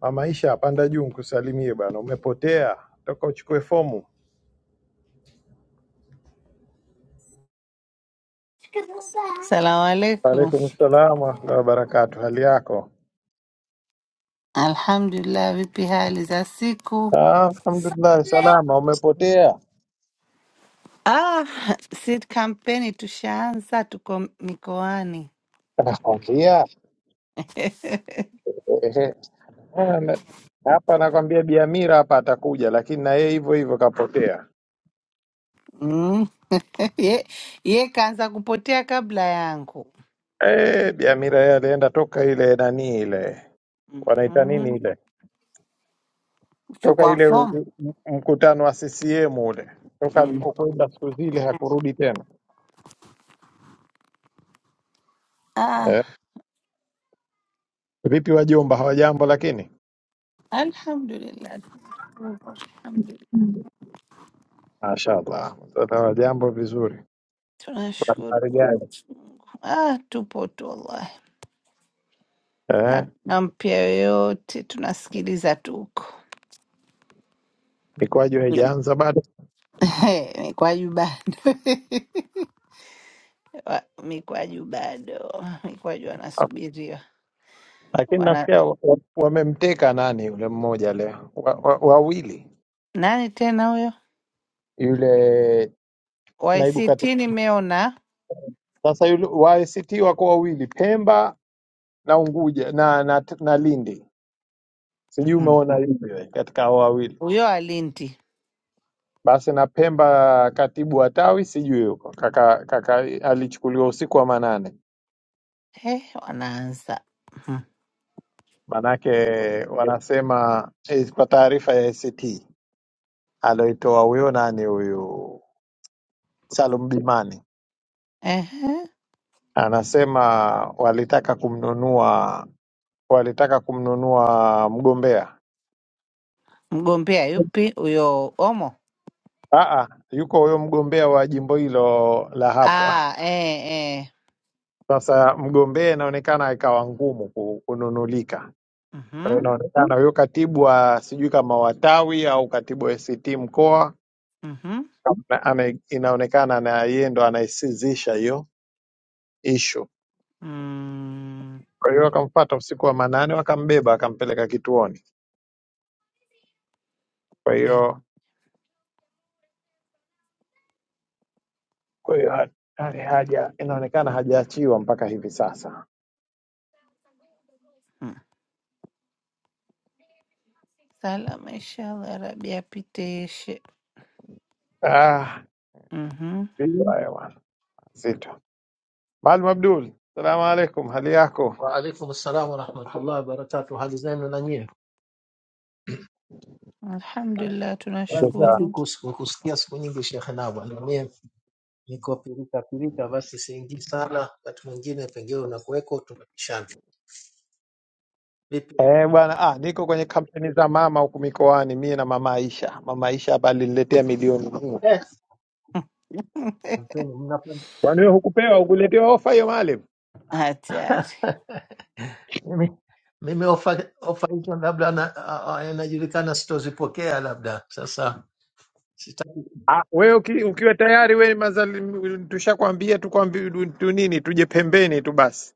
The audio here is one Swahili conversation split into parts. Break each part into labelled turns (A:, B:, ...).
A: Mamaisha panda juu nikusalimie bwana, umepotea, toka uchukue fomu.
B: Salamu alaikum.
A: Waalaikum salaam warahmatullahi wabarakatuh, hali yako?
B: Alhamdulillah, vipi hali za siku?
A: Ah, Alhamdulillah, salama. Umepotea
B: Ah, si kampeni tushaanza, tuko mikoani.
A: nakwambia, ehe. Ah, na- hapa nakwambia Biamira hapa atakuja, lakini na yeye hivyo hivyo kapotea.
B: Mm. Ye, ye kaanza kupotea kabla yangu.
A: Eh, Biamira yeye alienda toka ile nani ile wanaita nini
B: Mhm.
A: ile toka
B: Kuchukua
A: ile
B: fomu.
A: u- u- mkutano wa CCM ule, toka
B: Mm.
A: alipokwenda siku zile hakurudi tena.
B: Ah,
A: Eh, vipi wajomba, hawajambo lakini?
B: alhamdulillah. Alhamdulillah.
A: Mashallah, mtandao jambo vizuri. Kuna
B: Tunashukuru
A: habari gani?
B: Mwenyezi Mungu. Ah, tupo tu wallahi,
A: Eh,
B: hakuna mpya yoyote, tunasikiliza tu huko
A: mikwaju haijaanza bado,
B: Mm. Kwa jubani Wa- Mikwaju bado Mikwaju anasubiriwa
A: lakini
B: Wana...
A: nafikia wa- wa- wamemteka nani yule mmoja leo, wa, wa, wawili
B: nani tena huyo
A: yule naibu
B: YCT
A: katibu.
B: nimeona
A: Sasa yule wa ACT wako wawili, Pemba na Unguja na, na, na Lindi. Sijui
B: Mhm.
A: umeona lipi wewe katika hao wawili
B: huyo Alinti
A: basi, na Pemba katibu wa tawi sijui yuko kaka, kaka alichukuliwa usiku wa manane,
B: eh, wanaanza
A: manake wanasema eh, kwa taarifa ya ACT aloitoa huyo nani huyu Salum Bimani
B: Ehe.
A: anasema walitaka kumnunua walitaka kumnunua mgombea.
B: mgombea yupi huyo Omo
A: Aa, yuko huyo mgombea wa jimbo hilo la hapo. Ah,
B: ah, eh, eh.
A: Sasa mgombea inaonekana ikawa ngumu ku- kununulika, kwa hiyo
B: Mhm,
A: inaonekana huyo katibu wa sijui kama watawi au katibu wa ACT mkoa
B: mhm.
A: na- ana, inaonekana na yeye ndo anaisizisha hiyo ishu.
B: Mm,
A: Kwa hiyo wakamfuata usiku wa manane, wakambeba, wakampeleka kituoni. Kwa hiyo
B: ya,
A: Kwa hiyo ha- ha- haja inaonekana hajaachiwa mpaka hivi sasa.
B: mm. Salama inshallah Rabi apitishe.
A: Ah,
B: Mhm.
A: vitu haya bwana, zito. Maalim Abdul, salamu alaikum, hali yako?
C: Waalaikum salam warahmatullahi wabarakatuh. Hali zenu na nyie?
B: Alhamdulillah
C: Habari za
A: Alhamdulillah.
B: tunashukuru
C: siku? Sikukusikia siku nyingi Shekhe Nava, na mie niko pirika pirika, basi siingii sana. Wakati mwingine pengine unakuweko, tunapishana vipi?
A: Eh, bwana ah, niko kwenye kampeni za mama huku mikoani mie na mama Aisha. Mama Aisha hapa aliniletea milioni nne.
C: Eh, mpeni, mnapenda
A: Kwani wewe hukupewa, hukuletewa ofa hiyo Maalim?
B: hatari
C: mimi mimi ofa ofa hizo labda na- a- a- inajulikana sitozipokea, labda sasa sitaki
A: Ah, wewe uki, ukiwa tayari wewe mazali tushakwambia tukwambi tu nini tuje pembeni tu basi.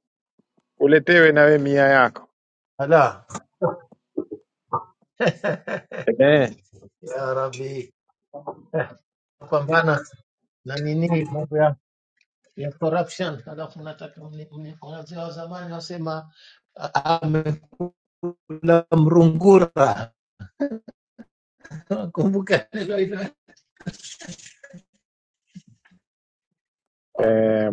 A: Uletewe na wewe mia yako.
C: ala
A: Eh,
C: ya Rabbi, pambana na nini mambo ya ya corruption, halafu mnataka mni- mni- wazee wa zamani wasema amekula mrungura. Kumbuka neno hilo
A: eh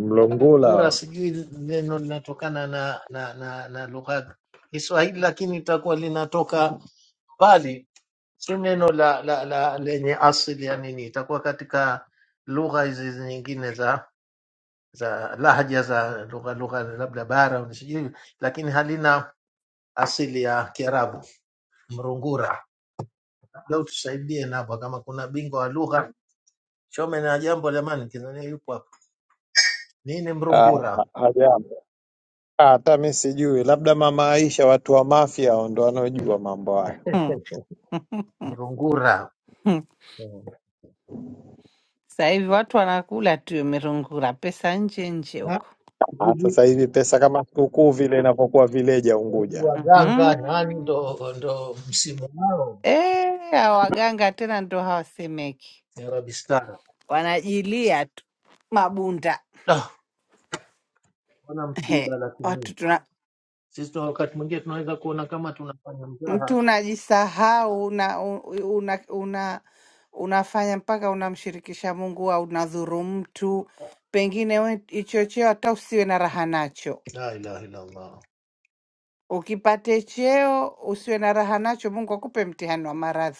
C: mrungura,
A: mlongula.
C: sijui neno linatokana na na, na, na lugha ya Kiswahili, lakini itakuwa linatoka mbali, si neno la, la, la lenye asili ya nini, itakuwa katika lugha hizi nyingine za za lahja za lugha lugha labda bara au sijui, lakini halina asili ya Kiarabu. Mrungura, labda utusaidie napo, kama kuna bingwa wa lugha Chome na jambo jamani, kizania yupo nini
A: Ah,
C: mrungura
A: Hajambo. Ah, Hata mi sijui, labda mama Aisha, watu wa mafia hao ndo wanaojua mambo haya.
B: Mm.
C: mrungura Mm.
B: Sasa hivi watu wanakula tu merungura, pesa nje nje
C: Ha?
B: huko.
A: Ah,
C: hivi
A: sasa hivi pesa kama sikukuu vile inavyokuwa vileja
C: hivi
A: Unguja.
C: waganga nani
B: Mhm.
C: ndo ndo msimu wao
B: Eh, hao waganga tena ndo hawasemeki,
C: ya Arabistan.
B: wanajilia tu mabunda.
C: Da, wana
B: He,
C: msiba lakini
B: watu tuna
C: sisi tuna wakati mwingine tunaweza kuona kama tunafanya mzaha.
B: mtu unajisahau una, una, una unafanya mpaka unamshirikisha Mungu au unadhuru mtu, pengine we hicho cheo hata usiwe na raha nacho.
C: La ilaha illallah,
B: Ukipate cheo usiwe na raha nacho, Mungu akupe mtihani wa maradhi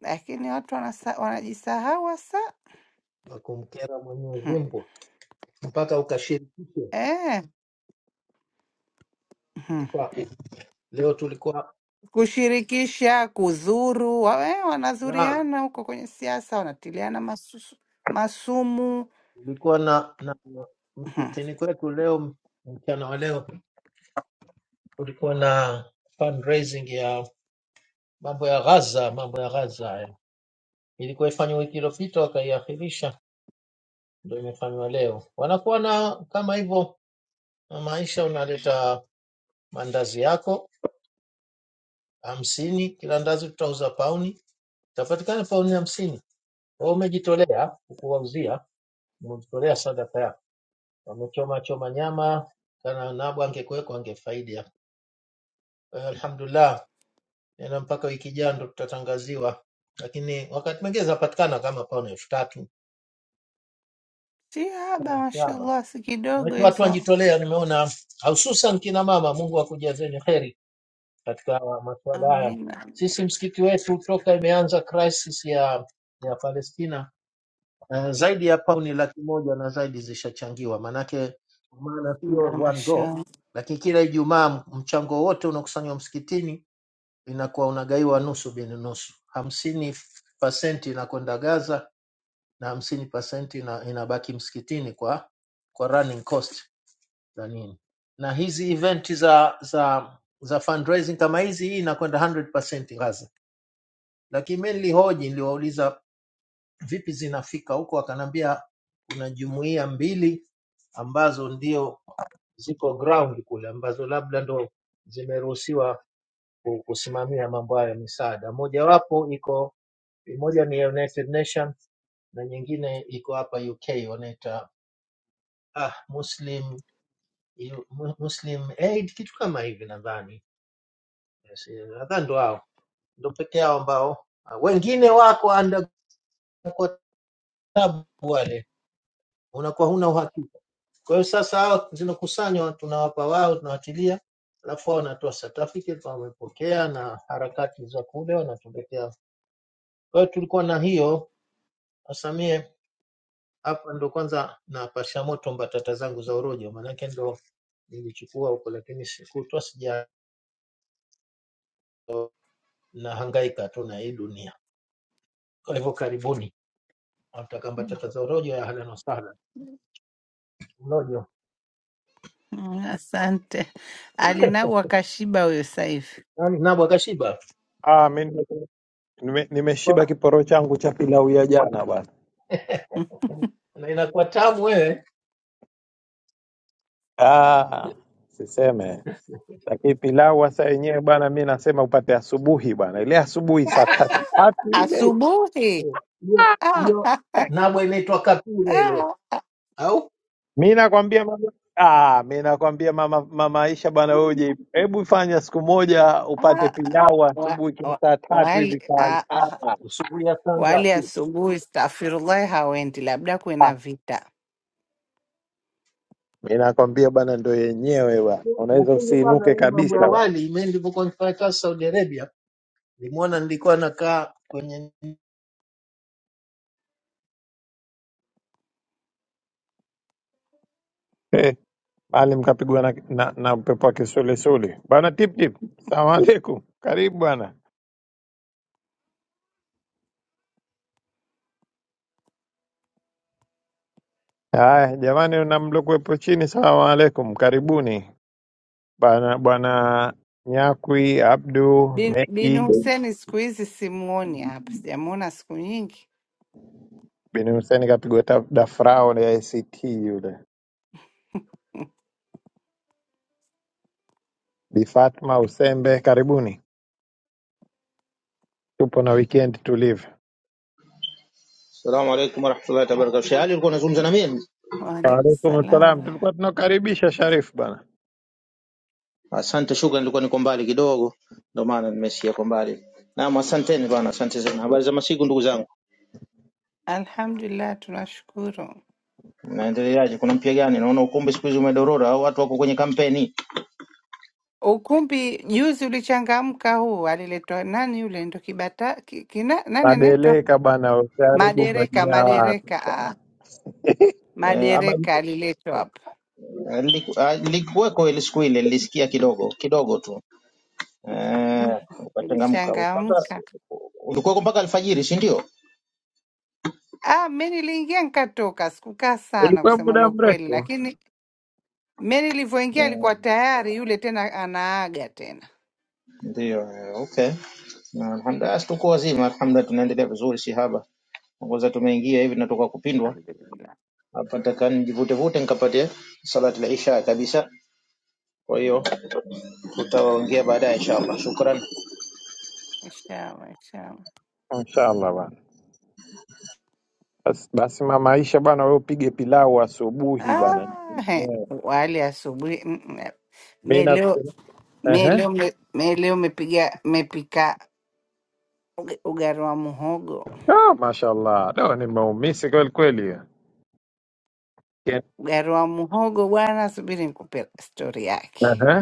B: lakini watu wanasa, wanajisahau hasa
C: wa kumkera Mwenyezi Mungu mpaka ukashirikishe
B: eh, mhm.
C: kwa leo. Tulikuwa
B: kushirikisha, kuzuru wa- eh,
C: na
B: wanazuriana huko kwenye siasa, wanatiliana masusu, masumu.
C: tulikuwa na, na msikitini kwetu leo mchana wa leo tulikuwa na fundraising ya mambo ya Gaza, mambo ya Gaza ilikuwa ifanywe wiki iliyopita wakaiahirisha, ndio imefanywa leo. Wanakuwa na kama hivyo na maisha, unaleta mandazi yako hamsini, kila ndazi tutauza pauni, itapatikana pauni hamsini. Kwa hiyo umejitolea kuwauzia, umejitolea sadaka yako, wamechoma choma nyama kana nabo angekuweko angefaidia. Kwa hiyo Alhamdulillah, nena mpaka wiki ijayo ndo tutatangaziwa, lakini wakati mwingine zinapatikana kama pauni elfu tatu
B: Si haba, mashallah, si kidogo
C: Maanake watu
B: hizo.
C: wanajitolea, nimeona hususan kina mama. Mungu akujazeni heri katika masuala haya.
B: Amina
C: Sisi msikiti wetu toka imeanza crisis ya ya Palestina uh, zaidi ya pauni laki moja na zaidi zishachangiwa, maanake kwa maana
B: na
C: sio one go,
B: mashallah.
C: lakini kila Ijumaa mchango wote unakusanywa msikitini, inakuwa unagaiwa nusu bin nusu, hamsini pasenti inakwenda Gaza na hamsini pasenti ina, inabaki msikitini kwa kwa running cost za nini na hizi event za za za fundraising kama hizi hii inakwenda 100% Gaza lakini mimi nilihoji niliwauliza vipi zinafika huko akanambia kuna jumuiya mbili ambazo ndio ziko ground kule ambazo labda ndo zimeruhusiwa ku- kusimamia mambo hayo ya misaada mojawapo iko moja ni United Nation na nyingine iko hapa UK wanaita ah, Muslim Muslim Aid kitu kama hivi nadhani Yes, yes. Nadhani ndo hao ndo peke yao ambao ah, wengine wako under kwa tabu wale, unakuwa huna uhakika. Kwa hiyo sasa hao zinakusanywa, tunawapa wao, tunawatilia, alafu wao wanatoa certificate wamepokea, na harakati za kule wanatuletea. Kwa hiyo tulikuwa na hiyo asamie hapa ndo kwanza napasha moto mbatata zangu za urojo, maanake ndo nilichukua huko, lakini sikutwa sija nahangaika tu na hii dunia. Kwa hivyo karibuni, wataka mbatata za urojo ya halen wasahlan.
B: Mm, Asante Alinau wakashiba huyo sasa hivi
C: Yaani nabwa kashiba
A: Ah, mi nime- nime- nimeshiba kiporo changu cha pilau ya jana bwana.
C: na inakuwa tamu wewe.
A: Ah, siseme lakini pilau hasa yenyewe bwana, mi nasema upate asubuhi bwana, ile asubuhi saa tatu
B: Ah,
A: tatu ile
B: asubuhi
C: Hiyo
B: Ah,
C: hiyo nabwa inaitwa kapure leo
B: ah,
C: au
A: Mi nakwambia mama, ah, mi nakwambia mama, mama Aisha bwana, wewe
B: mm,
A: uje, hebu fanya siku moja upate
B: ah,
A: pilau
B: wa-
A: asubuhi kwa
B: wa-
A: saa tatu
B: wali-
A: hivi sana.
B: ah, ah.
A: Ah,
C: usuburia sanga
B: Wali
C: tu.
B: asubuhi, stafirullahi, hawendi, labda kuwe
A: ah.
B: na vita.
A: Mi nakwambia bwana, ndo yenyewe bwana, unaweza
C: Lakini bana,
A: usiinuke
C: hii
A: kabisa
C: mambo ya
A: bwana
C: wali, mimi nilipokuwa nifanya kazi Saudi Arabia, nimeona nilikuwa nakaa kwenye
A: Eh, bali mkapigwa na, na, na upepo wa kisulisuli bwana. Tip tip, salamu alaikum, karibu bwana. Haya jamani, na mlokuwepo chini, salamu alaikum, karibuni bwana bwana Nyakwi Abdu
B: Bin, bin
A: Meki
B: Huseni siku hizi simuoni hapa, sijamwona siku nyingi.
A: Bin Hussein kapigwa ta- dafrao la ACT yule. Bi Fatma Usembe, karibuni, tupo na weekend tulivu.
D: Salamu alaikum warahmatullahi wabarakatuh. Sheikh Ali, ulikuwa unazungumza na mimi?
B: Waalaikum
A: Waalaikum salam,
B: salaam.
A: tulikuwa tunakaribisha Sharif bana.
D: Asante, shukran. Nilikuwa niko mbali kidogo, ndio maana nimesikia kwa mbali. Naam, asanteni bwana, asante sana. Habari za masiku ndugu zangu,
B: Alhamdulillah, tunashukuru.
D: naendeleaje? Kuna mpya gani? Naona ukumbi siku hizi umedorora au watu wako kwenye kampeni
B: Ukumbi juzi ulichangamka, huu aliletwa nani yule, ndo kibata ki, kina, nani anaitwa
A: Adeleka bana, usiharibu
B: madereka,
A: majina wapi.
B: madereka ah,
D: eh, ama
B: madereka aliletwa hapa
D: eh, liku- ah, likuweko ile siku ile, nilisikia kidogo kidogo tu eh,
B: mm,
D: ukatengamka mpaka
B: ulichangamka.
D: ulikuweko mpaka alfajiri, si ndio?
B: Ah, mi niliingia nikatoka, sikukaa sana
A: Ilikuwa
B: kusema la
A: muda
B: ukweli,
A: mrefu
B: lakini Mimi nilivyoingia
D: Mm,
B: alikuwa tayari yule tena anaaga tena.
D: Ndio, eh, okay. Na Alhamdulillah, tuko wazima, alhamdulillah, tunaendelea vizuri, si haba. kwanza tumeingia hivi natoka kupindwa
B: Alhamdulillah.
D: hapa, nataka nijivutevute nikapate salati la isha kabisa. Kwa hiyo
B: Mm,
D: tutaongea baadaye inshallah. Shukran.
B: Inshallah, inshallah.
A: inshallah bana. Bas, basi mama Aisha bana, wewe upige pilau asubuhi bana.
B: Ah, he,
A: Yeah.
B: wali asubuhi. mm, mm.
A: Mimi
B: Mimi leo
A: nakusema
B: mimi
A: ehe,
B: leo me- mimi leo mepiga mepika uga- ugali wa muhogo.
A: ah, mashallah, leo nimeumisi kweli kweli.
B: Ugali wa muhogo bwana, subiri nikupe stori yake.
A: Ehe.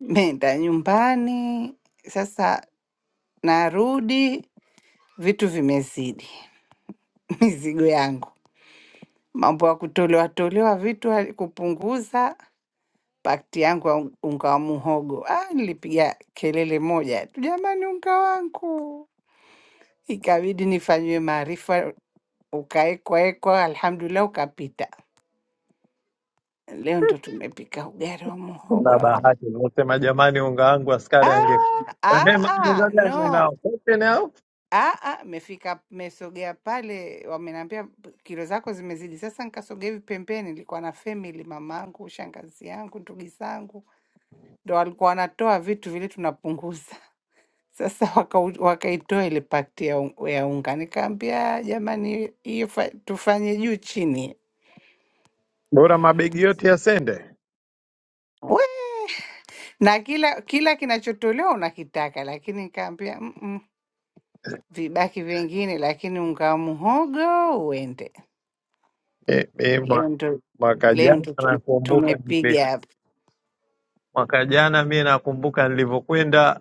B: Meenda nyumbani sasa, narudi vitu vimezidi, mizigo yangu, mambo ya kutolewa tolewa vitu hali- kupunguza pakti yangu ya un- unga wa muhogo. Ah, nilipiga kelele moja tu, jamani, unga wangu! Ikabidi nifanyiwe maarifa, ukaekwaekwa, alhamdulillah, ukapita. Leo ndo tumepika ugali wa muhogo
A: Na
B: hapa.
A: bahati nimesema jamani, unga wangu askari ange
B: Ah, ah,
A: Rehema,
B: ah,
A: unga gani
B: no
A: unao? Sote nao
B: Ah, ah, mefika mesogea pale, wameniambia kilo zako zimezidi. Sasa nikasogea hivi pembeni, nilikuwa na family, mamangu, shangazi yangu, ndugu zangu, ndo walikuwa wanatoa vitu vile tunapunguza. Sasa wakau- wakaitoa ile pakti ya, un- ya unga, nikaambia jamani, hiyo fa- tufanye juu chini
A: bora mabegi yote yasende.
B: we, na kila kila kinachotolewa unakitaka, lakini nikaambia "Mm, mm, vibaki vingine, lakini unga wa muhogo uende.
A: E, e, mwa-
B: Leo ndo
A: mwaka
B: leo
A: jana
B: ndo tu-
A: nakumbuka nili,
B: tumepiga hapa
A: mwaka jana mimi nakumbuka nilivyokwenda,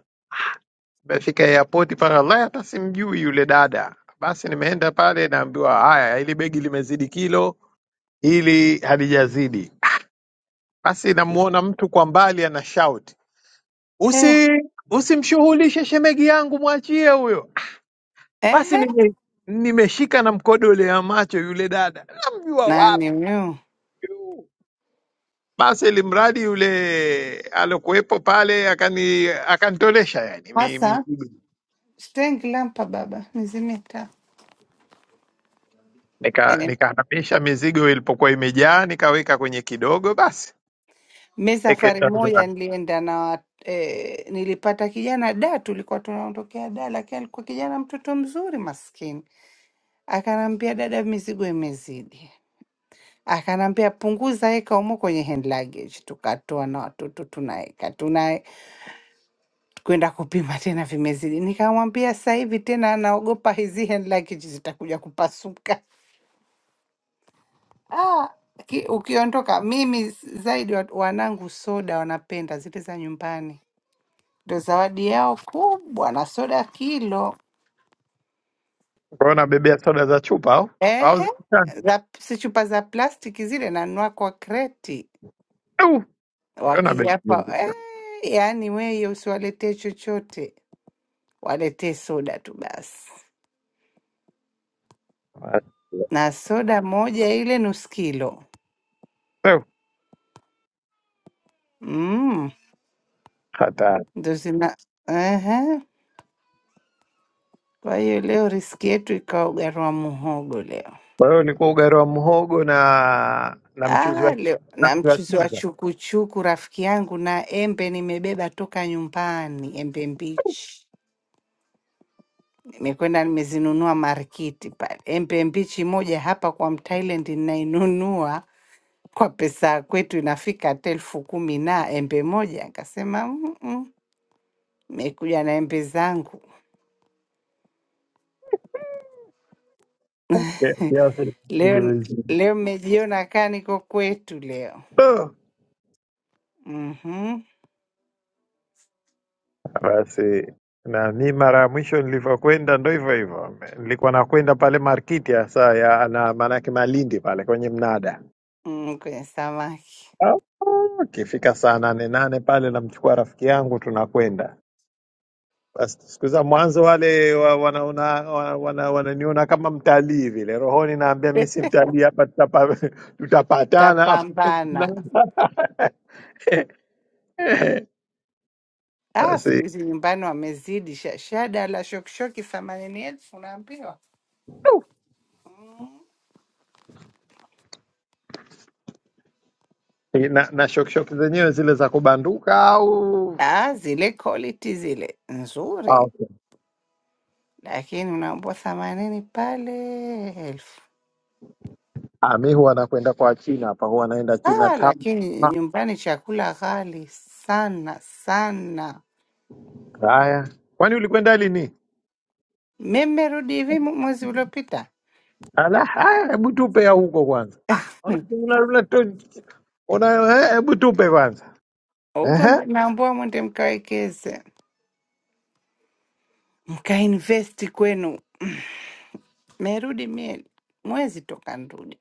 A: nimefika airport paka la hata simjui yule dada. Basi nimeenda pale, naambiwa haya, hili begi limezidi kilo, hili halijazidi. Basi namuona mtu kwa mbali ana shout,
B: Eh,
A: usi usimshughulishe shemegi yangu, mwachie huyo. Basi
B: ehe,
A: nime, nimeshika na mkodole ya macho yule dada, namjua wapi
B: nani huyu
A: huyu? basi ili mradi yule alokuwepo pale akani akanitolesha yani mi-
B: hasa?
A: mizigo
B: Stengi lampa baba, nizime taa.
A: Nika-
B: Eh,
A: nikahamisha mizigo ilipokuwa imejaa nikaweka kwenye kidogo, basi
B: Mi safari
A: nikaenda
B: moja
A: njiani.
B: nilienda na eh, nilipata kijana da, tulikuwa tunaondokea da, lakini alikuwa kijana mtoto mzuri maskini. Akaniambia dada, mizigo imezidi. Akaniambia punguza, weka umo kwenye hand luggage. Tukatoa na watoto tunaweka, tuna kwenda kupima tena vimezidi. Nikamwambia sasa hivi tena naogopa hizi hand luggage zitakuja kupasuka. Ah, ki- ukiondoka mimi zaidi wat- wanangu soda wanapenda zile za nyumbani ndo zawadi yao kubwa, na soda kilo.
A: Kwa hiyo nabebea soda za chupa au au
B: Ehe,
A: za kitani?
B: za, si chupa za plastiki zile, nanunua kwa kreti.
A: Au, kwa hiyo
B: Wakija
A: nabebea
B: hapa eh, yaani wewe usiwaletee chochote, waletee soda tu basi, na soda moja ile nusu kilo
A: Ew,
B: mm,
A: hatari.
B: ndo zina ehe. Kwa hiyo leo riski yetu ikawa ugali wa muhogo leo.
A: Kwa hiyo ulikuwa ugali wa mhogo na na mchuzi
B: Ah,
A: wa
B: leo na
A: nazi wa
B: mchuzi wa
A: chaza.
B: chukuchuku rafiki yangu, na embe nimebeba toka nyumbani, embe mbichi. Nimekwenda nimezinunua marikiti pale, embe mbichi moja hapa kwa mthailand ninainunua kwa pesa ya kwetu inafika hata elfu kumi na embe moja. Nikasema "Mm, mm, nimekuja na embe zangu
A: ki- kiasi kidogo
B: leo.
A: hizi.
B: Leo mmejiona kaa niko kwetu leo.
A: Oh,
B: mm-hmm.
A: Basi na mi mara ya mwisho nilivyokwenda ndo hivyo hivyo, nilikuwa nakwenda pale markiti hasa ya na maanake Malindi pale kwenye mnada.
B: mm, kwenye samaki
A: Ah, Ikifika saa nane nane pale namchukua rafiki yangu tunakwenda. Basi siku za mwanzo wale wa- wanaona wa- wana, wananiona kama mtalii vile, rohoni naambia mi si mtalii hapa, tutapa, tutapatana hapa.
B: tapambana. Ah, siku
A: Basi
B: hizi nyumbani wamezidi shashada la shokishoki themanini elfu unaambiwa.
A: Eh, na, na shokshok zenyewe zile za kubanduka au
B: Ah, zile quality zile
A: Ah,
B: nzuri
A: okay.
B: lakini unaambua themanini pale elfu.
A: Ah, mi huwa nakwenda kwa China hapa, huwa naenda China
B: Ah,
A: tama.
B: lakini nyumbani chakula ghali sana sana.
A: Haya, kwani ulikwenda lini?
B: Mimi nimerudi hivi mu- mwezi uliopita
A: Ala, haya, hebu tupe ya huko kwanza. Ah, una- una- una- tu- una- eh, hebu tupe kwanza.
B: huko,
A: Ehe.
B: ndo naambua mwende mkawekeze mkainvesti kwenu. Merudi mie mwezi toka nrudi,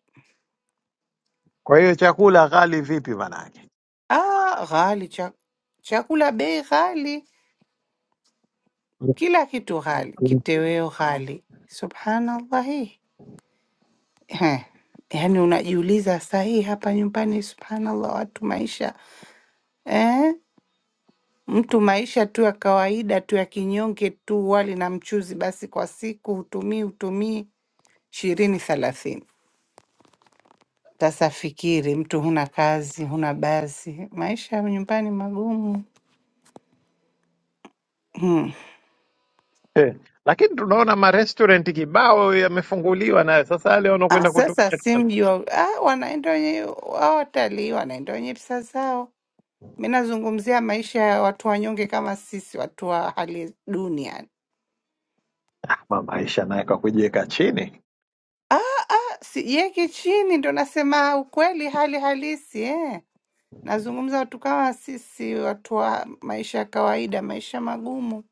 A: Kwa hiyo chakula ghali vipi manake?
B: ah, ghali cha, chakula bei ghali, kila kitu ghali,
A: Mm.
B: kitoweo ghali, subhanallahi Eh, yaani unajiuliza saa hii hapa nyumbani, subhanallah, watu maisha eh? Mtu maisha tu ya kawaida tu ya kinyonge tu, wali na mchuzi basi kwa siku, hutumii hutumii ishirini thelathini. Sasa fikiri, mtu huna kazi, huna basi, maisha ya nyumbani magumu hmm.
A: Eh, Lakini tunaona marestaurant kibao yamefunguliwa nayo, sasa yale
B: Ah,
A: wanakwenda
B: sasa
A: kutumia
B: si mji wa ah, wanaenda wenye wao, watalii wanaenda wenye pesa zao. Mi nazungumzia maisha ya watu wanyonge kama sisi, watu wa hali duni yani.
A: Ma- maisha naye kwa kujiweka chini.
B: Ah, Sijieki chini, ndo nasema ukweli, hali halisi eh. Nazungumza watu kama sisi, watu wa maisha ya kawaida, maisha magumu.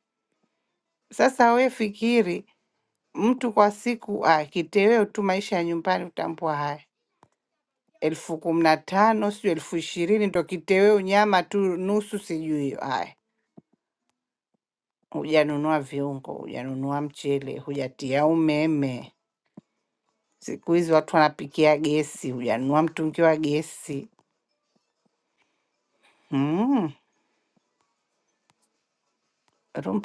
B: Sasa we fikiri, mtu kwa siku akiteweo tu maisha ya nyumbani, utambua haya elfu kumi na tano sijui elfu ishirini ndo kiteweo, nyama tu nusu, sijui hiyo. haya, hujanunua viungo, hujanunua mchele, hujatia umeme. Siku hizi watu wanapikia gesi, hujanunua mtungi wa gesi mm.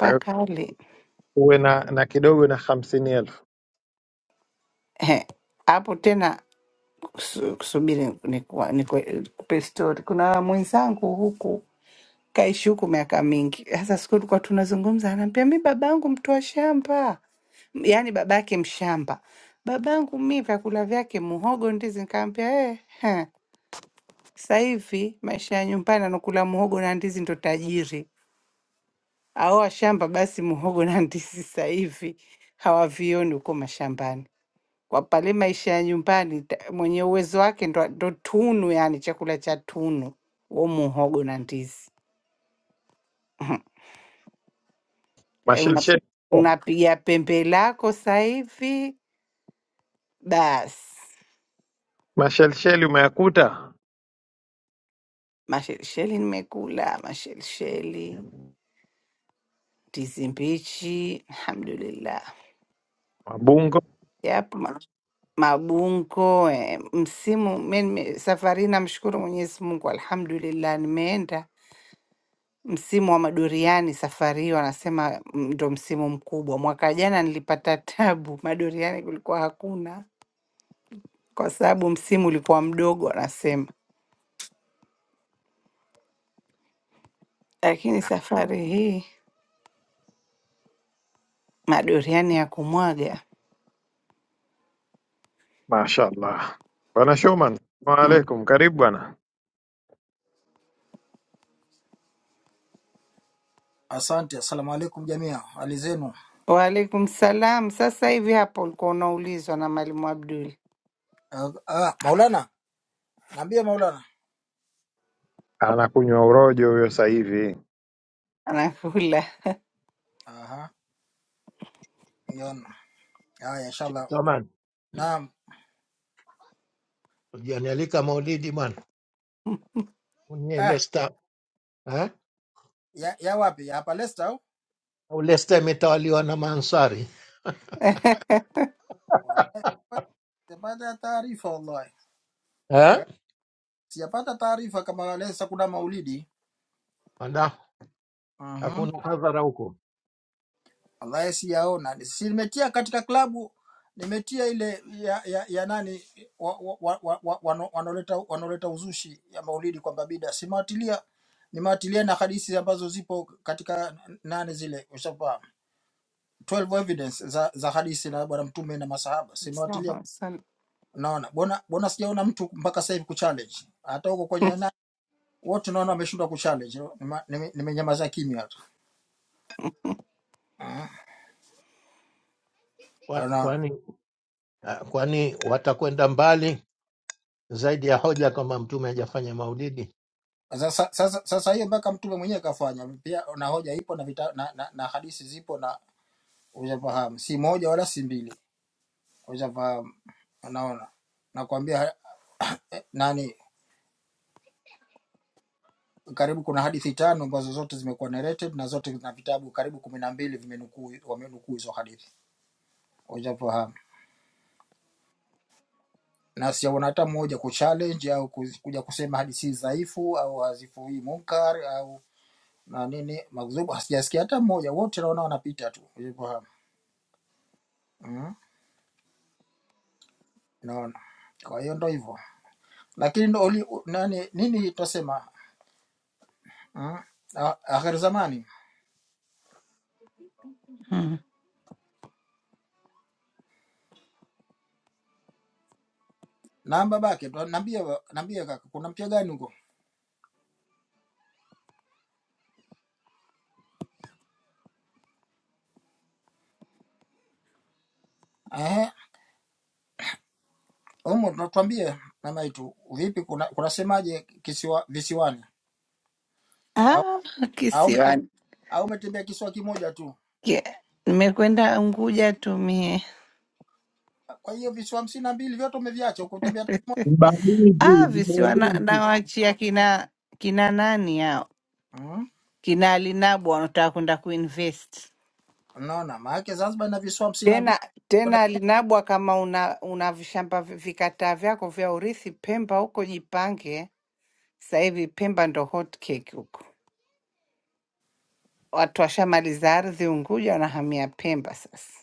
A: Kwa hiyo
B: kali
A: uwe na, na kidogo na hamsini elfu
B: Ehe. hapo tena su- subiri nikuwa- niku- nikupe story kuna mwenzangu huku kaishi huku miaka mingi sasa siku tulikuwa tunazungumza anaambia mi babangu mtoa shamba yaani babake mshamba babangu mi vyakula vyake muhogo ndizi nikaambia eh, heh, sasa hivi maisha ya nyumbani anakula muhogo na ndizi ndo tajiri aoa shamba basi muhogo na ndizi sasa hivi hawavioni huko mashambani kwa pale maisha ya nyumbani ta- mwenye uwezo wake ndo, ndo tunu yani chakula cha tunu huo muhogo na ndizi Eh, una,
A: Mashelsheli
B: unapiga pembe lako sasa hivi basi
A: mashelsheli umeyakuta
B: mashelisheli nimekula mashelisheli ndizi mbichi alhamdulillah
A: Wabungo,
B: yapo ma- mabungo eh, msimu mi nime- safari hii namshukuru mwenyezi mungu alhamdulillah nimeenda Msimu wa madoriani safari hii wanasema mm, ndo msimu mkubwa. Mwaka jana nilipata tabu, madoriani kulikuwa hakuna kwa sababu msimu ulikuwa mdogo wanasema, lakini safari hii madoriani ya kumwaga
A: mashallah. Bwana Shoman, salamu
B: mm.
A: alaikum, karibu bwana.
E: asante assalamu alaikum jamia hali zenu
B: Waalaikum salam. Sasa hivi hapo ulikuwa unaulizwa na Mwalimu Abdul
E: Ah, ah, maulana naambia maulana
A: Anakunywa urojo huyo sasa hivi,
B: anakula
E: aha yona haya inshallah
C: Oman,
E: naam
C: ulionialika Maulidi bwana, unye
E: ah,
C: Leicester eh,
E: ya, ya wapi ya hapa lesta au
C: au Leicester imetawaliwa na Mansari
E: Wallahi, sijapata taarifa wallahi Ah,
C: eh,
E: sijapata taarifa kama lesta kuna maulidi
C: wanda
E: Mhm.
C: hakuna hadhara huko
E: ambaye siyaona. Si nimetia katika klabu, nimetia ile ya, ya, ya nani wa- wa- wa- wa- wa- wano- wanaoleta wanaoleta uzushi ya Maulidi kwamba bida, simewatilia nimewatilia na hadithi ambazo zipo katika nane zile ushafahamu 12 evidence za, za hadithi na bwana mtume na masahaba simewatilia
B: Sawa, sawa.
E: naona bona bona sijaona mtu mpaka sasa hivi kuchallenge hata huko kwenye na wote naona wameshindwa kuchallenge Nime- nime- nimenyamaza kimya tu
C: Kwa-
E: Mhm.
C: kwani ah, kwani watakwenda mbali zaidi ya hoja kwamba Mtume hajafanya maulidi
E: Sasa sasa sasa hiyo mpaka mtume mwenyewe kafanya pia, na hoja ipo na, vita, na, na, na hadithi zipo na ushafahamu, si moja wala si mbili, ushafahamu. Unaona, nakwambia ha- eh, nani, karibu kuna hadithi tano ambazo zote zimekuwa narrated na zote na vitabu karibu kumi na mbili vimenukuu wamenukuu hizo hadithi, ushafahamu. Na sijaona hata mmoja kuchallenge au ku- kuja kusema hadithi hizi dhaifu au hazifuii munkar au na nini makzubu, sijasikia hata mmoja, wote naona wanapita tu, ushafahamu mm. Unaona, kwa hiyo ndo hivyo, lakini ndo oli, u- nani, nini tutasema mm? Ah, akhir zamani na babake tu- nambie wa- nambie kaka, kuna mpya gani huko eh? Humo tunatuambie mama yetu, vipi, kuna kunasemaje kisiwa visiwani? Au
B: Ah,
E: au umetem-
B: kisiwani
E: au umetembea kisiwa kimoja tu?
B: Ke- nimekwenda Unguja tumie
E: Kwa hiyo visiwa hamsini na mbili vyote umeviacha ukutembea?
A: Mbalizi,
B: ah, visiwa na-
A: mbalizi.
B: nawaachia kina kina nani hao
E: Mm,
B: kina alinabwa wanataka kwenda kuinvest
E: unaona, maana yake Zanzibar ina visiwa hamsini na mbili
B: tena tena alinabwa kama una una vishamba vi- vikataa vyako vya urithi Pemba huko, jipange sasa hivi. Pemba ndo hot cake huko, watu washamaliza ardhi Unguja, wanahamia Pemba sasa.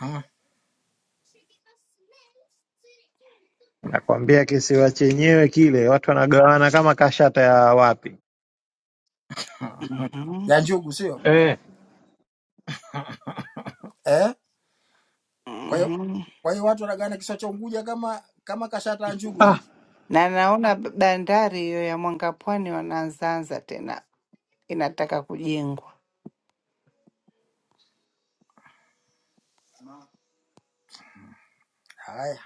E: Mm,
A: nakwambia kisiwa chenyewe kile watu wanagawana kama kashata ya wapi
E: mm.
B: mm-hmm.
E: ya njugu, sio
A: Eh,
E: eh? Kwa hiyo
B: Mm-hmm.
E: kwa hiyo watu wanagana kisiwa cha Unguja kama kama kashata ya njugu vipi?
A: ah.
B: Na naona b- bandari hiyo ya Mwanga Pwani wanaanzaanza tena, inataka kujengwa
E: Haya,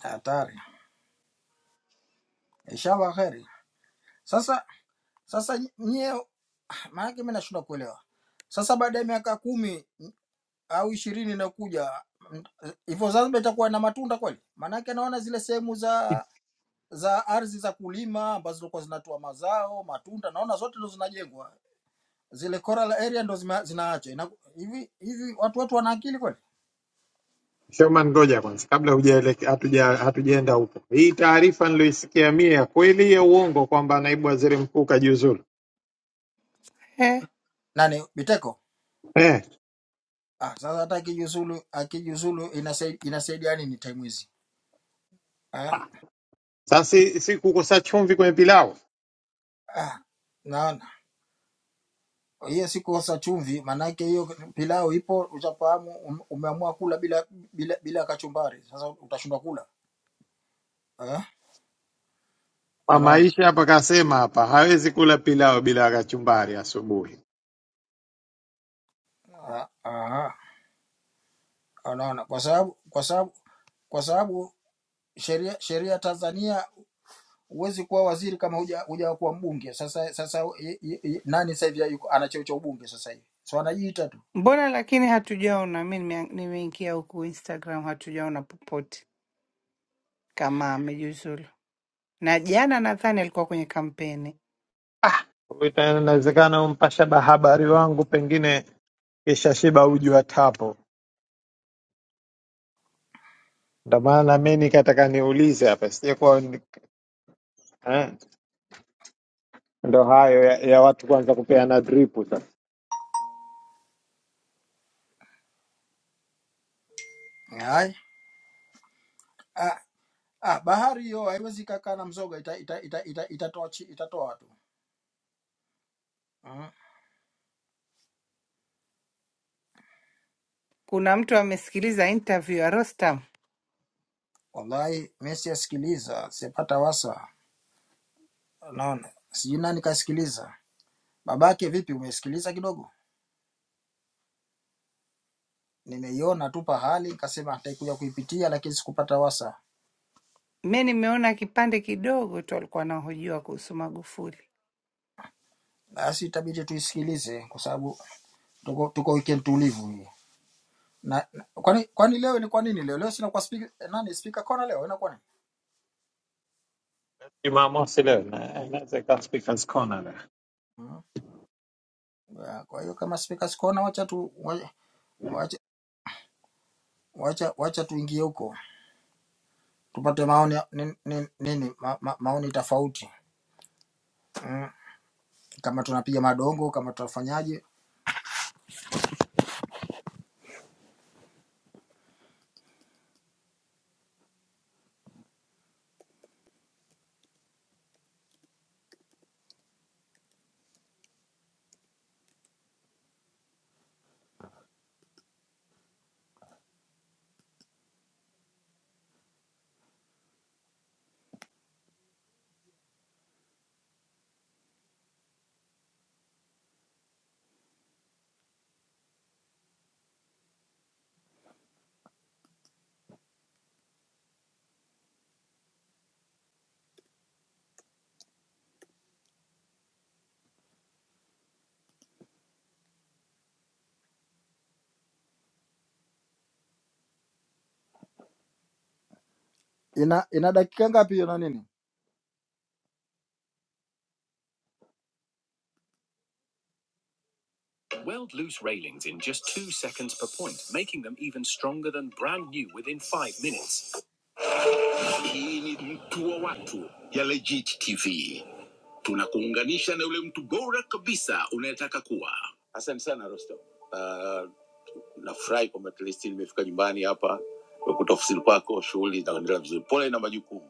E: hatari. Inshallah kheri. Sasa sasa nyie, maana yake mimi nashindwa kuelewa. Sasa baada ya miaka kumi au ishirini inayokuja m- hivyo Zanzibar itakuwa na matunda kweli? Maanake naona zile sehemu za za ardhi za kulima ambazo zilikuwa zinatoa mazao matunda, naona zote ndo zinajengwa, zile coral area ndo zima- zinaachwa. Ina- Hivi hivi watu watu wana akili kweli?
A: Shoman, ngoja kwanza, kabla hujaeleke- hatuja hatujaenda huko, hii taarifa niloisikia mie ya kweli ya uongo kwamba naibu waziri mkuu kajiuzulu
B: eh.
E: Nani Biteko?
A: eh?
E: Ah, sasa hata akijuzulu akijuzulu inasaidia inasaidia nini time hizi? Ah,
A: Sasa si si kukosa chumvi kwenye pilau
E: ah. Na hiyo si kosa chumvi, maanake hiyo pilau ipo, ushafahamu, um- umeamua kula bila bila bila kachumbari, sasa utashindwa kula eh? Unaona
A: Maisha hapa kasema hapa hawezi kula pilau bila kachumbari asubuhi.
E: Ah, aha, unaona, kwa sababu kwa sababu kwa sababu sheria sheria Tanzania huwezi kuwa waziri kama huja huja kuwa mbunge. Sasa sasa i, i, i, nani sasa hivi yuko- ana cheo cha ubunge sasa hivi, so anajiita tu
B: Mbona lakini hatujaona, mi nimea- nimeingia huku Instagram, hatujaona popote kama amejiuzulu. na jana nadhani alikuwa kwenye kampeni.
A: Kwa hiyo Inawezekana umpasha habari wangu pengine kisha shiba uji wa tapo, ndo maana mi nikataka niulize hapa sijakuwa ni- eh, ndo hayo ya, ya watu kwanza kupeana dripu sasa.
E: Hai. Ah, ah, bahari hiyo haiwezi kakaa na mzoga, ita, ita, ita, ita, itatoa chi- itatoa tu Mm.
B: Kuna mtu amesikiliza interview ya Rostam,
E: Wallahi mimi siyasikiliza, sipata wasa. Naona sijui nani kasikiliza. Babake vipi, umesikiliza kidogo? Nimeiona tu pahali nikasema nitakuja kuipitia, lakini sikupata wasa.
B: mi nimeona kipande kidogo tu, alikuwa anahojiwa kuhusu Magufuli.
E: Basi itabidi tuisikilize kwa sababu tuko, tuko weekend tulivu hii. Na, na kwani kwani leo ilikuwa nini leo? Leo sina kwa speaker nani speaker kona leo inakuwa nini?
A: Jumamosi leo na- inaweza ikawa speakers corner leo.
E: Mm. Ya, Kwa hiyo kama speaker sikona, wacha tu wacha wacha, wacha wacha tuingie huko tupate maoni ya- nini, nini, nini ma, ma, maoni tofauti. Mm. kama tunapiga madongo, kama tunafanyaje. Ina ina dakika ngapi hiyo na nini? Weld loose railings in just two seconds per point, making them even stronger than brand new within five minutes. Hii ni mtu wa watu ya Legit TV. Tunakuunganisha na yule mtu bora kabisa unayetaka kuwa. Asante sana Rostam. Uh, nafurahi kwamba at least nimefika nyumbani hapa, nimekuta ofisini kwako, shughuli zinaendelea vizuri. Pole na majukumu.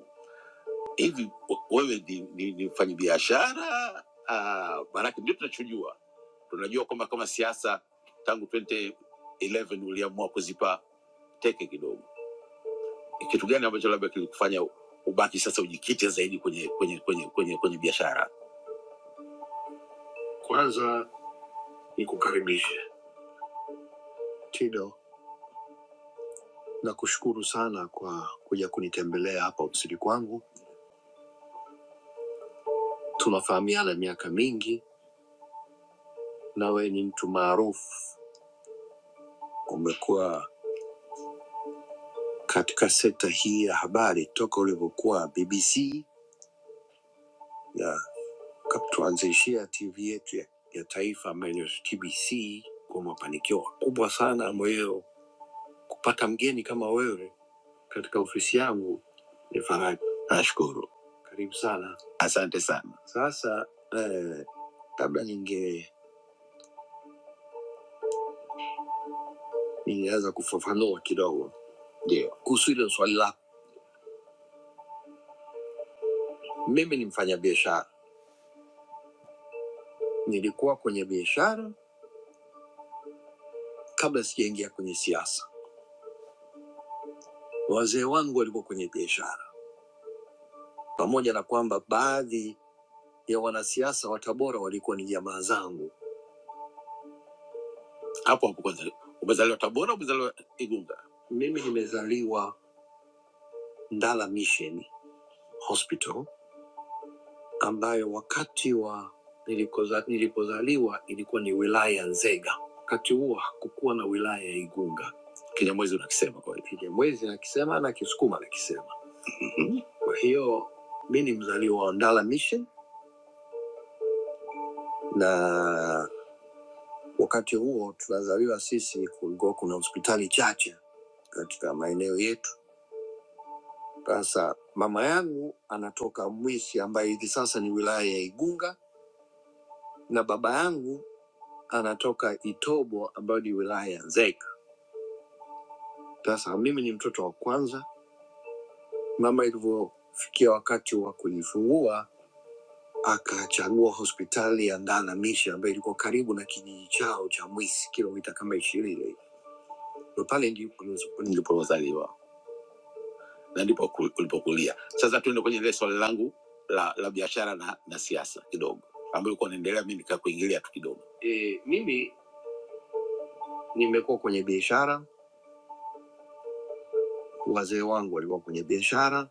E: hivi wewe ni, ni, ni mfanyabiashara ah, maanake ndio tunachojua tunajua kwamba kama siasa tangu 2011 uliamua kuzipa teke kidogo kitu gani ambacho labda kilikufanya ubaki sasa ujikite zaidi kwenye kwenye kwenye kwenye, kwenye biashara kwanza ni kukaribisha tido nakushukuru sana kwa kuja kunitembelea hapa ofisini kwangu tunafahamiana miaka mingi na wewe ni mtu maarufu umekuwa katika sekta hii ya habari toka ulivyokuwa BBC ya kap- tuanzishia TV yetu ya, ya taifa ambayo ni TBC kwa mafanikio makubwa sana ambayo kupata mgeni kama wewe katika ofisi yangu ni faraja. Nashukuru, karibu sana. Asante sana. Sasa eh, labda ninge ningeanza kufafanua kidogo ndio kuhusu hilo swali lako. Mimi ni mfanyabiashara, nilikuwa kwenye biashara kabla sijaingia kwenye siasa Wazee wangu walikuwa kwenye biashara, pamoja na kwamba baadhi ya wanasiasa wa Tabora walikuwa ni jamaa zangu. hapo hapo. Kwanza umezaliwa Tabora, umezaliwa Igunga? Mimi nimezaliwa Ndala Mission Hospital, ambayo wakati wa nilikoza, nilipozaliwa ilikuwa ni wilaya ya Nzega. Wakati huo hakukuwa na wilaya ya Igunga. Kinyamwezi unakisema kweli. Kinyamwezi nakisema na Kisukuma nakisema. Kwa hiyo mi ni mzaliwa wa Ndala Mission na Wakati huo tunazaliwa sisi, kulikuwa kuna hospitali chache katika maeneo yetu. Sasa mama yangu anatoka Mwisi ambaye hivi sasa ni wilaya ya Igunga na baba yangu anatoka Itobo ambayo ni wilaya ya Nzega. Sasa mimi ni mtoto wa kwanza. Mama ilivyofikia wakati wa kunifungua akachagua hospitali ya Ndaanamishi ambayo ilikuwa karibu na kijiji chao cha Mwisi, kilomita kama ishirini. Ndo pale ndipo nilipozaliwa. na ndipo ku- ulipokulia. Sasa tuende kwenye ile swali langu la, la biashara na, na siasa kidogo, ambayo ulikuwa unaendelea, mimi nikakuingilia tu kidogo. Eh, nimekuwa kwenye biashara, wazee wangu walikuwa kwenye biashara.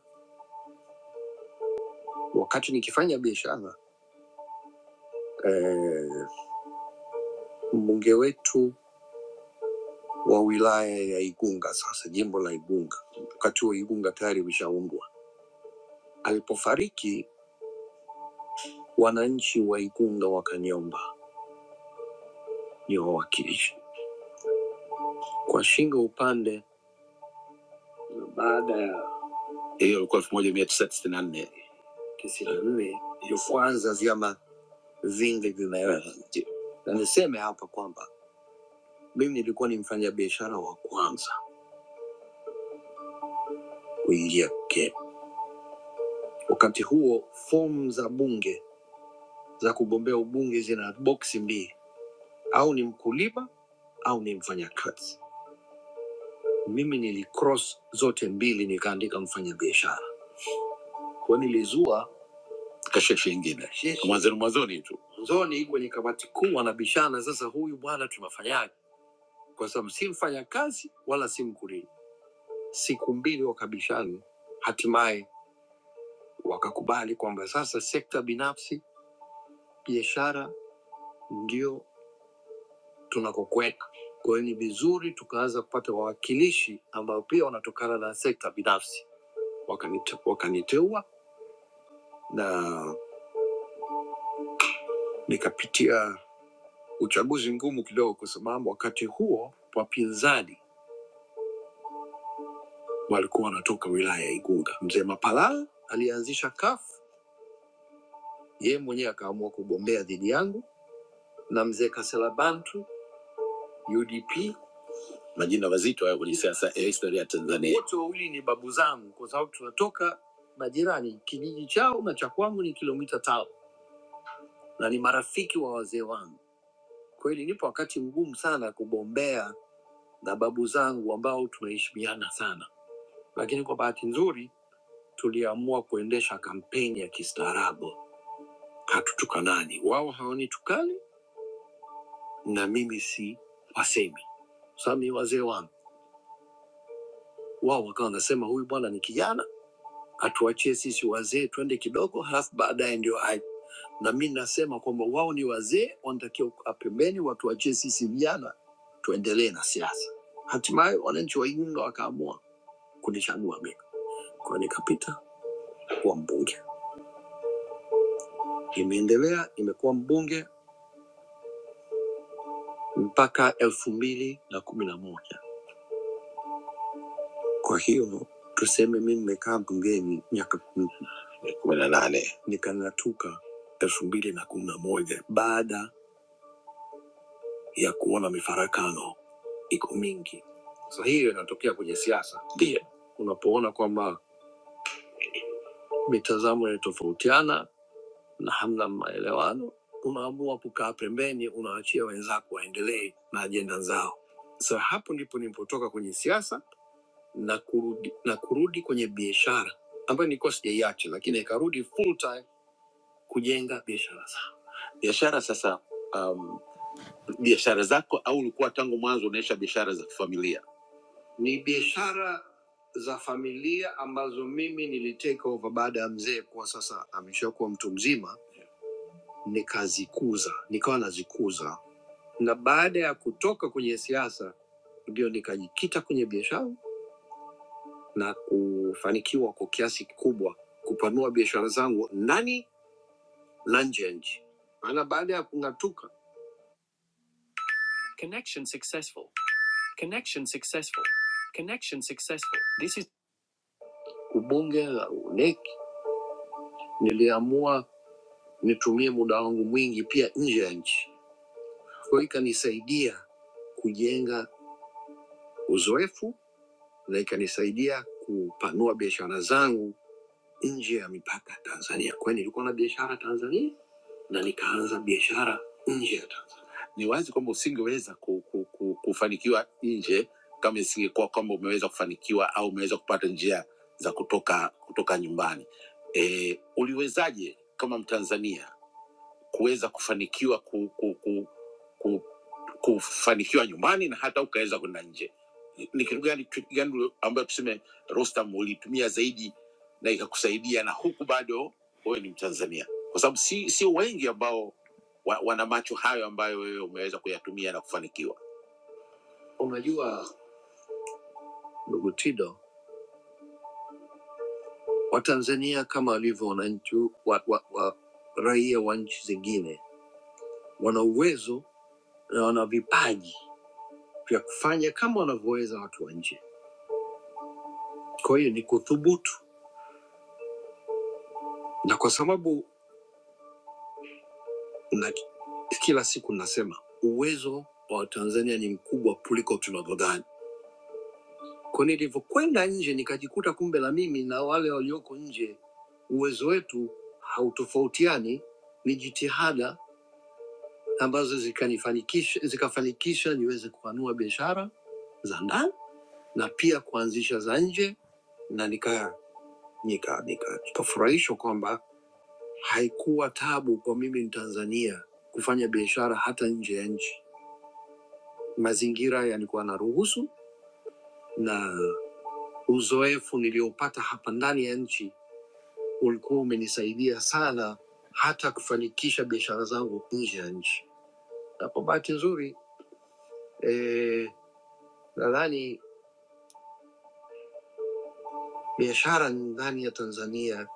E: Wakati nikifanya biashara eh, mbunge wetu wa wilaya ya Igunga, sasa jimbo la Igunga, wakati huo Igunga tayari ushaundwa, alipofariki wananchi wa Igunga wakaniomba niwawakilishe kwa shingo upande baada ya hiyo ilikuwa elfu moja mia tisa tisini na nne tisini na nne ilipoanza vyama vingi vimeweza. Na niseme hapa kwamba mimi nilikuwa ni mfanyabiashara wa kwanza kuingia Kenya. Wakati huo fomu za bunge za kugombea ubunge zina boksi mbili, au ni mkulima au ni mfanyakazi. Mimi nilicross zote mbili, nikaandika mfanyabiashara, kwa nilizua kasheshe ingine Kasheshe. mwanzoni mwanzoni tu mwanzoni kwenye kamati kuu wanabishana, sasa huyu bwana tunafanyaje? kwa sababu si mfanya kazi wala si mkulima. Siku mbili wakabishana, hatimaye wakakubali kwamba sasa sekta binafsi, biashara ndio tunakokwenda. Kwa hiyo ni vizuri tukaanza kupata wawakilishi ambao pia wanatokana na sekta binafsi. Wakanite, wakaniteua na nikapitia uchaguzi ngumu kidogo, kwa sababu wakati huo wapinzani walikuwa wanatoka wilaya ya Igunga. Mzee Mapalala alianzisha kafu yeye mwenyewe akaamua kugombea dhidi yangu na mzee Kasela Bantu UDP. Majina mazito hayo kwenye siasa ya historia ya Tanzania. Wote wawili ni babu zangu, kwa sababu tunatoka majirani. Kijiji chao na cha kwangu ni kilomita tano, na ni marafiki wa wazee wangu. Kweli nipo wakati mgumu sana kugombea na babu zangu ambao tunaheshimiana sana, lakini kwa bahati nzuri tuliamua kuendesha kampeni ya kistaarabu, hatutukanani. Wao hawanitukani na mimi si wasemi, kwa sababu ni wazee wangu Wao wakawa wanasema huyu bwana ni kijana, atuachie sisi wazee twende kidogo, halafu baadaye ndio aje. Na mi nasema kwamba wao ni wazee, wanatakiwa kukaa pembeni, watuachie sisi vijana tuendelee na siasa. Hatimaye wananchi wa Igunga wakaamua kunichagua mimi, kwa nikapita kuwa mbunge. Imeendelea, imekuwa mbunge mpaka elfu mbili na kumi na moja. Kwa hiyo tuseme mi nimekaa bungeni miaka kumi na nane nikang'atuka elfu mbili na kumi na moja baada ya kuona mifarakano iko mingi. Sasa hiyo inatokea kwenye siasa, ndio unapoona kwamba mitazamo inatofautiana na hamna maelewano, unaamua kukaa pembeni, unaachia wenzako waendelee na ajenda zao. Sasa hapo ndipo nilipotoka kwenye siasa na kurudi, na kurudi kwenye biashara ambayo nilikuwa sijaiacha, lakini ikarudi full time kujenga biashara zangu. Biashara sasa um, biashara zako au ulikuwa tangu mwanzo unaisha biashara za kifamilia? Ni biashara za familia ambazo mimi nilitake over baada ya mzee kuwa sasa ameshakuwa mtu mzima, nikazikuza nikawa nazikuza, na baada ya kutoka kwenye siasa ndio nikajikita kwenye biashara na kufanikiwa kwa kiasi kikubwa kupanua biashara zangu ndani na nje ya nchi, maana baada ya kung'atuka Connection successful. Connection successful. Connection successful. This is ubunge la UNEC, niliamua nitumie muda wangu mwingi pia nje ya nchi. Kwa hiyo ikanisaidia kujenga uzoefu na ikanisaidia kupanua biashara zangu nje ya mipaka ya Tanzania. Kwa hiyo nilikuwa na biashara Tanzania na nikaanza biashara nje ya Tanzania. ni wazi kwamba usingeweza ku, ku, ku, kufanikiwa nje kama isingekuwa kwamba umeweza kufanikiwa au umeweza kupata njia za kutoka kutoka nyumbani. E, uliwezaje kama Mtanzania kuweza kufanikiwa ku, ku, ku, ku, kufanikiwa nyumbani na hata ukaweza kwenda nje ni ni kitu gani trick gani ambayo tuseme Rostam ulitumia zaidi na ikakusaidia na huku bado wewe ni Mtanzania kwa sababu si sio wengi ambao wa, wana macho hayo ambayo wewe umeweza kuyatumia na kufanikiwa unajua ndugu Tido Watanzania kama walivyo wananchi wa, wa, wa raia wa nchi zingine wana uwezo na wana vipaji vya kufanya kama wanavyoweza watu wa nje kwa hiyo ni kuthubutu na kwa sababu na kila siku nasema uwezo wa Tanzania ni mkubwa kuliko tunavyodhani. Kwa nilivyokwenda nje nikajikuta kumbe na mimi na wale walioko nje uwezo wetu hautofautiani, ni jitihada ambazo zikanifanikisha zikafanikisha niweze kupanua biashara za ndani na pia kuanzisha za nje, na nika nika nikafurahishwa kwamba haikuwa tabu kwa mimi Mtanzania kufanya biashara hata nje ya nchi mazingira yalikuwa na ruhusu na uzoefu niliopata hapa ndani ya nchi ulikuwa umenisaidia sana hata kufanikisha biashara zangu nje ya nchi. Na kwa bahati nzuri eh, nadhani biashara ndani ya Tanzania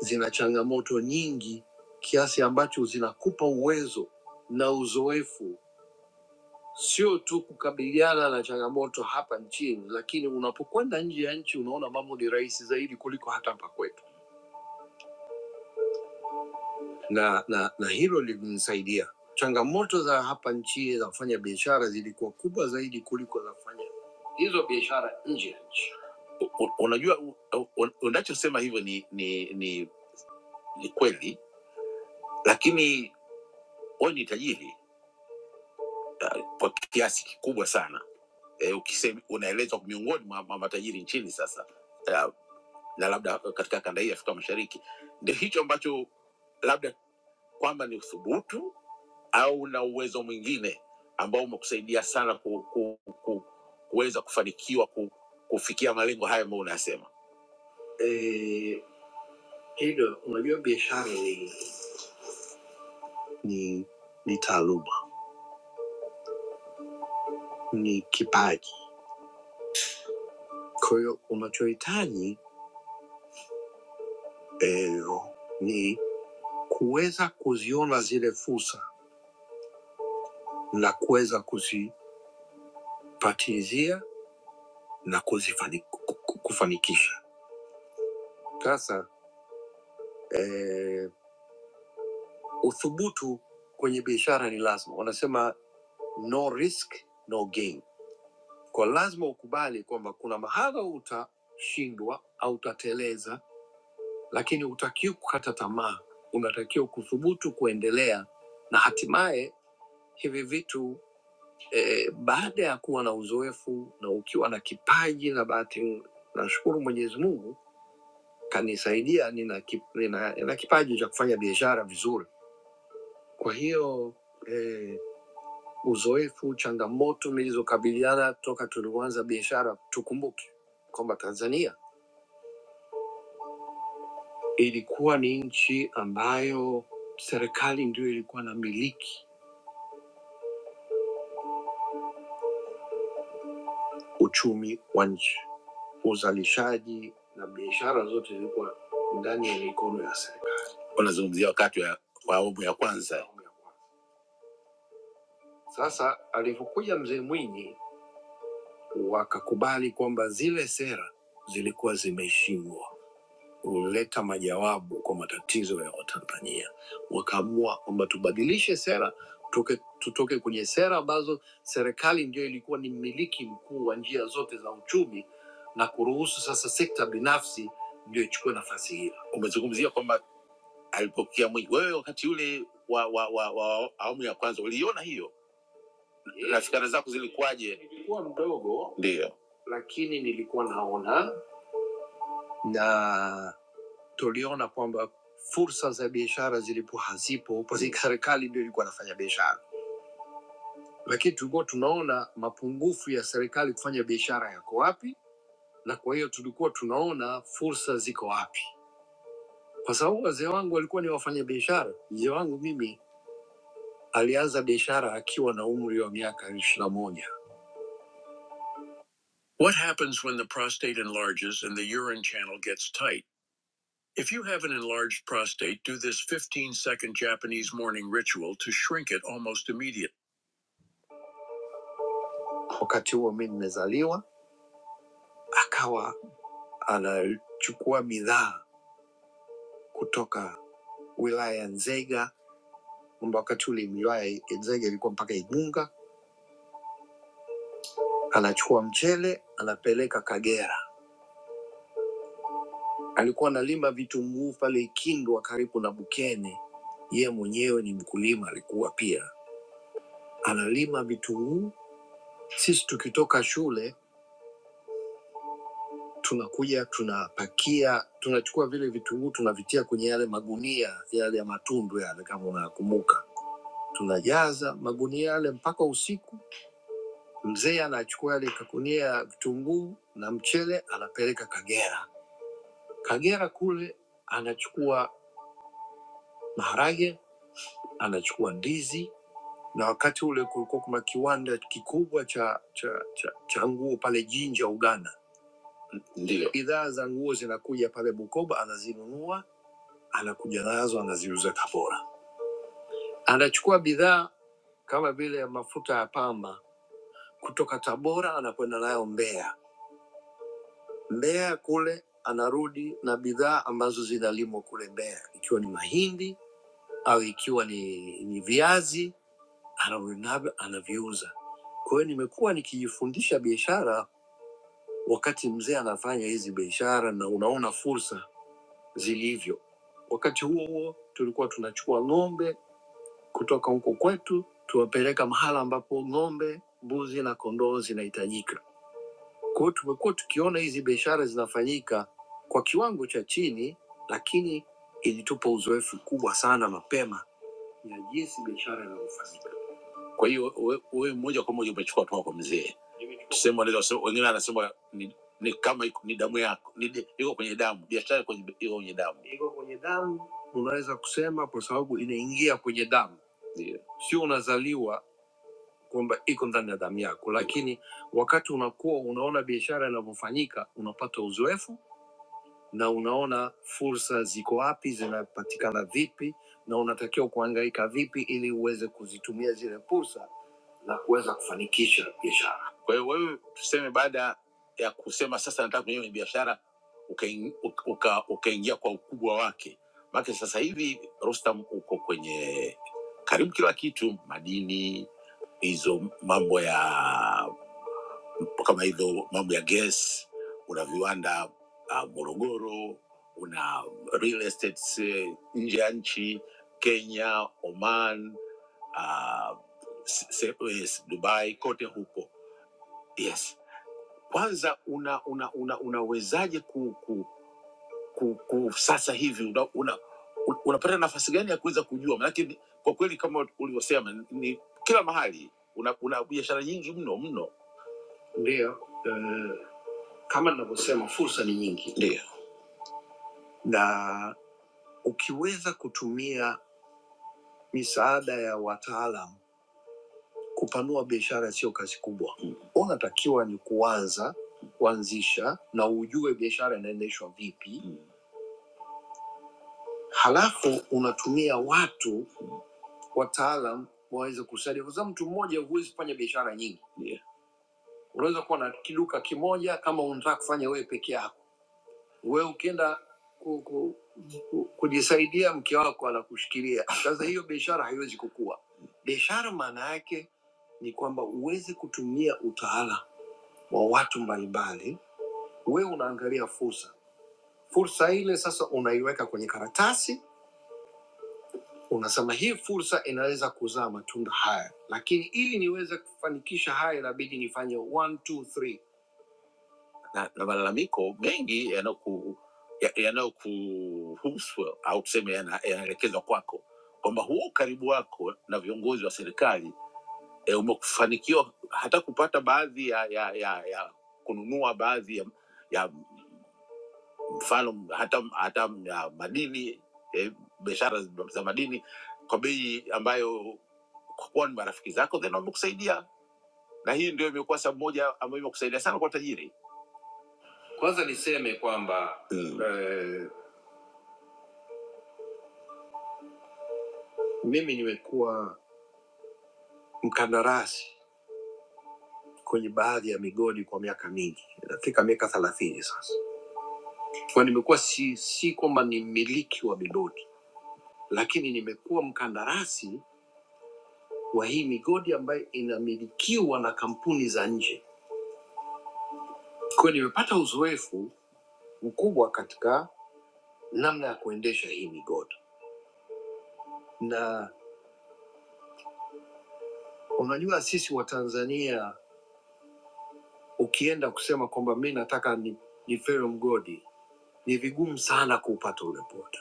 E: zina changamoto nyingi kiasi ambacho zinakupa uwezo na uzoefu sio tu kukabiliana na changamoto hapa nchini, lakini unapokwenda nje ya nchi unaona mambo ni rahisi zaidi kuliko hata hapa kwetu. na, na, na hilo lilimsaidia. Changamoto za hapa nchi za kufanya biashara zilikuwa kubwa zaidi kuliko za kufanya hizo biashara nje ya nchi. U- u- Unajua u- u- unachosema hivyo ni, ni, ni, ni kweli, lakini wewe ni tajiri kwa kiasi kikubwa sana e, ukisema unaelezwa miongoni mwa mwa matajiri nchini sasa e, na labda katika kanda hii ya Afrika Mashariki, ndio hicho ambacho labda kwamba ni uthubutu au una uwezo mwingine ambao umekusaidia sana ku, ku, ku, kuweza kufanikiwa ku, kufikia malengo haya ambayo unayasema? Eh, hilo unajua biashara ni, ni, ni taaluma, ni kipaji. Kwa hiyo unachohitaji eh, ni kuweza kuziona zile fursa na kuweza kuzipatilizia na kuzifani, ku- ku- kufanikisha. Sasa eh, uthubutu kwenye biashara ni lazima. Wanasema no risk no gain, kwa lazima ukubali kwamba kuna mahala utashindwa au utateleza, lakini hutakiwi kukata tamaa, unatakiwa kuthubutu kuendelea, na hatimaye hivi vitu eh, eh, baada ya kuwa na uzoefu na ukiwa na kipaji na bahati, nashukuru Mwenyezi Mungu kanisaidia, nina, kip, nina, nina kipaji cha kufanya biashara vizuri, kwa hiyo uzoefu, changamoto nilizokabiliana toka tulipoanza biashara. Tukumbuke kwamba Tanzania ilikuwa ni nchi ambayo serikali ndio ilikuwa na miliki uchumi wa nchi, uzalishaji na biashara zote zilikuwa ndani ya mikono ya serikali. Unazungumzia wakati wa wa awamu ya kwanza. Awamu ya kwanza. Sasa alivyokuja mzee Mwinyi, wakakubali kwamba zile sera zilikuwa zimeheshimiwa huleta majawabu kwa matatizo ya Watanzania. Wakaamua kwamba tubadilishe sera, tutoke, tutoke kwenye sera ambazo serikali ndio ilikuwa ni mmiliki mkuu wa njia zote za uchumi na kuruhusu sasa sekta binafsi ndio ichukue nafasi hiyo. Umezungumzia kwamba alipokea Mwinyi, wewe wakati ule wa, wa, wa, wa awamu ya kwanza uliona hiyo yeah, na fikra zako zilikuwaje? Nilikuwa mdogo, ndio, lakini nilikuwa naona na tuliona kwamba fursa za biashara zilipo hazipo, kwa sababu serikali ndio ilikuwa inafanya biashara, lakini tulikuwa tunaona mapungufu ya serikali kufanya biashara yako wapi, na kwa hiyo tulikuwa tunaona fursa ziko wapi, kwa sababu wazee wangu walikuwa ni wafanya biashara. Mzee wangu mimi alianza biashara akiwa na umri wa miaka 21. What happens when the prostate enlarges and the urine channel gets tight? If you have an enlarged prostate, do this 15 second Japanese morning ritual to shrink it almost immediately. Wakati huo mi nimezaliwa, akawa anachukua midhaa kutoka wilaya ya Nzega, kwamba wakati ule wilaya ya Nzega ilikuwa mpaka Igunga, anachukua mchele anapeleka Kagera. Alikuwa analima vitunguu pale Ikindwa karibu na Bukene. Yeye mwenyewe ni mkulima, alikuwa pia analima vitunguu. Sisi tukitoka shule tunakuja tunapakia tunachukua vile vitunguu tunavitia kwenye yale magunia yale ya matundu yale kama unakumbuka tunajaza magunia yale mpaka usiku mzee anachukua yale kagunia ya vitunguu na mchele anapeleka kagera kagera kule anachukua maharage anachukua ndizi na wakati ule kulikuwa kuna kiwanda kikubwa cha cha cha, cha nguo pale jinja uganda ndio bidhaa za nguo zinakuja pale bukoba anazinunua anakuja nazo anaziuza Tabora. Anachukua bidhaa kama vile mafuta ya pamba kutoka Tabora anakwenda nayo Mbeya. Mbeya kule anarudi na bidhaa ambazo zinalimwa kule Mbeya, ikiwa ni mahindi au ikiwa ni, ni viazi, anarudi navyo anaviuza. Kwa hiyo nimekuwa nikijifundisha biashara wakati mzee anafanya hizi biashara, na unaona fursa zilivyo. Wakati huo huo tulikuwa tunachukua ng'ombe kutoka huko kwetu tuwapeleka mahala ambapo ng'ombe, mbuzi na kondoo zinahitajika. Kwa hiyo tumekuwa tukiona hizi biashara zinafanyika kwa kiwango cha chini, lakini ilitupa uzoefu kubwa sana mapema ya jinsi biashara inavyofanyika. Kwa hiyo we we moja kwa moja umechukua kutoka kwa mzee, tuseme wanaweza wasema- wengine anasema ni, ni kama iko- ni damu yako, ni de- iko kwenye damu, biashara iko kwenye- iko kwenye damu. Unaweza kusema kwa sababu inaingia kwenye damu, Ndio. sio unazaliwa kwamba iko ndani ya damu yako, lakini wakati unakuwa unaona biashara inavyofanyika, unapata uzoefu na unaona fursa ziko wapi, zinapatikana vipi, na unatakiwa kuhangaika vipi ili uweze kuzitumia zile fursa na kuweza kufanikisha biashara. Kwa hiyo wewe, tuseme, baada ya kusema sasa nataka kuingia kwenye biashara, ukaingia uka, uka ukaingia kwa ukubwa wake, maana sasa hivi Rostam uko kwenye karibu kila kitu, madini hizo mambo ya kama hivyo mambo ya gas una viwanda uh, morogoro uh, una real estates eh, nje ya nchi kenya oman uh, se, se, eh, dubai kote huko yes kwanza una una una unawezaje ku, ku, ku, ku sasa hivi una, una, un- unapata nafasi gani ya kuweza kujua manake ni- kwa kweli kama ulivyosema ni kila mahali una, una biashara nyingi mno mno Ndiyo, eh, kama ninavyosema, fursa ni nyingi. Ndiyo, na ukiweza kutumia misaada ya wataalam kupanua biashara sio kazi kubwa. Mm. Unatakiwa ni kuanza kuanzisha na ujue biashara inaendeshwa vipi. Mm. Halafu unatumia watu wataalam waweze kusaidia, kwa sababu mtu mmoja huwezi kufanya biashara nyingi. Ndiyo. Unaweza kuwa na kiduka kimoja kama unataka kufanya wewe peke yako wewe ukienda ku, ku, ku, kujisaidia mke wako anakushikilia. Sasa hiyo biashara haiwezi kukua. Biashara maana yake ni kwamba uweze kutumia utawala wa watu mbalimbali. Wewe unaangalia fursa, fursa ile sasa unaiweka kwenye karatasi, unasema hii fursa inaweza kuzaa matunda haya, lakini ili niweze kufanikisha haya inabidi nifanye one, two, three na, na malalamiko mengi yanayoku- ya- yanayokuhusu au tuseme yana- yanaelekezwa kwako kwamba huo ukaribu wako na viongozi wa serikali e, umefanikiwa hata kupata baadhi ya, ya, ya, ya kununua baadhi ya, ya mfano hata, hata ya madini e, biashara za madini kwa bei ambayo kwa kuwa ni marafiki zako then wamekusaidia na hii ndio imekuwa sababu moja ambayo imekusaidia sana kwa tajiri kwanza niseme kwamba mm. eh, Mimi nimekuwa mkandarasi kwenye baadhi ya migodi kwa miaka mingi, inafika miaka thelathini sasa. Kwa nimekuwa si, si kwamba ni mmiliki wa migodi, lakini nimekuwa mkandarasi wa hii migodi ambayo inamilikiwa na kampuni za nje. Kwa hiyo nimepata uzoefu mkubwa katika namna ya kuendesha hii migodi, na unajua sisi wa Tanzania ukienda kusema kwamba mi nataka ni, ni ferro mgodi, ni vigumu sana kuupata ule port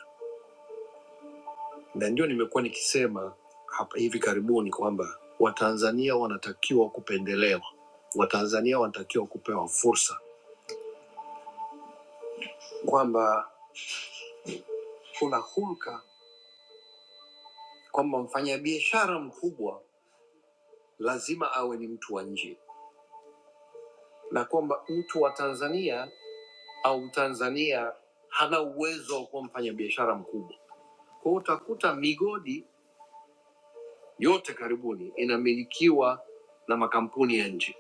E: na ndio nimekuwa nikisema hapa hivi karibuni kwamba Watanzania wanatakiwa kupendelewa, Watanzania wanatakiwa kupewa fursa, kwamba kuna hulka kwamba mfanyabiashara mkubwa lazima awe ni mtu wa nje, na kwamba mtu wa Tanzania au Mtanzania hana uwezo wa kuwa mfanyabiashara mkubwa. Kwa hiyo utakuta migodi yote karibuni inamilikiwa na makampuni ya nje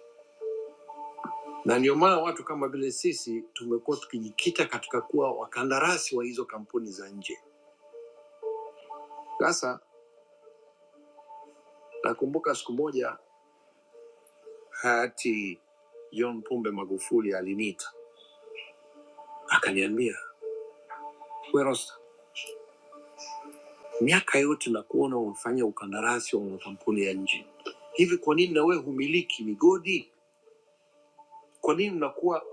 E: na ndio maana watu kama vile sisi tumekuwa tukijikita katika kuwa wakandarasi wa hizo kampuni za nje. Sasa nakumbuka siku moja hayati John Pombe Magufuli aliniita akaniambia, we Rosta, miaka yote nakuona unafanya ukandarasi wa makampuni ya nje, hivi kwa nini na wewe humiliki migodi? Kwa nini mnakuwa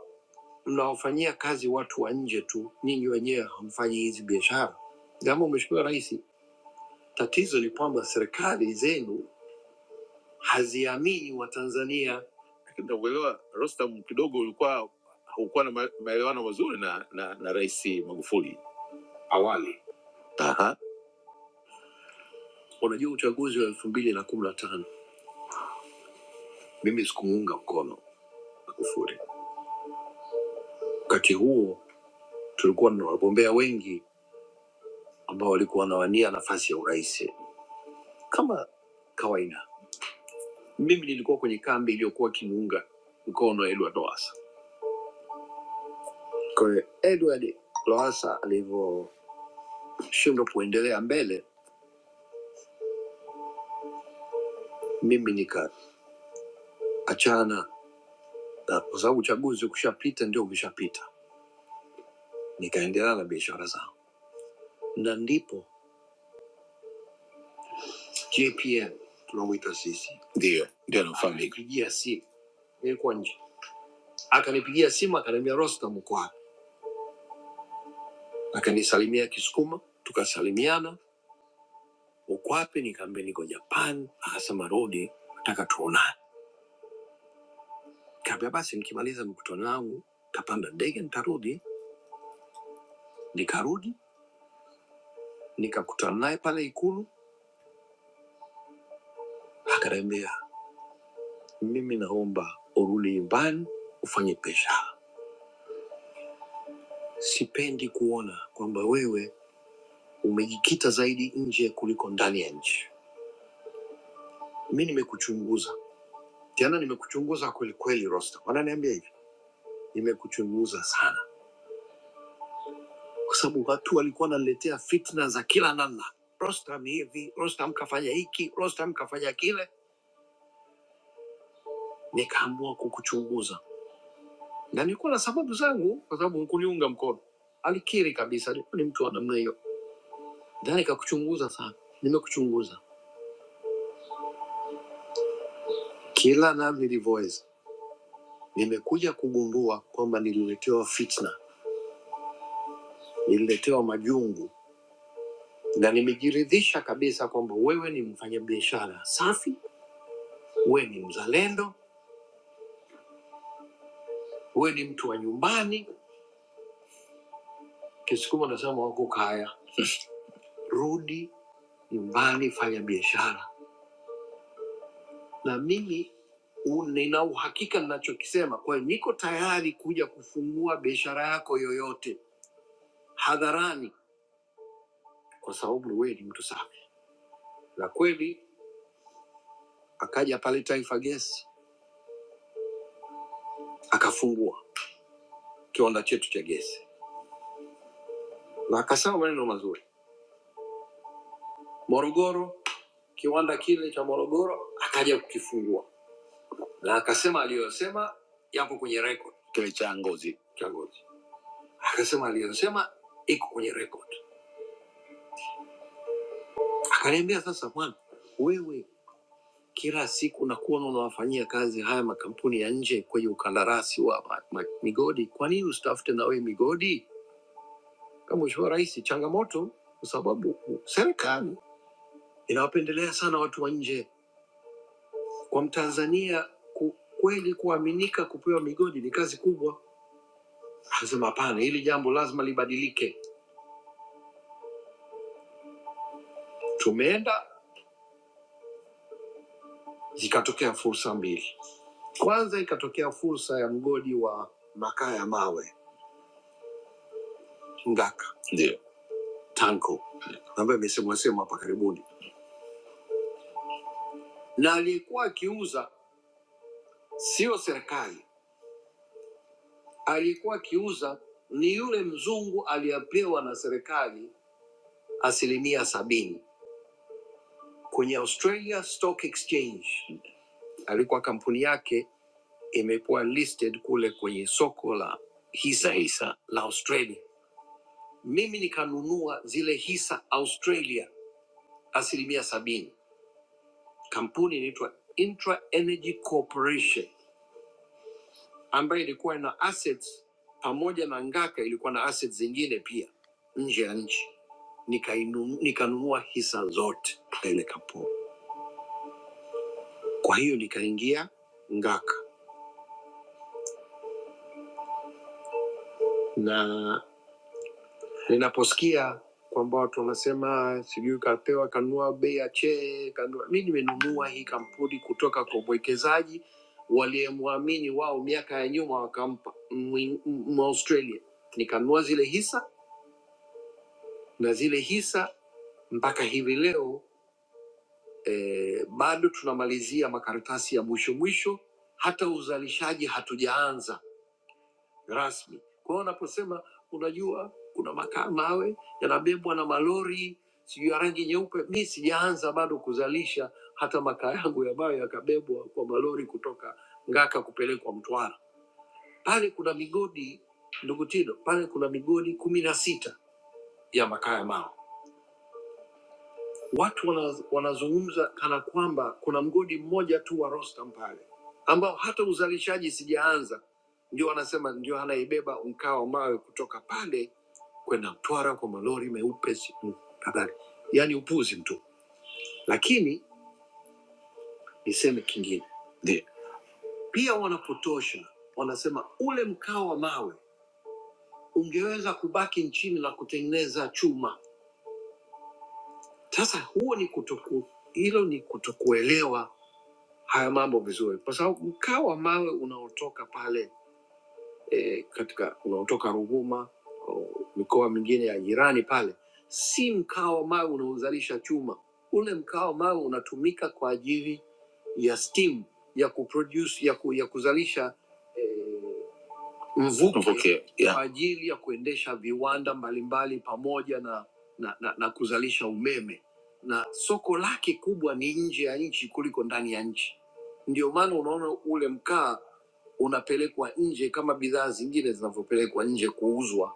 E: mnawafanyia kazi watu wa nje tu, ninyi wenyewe hamfanyi hizi biashara? Jambo Mheshimiwa Rais, tatizo ni kwamba serikali zenu haziamini Watanzania. Lakini Nakuelewa Rostam, kidogo ulikuwa haukuwa na ma- maelewano mazuri na na, na Rais Magufuli awali. Aha. Unajua uchaguzi wa elfu mbili na kumi na tano mimi sikumuunga mkono Magufuli. Wakati huo tulikuwa na wagombea wengi ambao walikuwa wanawania nafasi ya urais kama kawaida. Mimi nilikuwa kwenye kambi iliyokuwa ikimuunga mkono Edward Lowassa. Kwa hiyo Edward Lowassa alivyoshindwa kuendelea mbele, mimi nika achana na, kwa sababu uchaguzi ukishapita ndio umeshapita. Nikaendelea na biashara zangu, na ndipo JPM tunamwita sisi, ndio ndio anafahamika. Akanipigia simu, nilikuwa nje, akanipigia simu akaniambia, Rostam uko wapi? Akanisalimia Kisukuma, tukasalimiana, uko wapi? Nikaambia niko Japan. Akasema rudi, nataka tuonane. Kaambia basi, nikimaliza mkutano wangu kapanda ndege nitarudi. Nikarudi nikakutana naye pale Ikulu, akaniambia Mimi naomba urudi nyumbani ufanye pesa. Sipendi kuona kwamba wewe umejikita zaidi nje kuliko ndani ya nchi. Mi nimekuchunguza tena, nimekuchunguza kweli kweli, Rosta, wananiambia hivi, nimekuchunguza sana kwa sababu watu walikuwa wananiletea fitna za kila namna. Rostam hivi, Rostam kafanya hiki, Rostam kafanya kile. Nikaamua kukuchunguza na nilikuwa na sababu zangu, kwa sababu hukuniunga mkono. Alikiri kabisa, alikuwa ni mtu wa namna hiyo Ndani kakuchunguza sana, nimekuchunguza kila namna nilivoweza. Nimekuja kugundua kwamba nililetewa fitna, nililetewa majungu, na nimejiridhisha kabisa kwamba wewe ni mfanyabiashara safi, wewe ni mzalendo, wewe ni mtu wa nyumbani. Kisukuma nasema wako kaya, rudi nyumbani, fanya biashara. Na mimi u- nina uhakika ninachokisema, kwa hiyo niko tayari kuja kufungua biashara yako yoyote hadharani, kwa sababu wewe ni mtu safi. na kweli akaja pale Taifa Gesi akafungua kiwanda chetu cha gesi na akasema maneno mazuri. Morogoro, kiwanda kile cha Morogoro akaja kukifungua na akasema aliyosema yako kwenye record, kile cha Ngozi cha Ngozi, akasema aliyosema iko kwenye record. Akaniambia sasa, bwana wewe kila siku nakuwa unawafanyia kazi haya makampuni ya nje kwenye ukandarasi wa ma- ma- migodi, kwa nini usitafute na wewe migodi? kama Mheshimiwa Rais, changamoto kwa sababu serikali inawapendelea sana watu wa nje. Kwa Mtanzania ku, kweli kuaminika kupewa migodi ni kazi kubwa. Anasema hapana, hili jambo lazima libadilike. Tumeenda zikatokea fursa mbili. Kwanza ikatokea fursa ya mgodi wa makaa ya mawe Ngaka, ndio Tanco, ambayo imesemwa semwa hapa karibuni, na aliyekuwa akiuza sio serikali, aliyekuwa akiuza ni yule mzungu aliyepewa na serikali asilimia sabini kwenye Australia Stock Exchange. Alikuwa kampuni yake imekuwa listed kule kwenye soko la hisa hisa la Australia. Mimi nikanunua zile hisa Australia asilimia sabini. Kampuni inaitwa Intra Energy Corporation ambayo ilikuwa na assets pamoja na Ngaka, ilikuwa na assets zingine pia nje ya nchi. Nikainu- Nikanunua nika hisa zote katika ile kampuni, kwa hiyo nikaingia Ngaka na ninaposikia kwamba watu wanasema sijui kapewa kanua bei ya chee kanua. Mi nimenunua hii kampuni kutoka kwa mwekezaji waliyemwamini wao miaka ya nyuma, wakampa Mwi- Mwaustralia. Nikanunua zile hisa na zile hisa mpaka hivi leo eh, bado tunamalizia makaratasi ya mwisho mwisho, hata uzalishaji hatujaanza rasmi. Kwa hiyo unaposema unajua, kuna makaa mawe yanabebwa na malori sijui ya rangi nyeupe, mi sijaanza bado kuzalisha hata makaa yangu ambayo yakabebwa kwa malori kutoka Ngaka kupelekwa Mtwara. Pale kuna migodi, ndugu Tino, pale kuna migodi kumi na sita ya makaa ya mawe watu wana, wanazungumza kana kwamba kuna mgodi mmoja tu wa Rostam pale ambao hata uzalishaji sijaanza, ndio wanasema ndio anaibeba mkaa wa mawe kutoka pale kwenda Mtwara kwa malori meupe si- mm, kadhalika. Yaani upuzi mtu, lakini niseme kingine Ndiyo. pia wanapotosha, wanasema ule mkaa wa mawe ungeweza kubaki nchini na kutengeneza chuma. Sasa huo ni kutoku, hilo ni kutokuelewa haya mambo vizuri, kwa sababu mkaa wa mawe unaotoka pale e, katika unaotoka Ruvuma o, mikoa mingine ya jirani pale, si mkaa wa mawe unaozalisha chuma. Ule mkaa wa mawe unatumika kwa ajili ya steam ya kuproduce, ya, ku, ya kuzalisha e, mvuke, Mvuke, yeah. kwa ajili ya kuendesha viwanda mbalimbali pamoja na, na, na, na kuzalisha umeme, na soko lake kubwa ni nje ya nchi kuliko ndani ya nchi. Ndio maana unaona ule mkaa unapelekwa nje kama bidhaa zingine zinavyopelekwa nje kuuzwa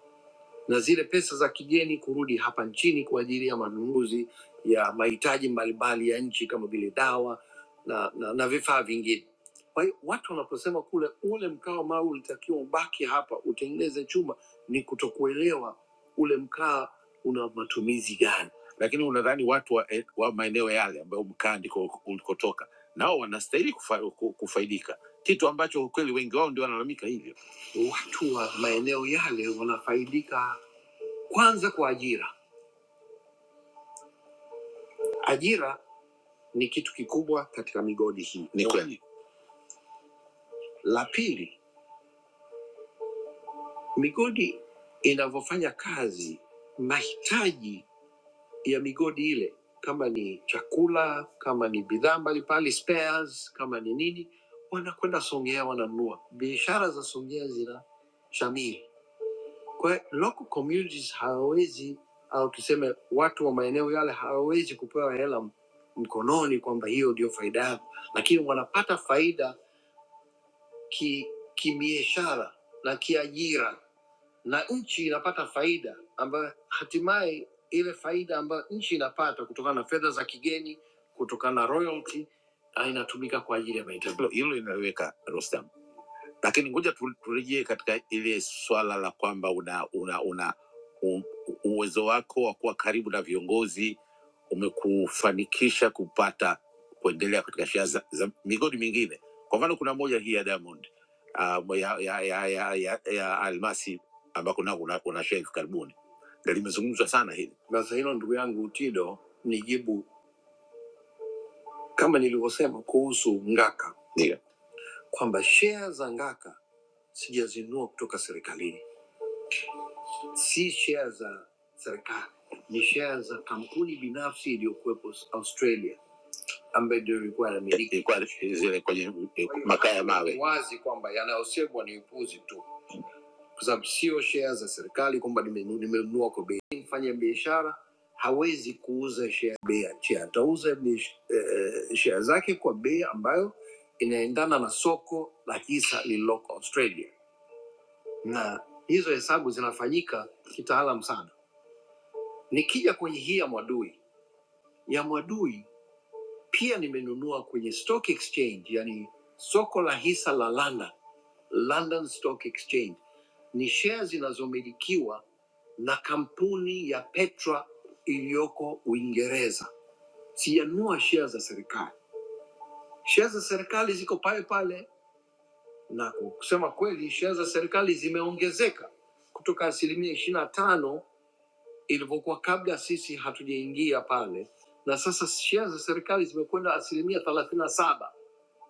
E: na zile pesa za kigeni kurudi hapa nchini kwa ajili ya manunuzi ya mahitaji mbalimbali ya nchi kama vile dawa na, na, na vifaa vingine. Kwa hiyo watu wanaposema kule ule mkaa mawe ulitakiwa ubaki hapa utengeneze chuma, ni kutokuelewa ule mkaa una matumizi gani. Lakini unadhani watu wa, eh, wa maeneo yale ambayo mkaa ndiko ulikotoka nao wanastahili kufa, ku- kufaidika, kitu ambacho ukweli wengi wao ndio wanalalamika hivyo. Watu wa maeneo yale wanafaidika kwanza kwa ajira. Ajira ni kitu kikubwa katika migodi hii. Ni kweli. La pili, migodi inavyofanya kazi, mahitaji ya migodi ile, kama ni chakula, kama ni bidhaa mbalimbali, spares, kama ni nini, wanakwenda Songea wananunua. Biashara za Songea zina shamiri. Kwa hiyo local communities hawawezi au tuseme watu wa maeneo yale hawawezi kupewa hela m- mkononi kwamba hiyo ndio faida yako, lakini wanapata faida ki kibiashara na kiajira, na nchi inapata faida ambayo hatimaye ile faida ambayo nchi inapata kutokana na fedha za kigeni, kutokana na royalty, ah, inatumika kwa ajili ya mahitaji. Hilo hilo inaweka Rostam, lakini ngoja tu- turejee katika ile swala la kwamba una, una, una u, uwezo wako wa kuwa karibu na viongozi umekufanikisha kupata kuendelea katika shea za, za migodi mingine. Kwa mfano kuna moja hii ya Diamond uh, ya, ya, ya, ya, ya, ya Almasi ambako nako una, una shea hivi karibuni, na limezungumzwa sana hili. Sasa hilo ndugu yangu Tido, nijibu kama nilivyosema kuhusu Ngaka, ndio kwamba shea za Ngaka sijazinunua kutoka serikalini, si share za serikali, ni share za kampuni binafsi iliyokuwepo Australia ambayo ndio ilikuwa inamiliki. Ilikuwa zile kwenye makaa ya mawe. Wazi kwamba yanayosemwa ni upuzi tu, kwa sababu sio share za serikali kwamba nimenu- nimenunua kwa bei. Mfanya biashara hawezi kuuza share bei ya nchi, atauza biash- eh, eh, share zake kwa bei ambayo inaendana na soko la hisa lililoko Australia na hizo hesabu zinafanyika kitaalam sana. Nikija kwenye hii ya Mwadui, ya Mwadui pia nimenunua kwenye stock exchange, yani soko la hisa la London, London Stock Exchange. Ni share zinazomilikiwa na kampuni ya Petra iliyoko Uingereza. Sijanunua share za serikali. Share za serikali ziko pale pale, na kusema kweli, share za serikali zimeongezeka kutoka asilimia 25 ilivyokuwa kabla sisi hatujaingia pale, na sasa shea za serikali zimekwenda asilimia thelathini na saba.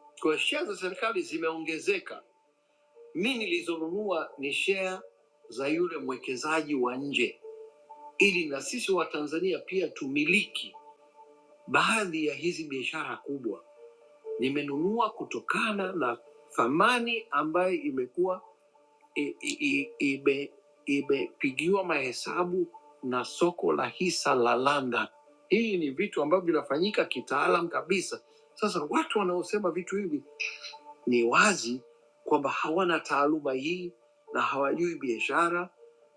E: Kwa hiyo shea za serikali zimeongezeka. Mi nilizonunua ni shea za yule mwekezaji wa nje, ili na sisi Watanzania pia tumiliki baadhi ya hizi biashara kubwa. Nimenunua kutokana na thamani ambayo imekuwa i- i- i- ime- imepigiwa mahesabu na soko la hisa la London. Hii ni vitu ambavyo vinafanyika kitaalam kabisa. Sasa watu wanaosema vitu hivi ni wazi kwamba hawana taaluma hii na hawajui biashara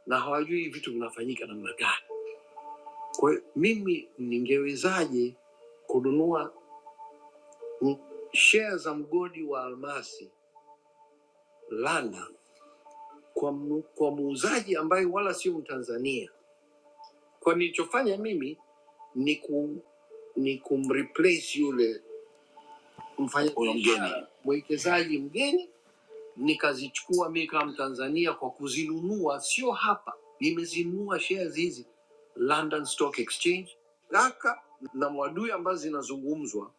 E: na hawajui vitu vinafanyika namna gani. Kwa hiyo mimi ningewezaje kununua mm, share za mgodi wa almasi London kwa, mu- kwa muuzaji ambaye wala sio Mtanzania Kwa nilichofanya mimi ni ku ni kumreplace yule mfanya huyo mgeni mwekezaji mgeni, nikazichukua mimi kama Mtanzania kwa kuzinunua, sio hapa, nimezinunua shares hizi London Stock Exchange. Gaka na Mwadui ambazo zinazungumzwa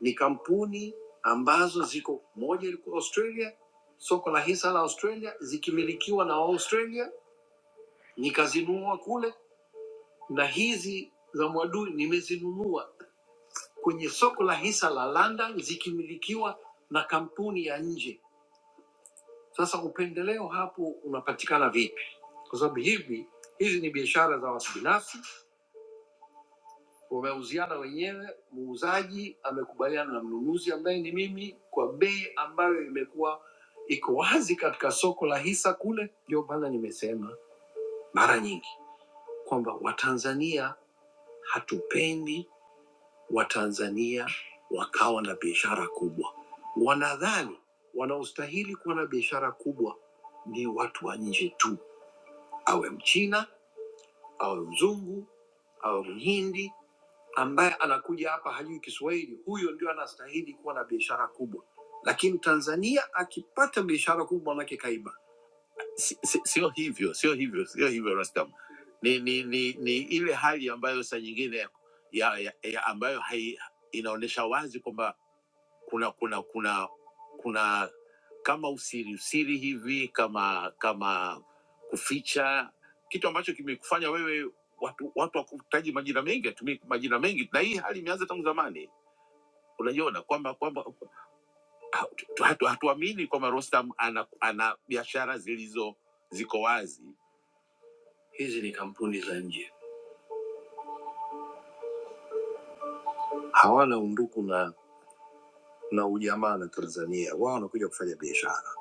E: ni kampuni ambazo ziko, moja ilikuwa Australia, soko la hisa la Australia, zikimilikiwa na Australia, nikazinunua kule na hizi za Mwadui nimezinunua kwenye soko la hisa la London zikimilikiwa na kampuni ya nje. Sasa upendeleo hapo unapatikana vipi? Kwa sababu hivi hizi ni biashara za watu binafsi, wameuziana wenyewe, muuzaji amekubaliana na mnunuzi ambaye ni mimi kwa bei ambayo imekuwa iko wazi katika soko la hisa kule. Ndio maana nimesema mara nyingi kwamba Watanzania hatupendi Watanzania wakawa na biashara kubwa. Wanadhani wanaostahili kuwa na biashara kubwa ni watu wa nje tu, awe Mchina, awe mzungu, awe Mhindi ambaye anakuja hapa hajui Kiswahili, huyo ndio anastahili kuwa na biashara kubwa. Lakini Tanzania akipata biashara kubwa, manake kaiba. Si- si- Sio hivyo, sio hivyo, sio hivyo Rastam, ni, ni, ni, ni ile hali ambayo saa nyingine ya, ya, ya ambayo hai, inaonyesha wazi kwamba kuna kuna kuna kuna kama usiri usiri hivi kama kama kuficha kitu ambacho kimekufanya wewe watu watu wakutaji majina mengi atumie majina mengi na hii hali imeanza tangu zamani unaiona kwamba kwamba hatu- hatu- hatuamini kwamba Rostam ana, ana biashara zilizo ziko wazi hizi ni kampuni za nje hawana undugu na na ujamaa na tanzania wao wanakuja kufanya biashara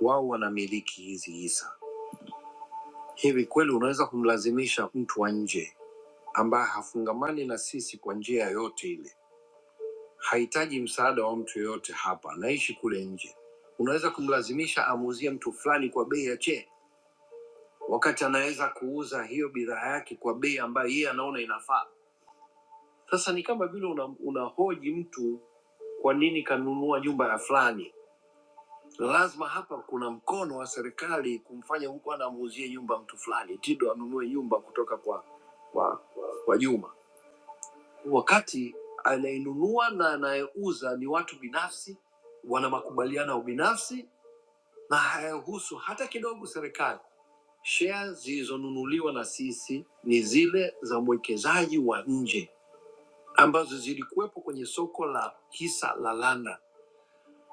E: wao wanamiliki hizi hisa Hivi kweli unaweza kumlazimisha mtu wa nje ambaye hafungamani na sisi kwa njia yoyote ile, hahitaji msaada wa mtu yoyote hapa, anaishi kule nje, unaweza kumlazimisha amuuzie mtu fulani kwa bei ya che, wakati anaweza kuuza hiyo bidhaa yake kwa bei ambayo yeye anaona inafaa? Sasa ni kama vile una, unahoji mtu kwa nini kanunua nyumba ya fulani. Lazima hapa kuna mkono wa serikali kumfanya huku anamuuzie nyumba mtu fulani, Tido anunue nyumba kutoka kwa kwa, kwa Juma wakati anayenunua na anayeuza ni watu binafsi, wana makubaliano ya binafsi na hayahusu hata kidogo serikali. Shea zilizonunuliwa na sisi ni zile za mwekezaji wa nje ambazo zilikuwepo kwenye soko la hisa la London,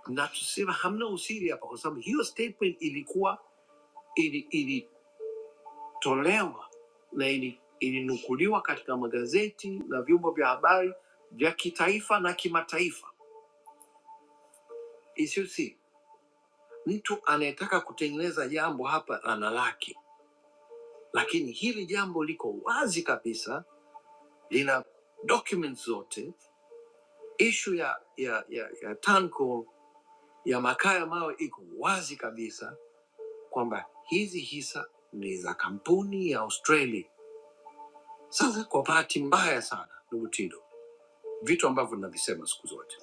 E: na tuseme hamna usiri hapa, kwa sababu hiyo statement ilikuwa ili- ilitolewa na ili- na ilinukuliwa ili katika magazeti na vyombo vya habari vya kitaifa na kimataifa Isusi, mtu anayetaka kutengeneza jambo hapa analaki, lakini hili jambo liko wazi kabisa, lina documents zote. Ishu ya ya ya, ya Tanco ya makaa ya mawe iko wazi kabisa kwamba hizi hisa ni za kampuni ya Australia. Sasa kwa bahati mbaya sana, ndugu Tido, vitu ambavyo navisema siku zote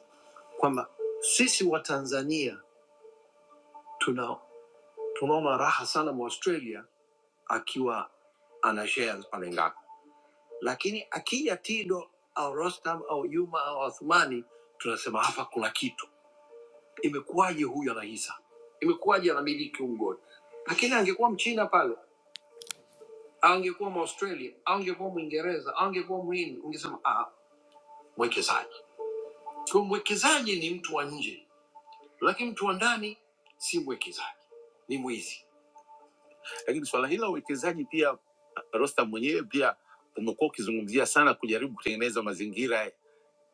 E: kwamba sisi wa Tanzania tuna tunaona raha sana mwa Australia akiwa ana shares pale ngapi, lakini akija Tido au Rostam au Juma au Athumani tunasema hapa kuna kitu. Imekuwaje huyu ana hisa? Imekuwaje anamiliki huu mgodi? Lakini angekuwa Mchina pale au angekuwa Mwaustralia au angekuwa Mwingereza au angekuwa Mhindi, ungesema ah, mwekezaji. Kwa mwekezaji ni mtu wa nje, lakini mtu wa ndani si mwekezaji, ni mwizi. Lakini swala hili la uwekezaji pia, Rostam mwenyewe pia umekuwa ukizungumzia sana kujaribu kutengeneza mazingira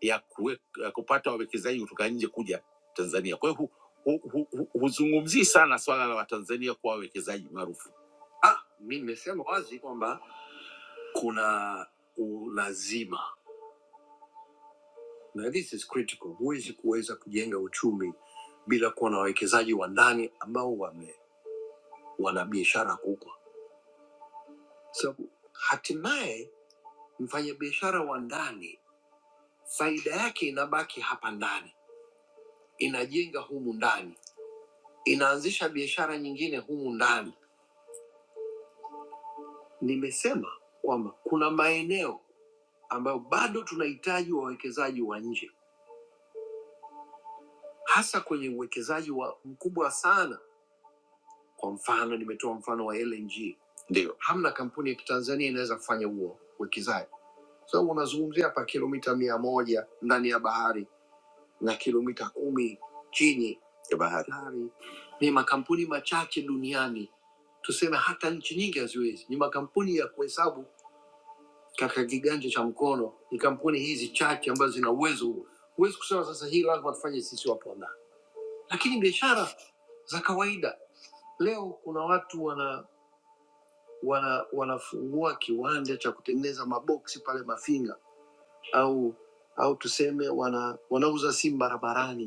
E: ya, kuwe, ya kupata wawekezaji kutoka nje kuja Tanzania. Kwa hiyo hu- hu- hu- hu- huzungumzii sana swala la Watanzania kuwa wawekezaji maarufu. Ah, mi nimesema wazi kwamba kuna ulazima na this is critical. Huwezi kuweza kujenga uchumi bila kuwa na wawekezaji wa ndani ambao wame, wana biashara kubwa, sababu hatimaye Mfanyabiashara wa ndani, faida yake inabaki hapa ndani, inajenga humu ndani, inaanzisha biashara nyingine humu ndani. Nimesema kwamba kuna maeneo ambayo bado tunahitaji wawekezaji wa nje, hasa kwenye uwekezaji wa mkubwa sana. Kwa mfano, nimetoa mfano wa LNG, ndio hamna kampuni ya kitanzania inaweza kufanya huo uwekezaji. Kwa sababu unazungumzia hapa kilomita mia moja ndani ya bahari na kilomita kumi chini ya bahari. Bahari Ni makampuni machache duniani, tuseme hata nchi nyingi haziwezi. Ni makampuni ya kuhesabu katika kiganja cha mkono, ni kampuni hizi chache ambazo zina uwezo huo. Huwezi kusema sasa hii lazima tufanye sisi Waponda, lakini biashara za kawaida leo kuna watu wana wana wanafungua kiwanda cha kutengeneza maboksi pale Mafinga au au tuseme wana wanauza simu barabarani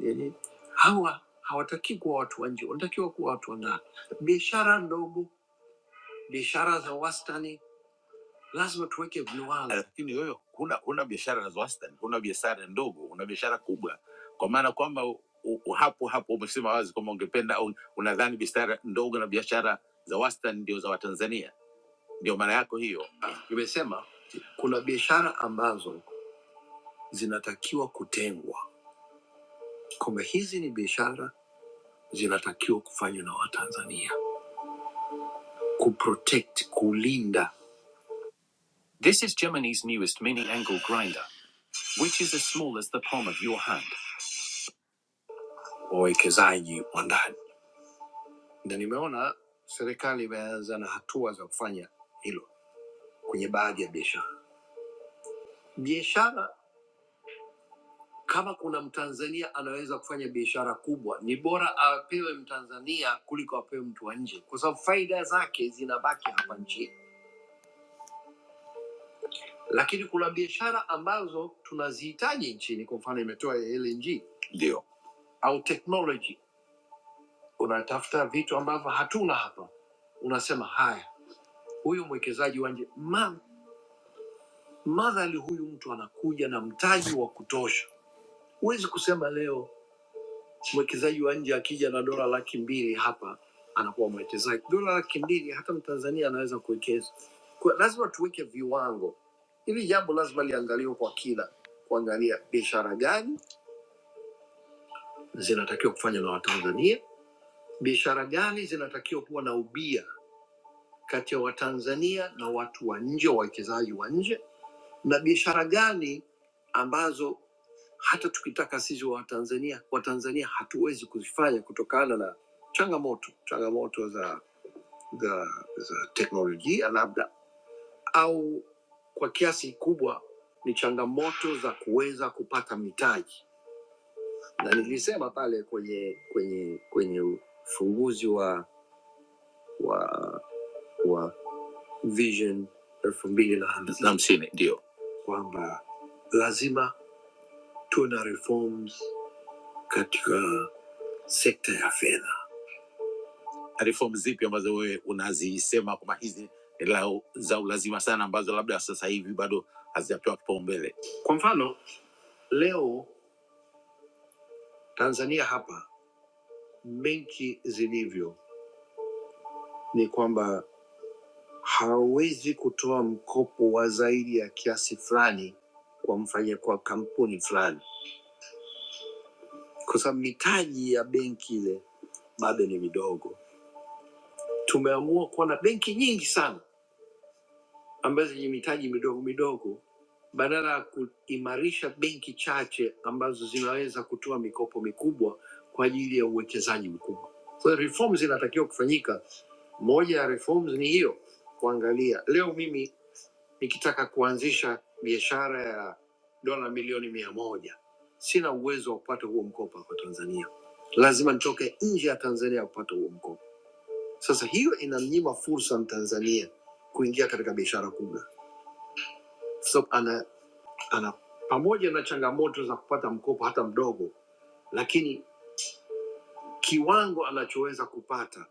E: Yani hawa hawatakiwi kuwa watu wa nje, wanatakiwa kuwa watu wa ndani. Biashara ndogo, biashara za wastani, lazima tuweke viwango. Lakini wewe huna huna biashara za wastani, huna biashara ndogo, una biashara kubwa, kwa maana kwamba u- u- hapo hapo umesema wazi kwamba ungependa au unadhani biashara ndogo na biashara za wastani ndio za Watanzania, ndio maana yako hiyo. Nimesema kuna biashara ambazo zinatakiwa kutengwa kwamba hizi ni biashara zinatakiwa kufanywa na Watanzania kuprotect, kulinda. This is Germany's newest mini angle grinder which is as small as the palm of your hand. Wawekezaji wa ndani, na nimeona serikali imeanza na hatua za kufanya hilo kwenye baadhi ya biashara. Biashara kama kuna Mtanzania anaweza kufanya biashara kubwa, ni bora apewe Mtanzania kuliko apewe mtu wa nje, kwa sababu faida zake zinabaki hapa nchini lakini kuna biashara ambazo tunazihitaji nchini. Kwa mfano imetoa ya LNG au technology, unatafuta vitu ambavyo hatuna hapa, unasema haya, huyu mwekezaji wa nje ma- madhali huyu mtu anakuja na mtaji wa kutosha. Huwezi kusema leo mwekezaji wa nje akija na dola laki mbili hapa anakuwa mwekezaji. Dola laki mbili hata mtanzania anaweza kuwekeza. Kwa- Lazima tuweke viwango. Hili jambo lazima liangaliwe kwa kina, kuangalia biashara gani zinatakiwa kufanywa na Watanzania? Biashara gani zinatakiwa kuwa na ubia kati ya Watanzania na watu wa nje, wawekezaji wa nje, na biashara gani ambazo hata tukitaka sisi wa Tanzania Watanzania hatuwezi kuzifanya kutokana na changamoto changamoto za za, za teknolojia labda, au kwa kiasi kikubwa ni changamoto za kuweza kupata mitaji, na nilisema pale kwenye kwenye kwenye ufunguzi wa wa wa vision elfu mbili na hamsini Na hamsini, ndio kwamba lazima tuwe na reforms katika sekta ya fedha. Reform zipi ambazo wewe unazisema kwamba hizi ni lau- za ulazima sana ambazo labda sasa hivi bado hazijapewa kipaumbele? Kwa mfano leo Tanzania hapa benki zilivyo ni kwamba hawezi kutoa mkopo wa zaidi ya kiasi fulani kwa mfanya kwa kampuni fulani kwa sababu mitaji ya benki ile bado ni midogo. Tumeamua kuwa na benki nyingi sana ambazo zenye mitaji midogo midogo, badala ya kuimarisha benki chache ambazo zinaweza kutoa mikopo mikubwa kwa ajili ya uwekezaji mkubwa. Kwa hiyo reforms zinatakiwa kufanyika. Moja ya reforms ni hiyo, kuangalia leo mimi nikitaka kuanzisha biashara ya dola milioni mia moja sina uwezo wa kupata huo mkopo hapa Tanzania, lazima nitoke nje ya Tanzania kupata huo mkopo. Sasa hiyo inamnyima fursa Mtanzania kuingia katika biashara kubwa. So, ana, ana pamoja na changamoto za kupata mkopo hata mdogo, lakini kiwango anachoweza kupata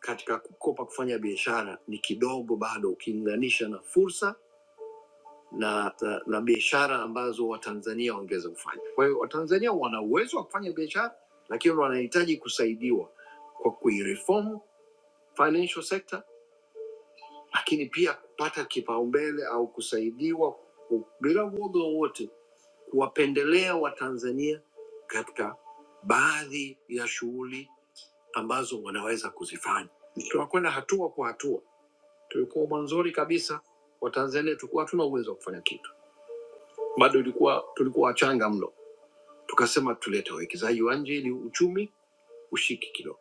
E: katika kukopa kufanya biashara ni kidogo bado ukilinganisha na fursa na, na, na biashara ambazo watanzania wangeweza kufanya. Kwa hiyo watanzania wana uwezo wa kufanya biashara, lakini wanahitaji kusaidiwa kwa kuireform financial sector, lakini pia kupata kipaumbele au kusaidiwa ku- bila uoga wowote kuwapendelea watanzania katika baadhi ya shughuli ambazo wanaweza kuzifanya. Tunakwenda hatua kwa hatua. Tulikuwa mwanzoni kabisa watanzania tulikuwa hatuna uwezo wa kufanya kitu bado ilikuwa tulikuwa wachanga mno, tukasema tulete wawekezaji wa nje ili uchumi ushiki kidogo,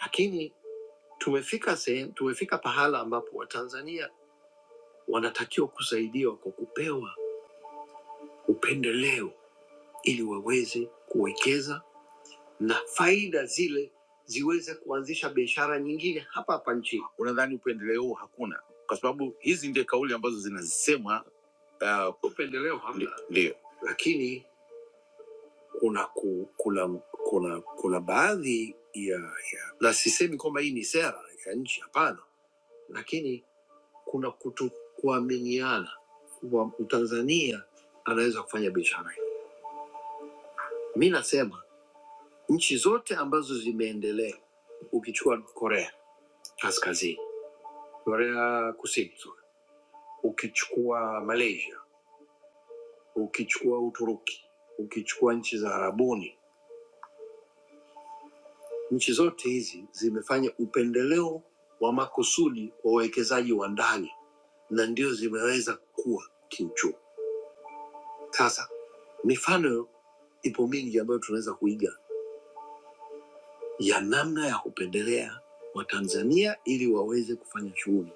E: lakini tumefika sehemu, tumefika pahala ambapo Watanzania wanatakiwa kusaidiwa kwa kupewa upendeleo ili waweze kuwekeza na faida zile ziweze kuanzisha biashara nyingine hapa hapa nchini. Unadhani upendeleo huu hakuna? Kwa sababu hizi ndio kauli ambazo zinasemwa. Uh, upendeleo hamna, Ndi- ndio, lakini kuna, ku, kuna, kuna, kuna baadhi ya, ya na sisemi kwamba hii ni sera ya nchi, hapana, lakini kuna kuto kuaminiana kwamba Mtanzania anaweza kufanya biashara. Mi nasema nchi zote ambazo zimeendelea, ukichukua Korea Kaskazini, Korea Kusini, sorry, ukichukua Malaysia, ukichukua Uturuki, ukichukua nchi za Arabuni Nchi zote hizi zimefanya upendeleo wa makusudi wa wawekezaji wa ndani na ndio zimeweza kukua kiuchumi. Sasa mifano ipo mingi ambayo tunaweza kuiga ya namna ya kupendelea Watanzania ili waweze kufanya shughuli,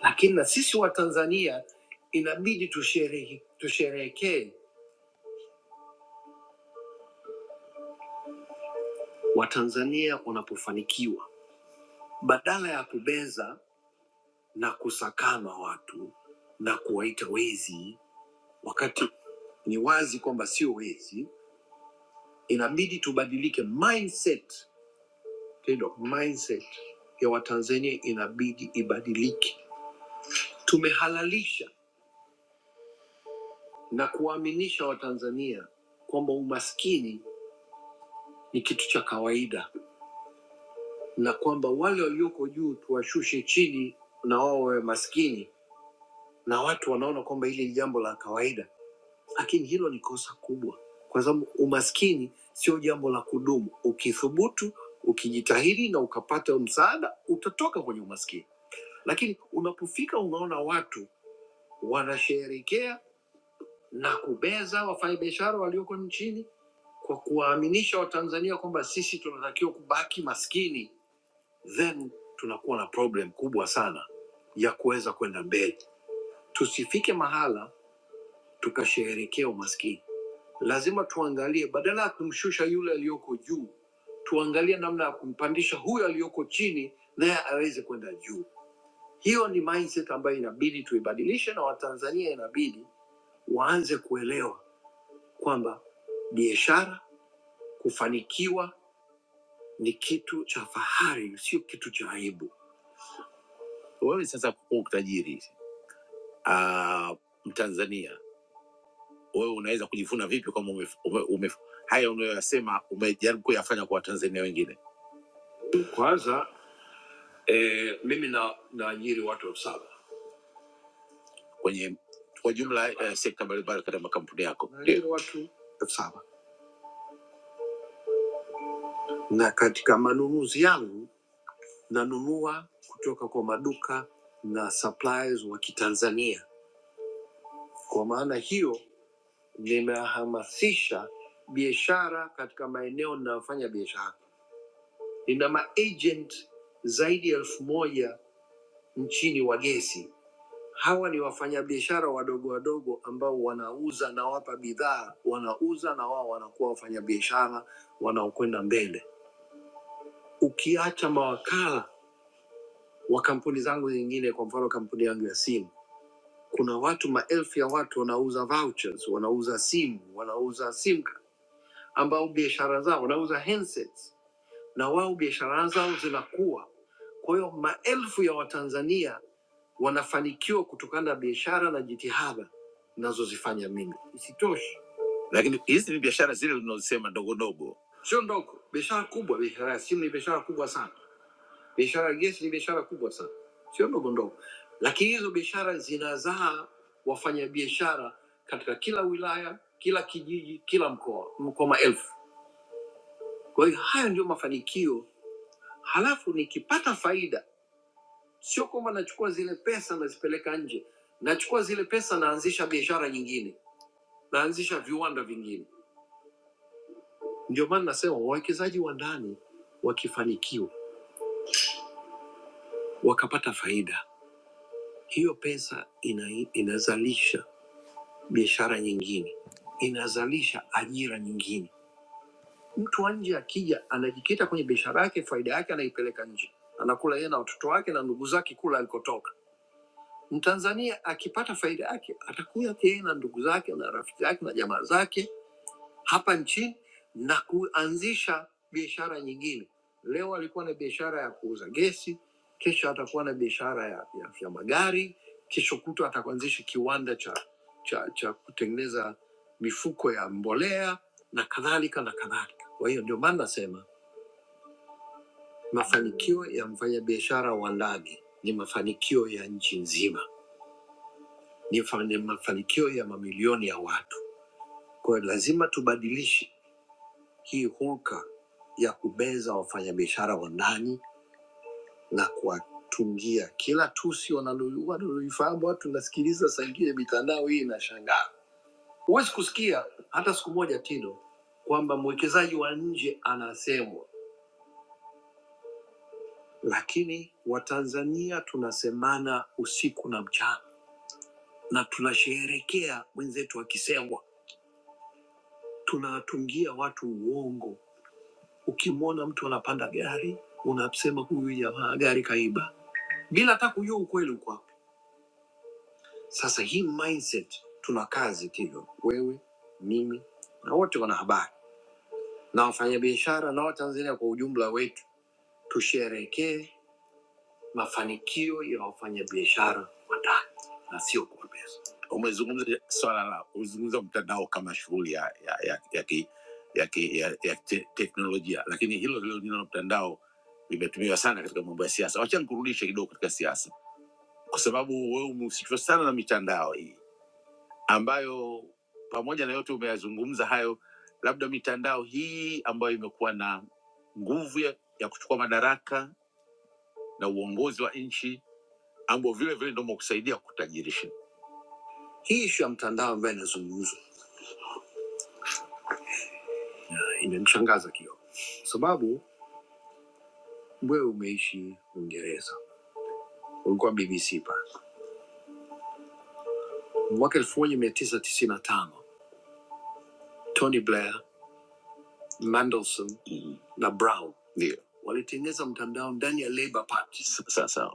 E: lakini na sisi Watanzania inabidi tusherehe- tusherehekee Watanzania wanapofanikiwa badala ya kubeza na kusakana watu na kuwaita wezi wakati ni wazi kwamba sio wezi inabidi tubadilike mindset tendo mindset ya watanzania inabidi ibadilike tumehalalisha na kuwaaminisha watanzania kwamba umaskini ni kitu cha kawaida na kwamba wale walioko juu tuwashushe chini na wao wawe maskini na watu wanaona kwamba hili ni jambo la kawaida lakini hilo ni kosa kubwa, kwa sababu umaskini sio jambo la kudumu. Ukithubutu, ukijitahidi na ukapata msaada, utatoka kwenye umaskini. Lakini unapofika unaona watu wanasherehekea na kubeza wafanyabiashara walioko nchini kwa kuwaaminisha Watanzania kwamba sisi tunatakiwa kubaki maskini, then tunakuwa na problem kubwa sana ya kuweza kwenda mbele. Tusifike mahala tukasherehekea umaskini. lazima tuangalie, badala ya kumshusha yule aliyoko juu, tuangalie namna ya kumpandisha huyo aliyoko chini, naye aweze kwenda juu. Hiyo ni mindset ambayo inabidi tuibadilishe, na Watanzania inabidi waanze kuelewa kwamba biashara, kufanikiwa ni kitu cha fahari, sio kitu cha aibu. Wewe sasa kuwa tajiri ah, Mtanzania, wewe unaweza kujivuna vipi kwamba ume, ume, ume, haya unayoyasema umejaribu kuyafanya kwa Watanzania wengine? Kwanza E, mimi na naajiri watu elfu saba kwenye kwa jumla eh, sekta mbalimbali katika makampuni yako. Naajiri watu elfu saba na katika manunuzi yangu nanunua kutoka kwa maduka na suppliers wa Kitanzania. Kwa maana hiyo, nimehamasisha biashara katika maeneo ninayofanya biashara. Nina maagent zaidi ya elfu moja nchini wa gesi Hawa ni wafanyabiashara wadogo wadogo ambao wanauza na wapa bidhaa, wanauza na wao wanakuwa wafanyabiashara wanaokwenda mbele. Ukiacha mawakala wa kampuni zangu zingine, kwa mfano kampuni yangu ya simu, kuna watu maelfu ya watu wanauza vouchers, wanauza simu, wanauza sim card, ambao biashara zao wanauza handsets, na wao biashara zao zinakuwa. Kwa hiyo maelfu ya Watanzania wanafanikiwa kutokana na biashara na jitihada ninazozifanya mimi. Isitoshe, lakini hizi ni biashara zile unazosema ndogo ndogo, sio ndogo, biashara kubwa. Biashara ya simu ni biashara kubwa sana, biashara ya gesi ni biashara kubwa sana, sio ndogo ndogo. Lakini hizo biashara zinazaa wafanyabiashara katika kila wilaya, kila kijiji, kila mkoa, kwa maelfu. Kwa hiyo hayo ndio mafanikio. Halafu nikipata faida Sio kwamba nachukua zile pesa nazipeleka nje, nachukua zile pesa naanzisha biashara nyingine, naanzisha viwanda vingine. Ndio maana nasema wawekezaji wa ndani wakifanikiwa, wakapata faida, hiyo pesa ina, inazalisha biashara nyingine, inazalisha ajira nyingine. Mtu wa nje akija, anajikita kwenye biashara yake, faida yake anaipeleka nje, anakula yeye na watoto wake na ndugu zake kula alikotoka. Mtanzania akipata faida yake atakuja tena ndugu zake na rafiki zake na jamaa zake hapa nchini na kuanzisha biashara nyingine. Leo alikuwa na biashara ya kuuza gesi, kesho atakuwa na biashara ya, ya, ya magari, kesho kutwa atakuanzisha kiwanda cha, cha, cha kutengeneza mifuko ya mbolea na kadhalika na kadhalika. Kwa hiyo ndio maana nasema mafanikio ya mfanyabiashara wa ndani ni mafanikio ya nchi nzima. ni fa- ni mafanikio ya mamilioni ya watu. Kwa hiyo lazima tubadilishe hii hulka ya kubeza wafanyabiashara wa ndani na kuwatungia kila tusi wanalo- wanaloifahamu. Watu nasikiliza saa ingine mitandao hii inashangaa, huwezi kusikia hata siku moja tino kwamba mwekezaji wa nje anasemwa, lakini Watanzania tunasemana usiku na mchana na tunasherehekea mwenzetu akisemwa, tunawatungia watu uongo Ukimwona mtu anapanda gari unasema huyu jamaa gari kaiba, bila hata kujua ukweli uko wapi. Sasa hii mindset, tuna kazi Tilo, wewe, mimi na wote wanahabari na wafanyabiashara na Watanzania kwa ujumla wetu, tusherekee mafanikio ya wafanyabiashara wa na sio kuombea. Umezungumza swala la umezungumza mtandao kama shughuli ya ya ya, ya, ki, ya, ki, ya, ya te, teknolojia, lakini hilo hilo neno mtandao limetumiwa sana katika mambo ya siasa. Wacha nikurudishe kidogo katika siasa, kwa sababu wewe umehusishwa sana na mitandao hii ambayo pamoja na yote umeyazungumza hayo, labda mitandao hii ambayo imekuwa na nguvu ya, ya kuchukua madaraka na uongozi wa nchi ambao vile vile ndio kusaidia kutajirisha. Hii ishu ya mtandao ambayo inazungumzwa Inanishangaza Kioo, sababu wewe umeishi Uingereza, ulikuwa BBC pale mwaka elfu moja mia tisa tisini na tano Tony Blair, Mandelson na Brown ndio walitengeneza mtandao ndani ya Labour Party. S- Sasa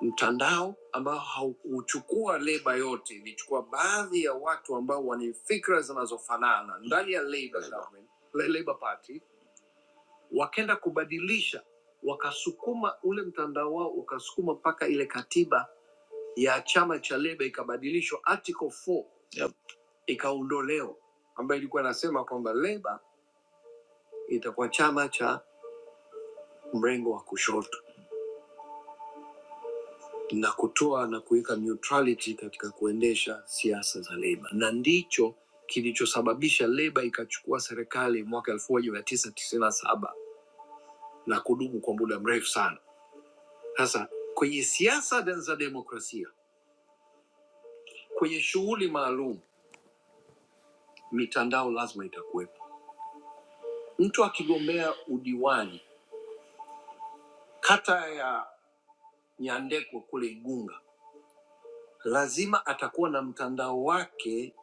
E: mtandao ambao haukuchukua leba yote, ilichukua baadhi ya watu ambao wana fikra zinazofanana ndani ya Labour government, la- Labour Party, wakaenda kubadilisha, wakasukuma ule mtandao wao, ukasukuma mpaka ile katiba ya chama cha Leba ikabadilishwa Article 4 yep. ikaondolewa ambayo ilikuwa inasema kwamba Leba itakuwa chama cha mrengo wa kushoto na kutoa na kuweka neutrality katika kuendesha siasa za Leba, na ndicho kilichosababisha Leba ikachukua serikali mwaka 1997 na saba na kudumu kwa muda mrefu sana. Sasa kwenye siasa de- za demokrasia, kwenye shughuli maalum, mitandao lazima itakuwepo. Mtu akigombea udiwani kata ya Nyandekwa kule Igunga, lazima atakuwa na mtandao wake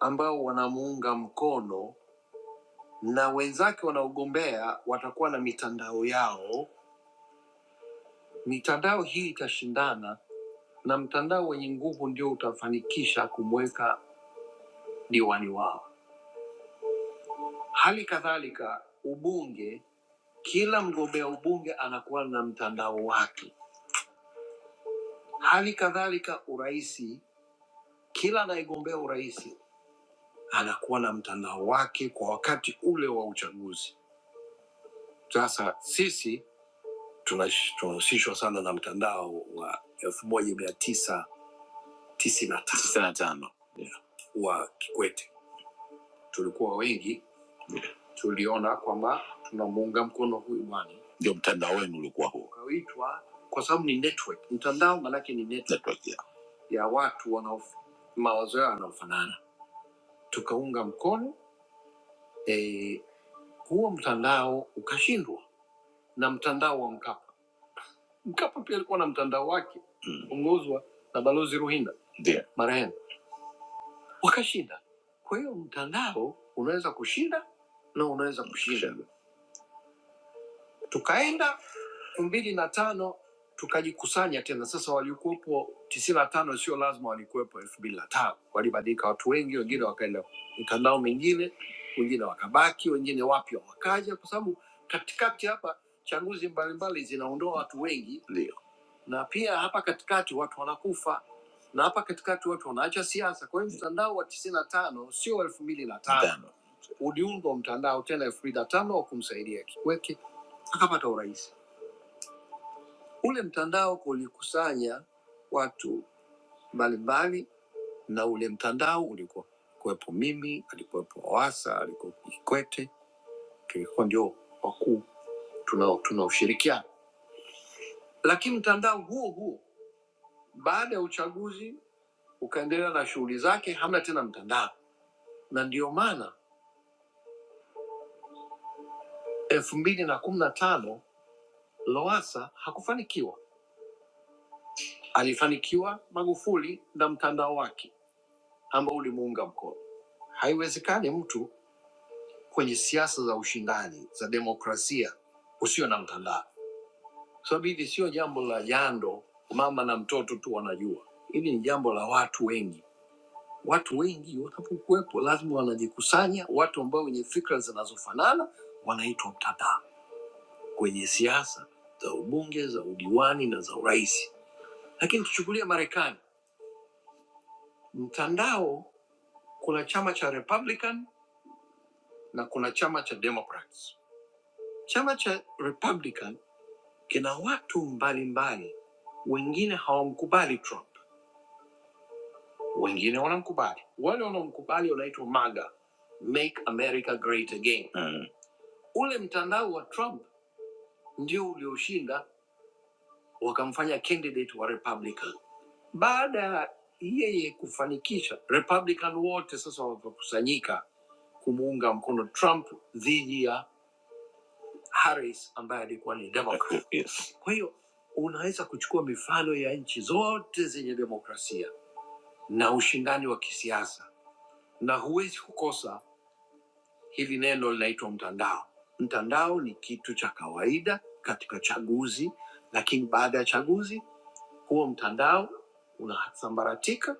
E: ambao wanamuunga mkono na wenzake wanaogombea watakuwa na mitandao yao. Mitandao hii itashindana na mtandao wenye nguvu ndio utafanikisha kumweka diwani wao. Hali kadhalika ubunge, kila mgombea ubunge anakuwa na mtandao wake. Hali kadhalika uraisi, kila anayegombea urais anakuwa na mtandao wake kwa wakati ule wa uchaguzi. Sasa sisi tunash- tunahusishwa sana na mtandao wa elfu moja mia tisa tisini na tano Tisini na tano. Yeah, wa Kikwete. Tulikuwa wengi tuliona kwamba tunamuunga mkono huyu bwana, ndio mtandao wenu ulikuwa huo, ukaitwa kwa sababu ni network. Mtandao maanake ni network, network yeah. ya watu wanao mawazo yao yanaofanana, tukaunga mkono eh, huo mtandao ukashindwa na mtandao wa Mkapa. Mkapa pia alikuwa na mtandao wake uongozwa mm. na Balozi Ruhinda Ndio. marehemu, wakashinda. Kwa hiyo mtandao unaweza kushinda na unaweza kushinda. Tukaenda elfu mbili na tano tukajikusanya tena. Sasa walikuwepo tisini na tano, sio lazima walikuwepo elfu mbili na tano. Walibadilika watu wengi, wengine wakaenda mitandao mingine, wengine wakabaki, wengine wapya wakaja, kwa sababu katikati hapa chaguzi mbalimbali zinaondoa watu wengi, ndio na pia hapa katikati watu wanakufa na hapa katikati watu wanaacha siasa. Kwa hiyo mtandao wa tisini na tano sio elfu mbili na tano uliundwa mtandao tena elfu mbili na tano wa kumsaidia Kikwete akapata urais. Ule mtandao ulikusanya watu mbalimbali, na ule mtandao ulikuwa kuwepo mimi, alikuwepo Wasa, alikuwepo Kikwete, tulikuwa ndio wakuu tunao tunaoshirikiana. Lakini mtandao huo huo baada ya uchaguzi ukaendelea na shughuli zake, hamna tena mtandao, na ndio maana elfu mbili na kumi na tano Lowassa hakufanikiwa. Alifanikiwa Magufuli na mtandao wake ambao ulimuunga mkono. Haiwezekani mtu kwenye siasa za ushindani za demokrasia usio na mtandao, kwa sababu hili sio jambo la jando mama na mtoto tu wanajua, hili ni jambo la watu wengi. Watu wengi watapokuwepo, lazima wanajikusanya watu ambao wenye fikra zinazofanana, wanaitwa mtandao kwenye siasa za ubunge, za udiwani na za urais. Lakini tuchukulie Marekani, mtandao, kuna chama cha Republican na kuna chama cha Democrats. Chama cha Republican kina watu mbalimbali, wengine hawamkubali Trump, wengine wanamkubali. Wale wanaomkubali wanaitwa MAGA, Make America Great Again. Mm. Ule mtandao wa Trump ndio ulioshinda, wakamfanya candidate wa Republican. Baada ya yeye kufanikisha, Republican wote sasa wakakusanyika kumuunga mkono Trump dhidi ya Harris ambaye alikuwa ni Democrat. Kwa hiyo unaweza kuchukua mifano ya nchi zote zenye demokrasia na ushindani wa kisiasa, na huwezi kukosa hili neno linaitwa mtandao. Mtandao ni kitu cha kawaida katika chaguzi, lakini baada ya chaguzi huo mtandao unasambaratika.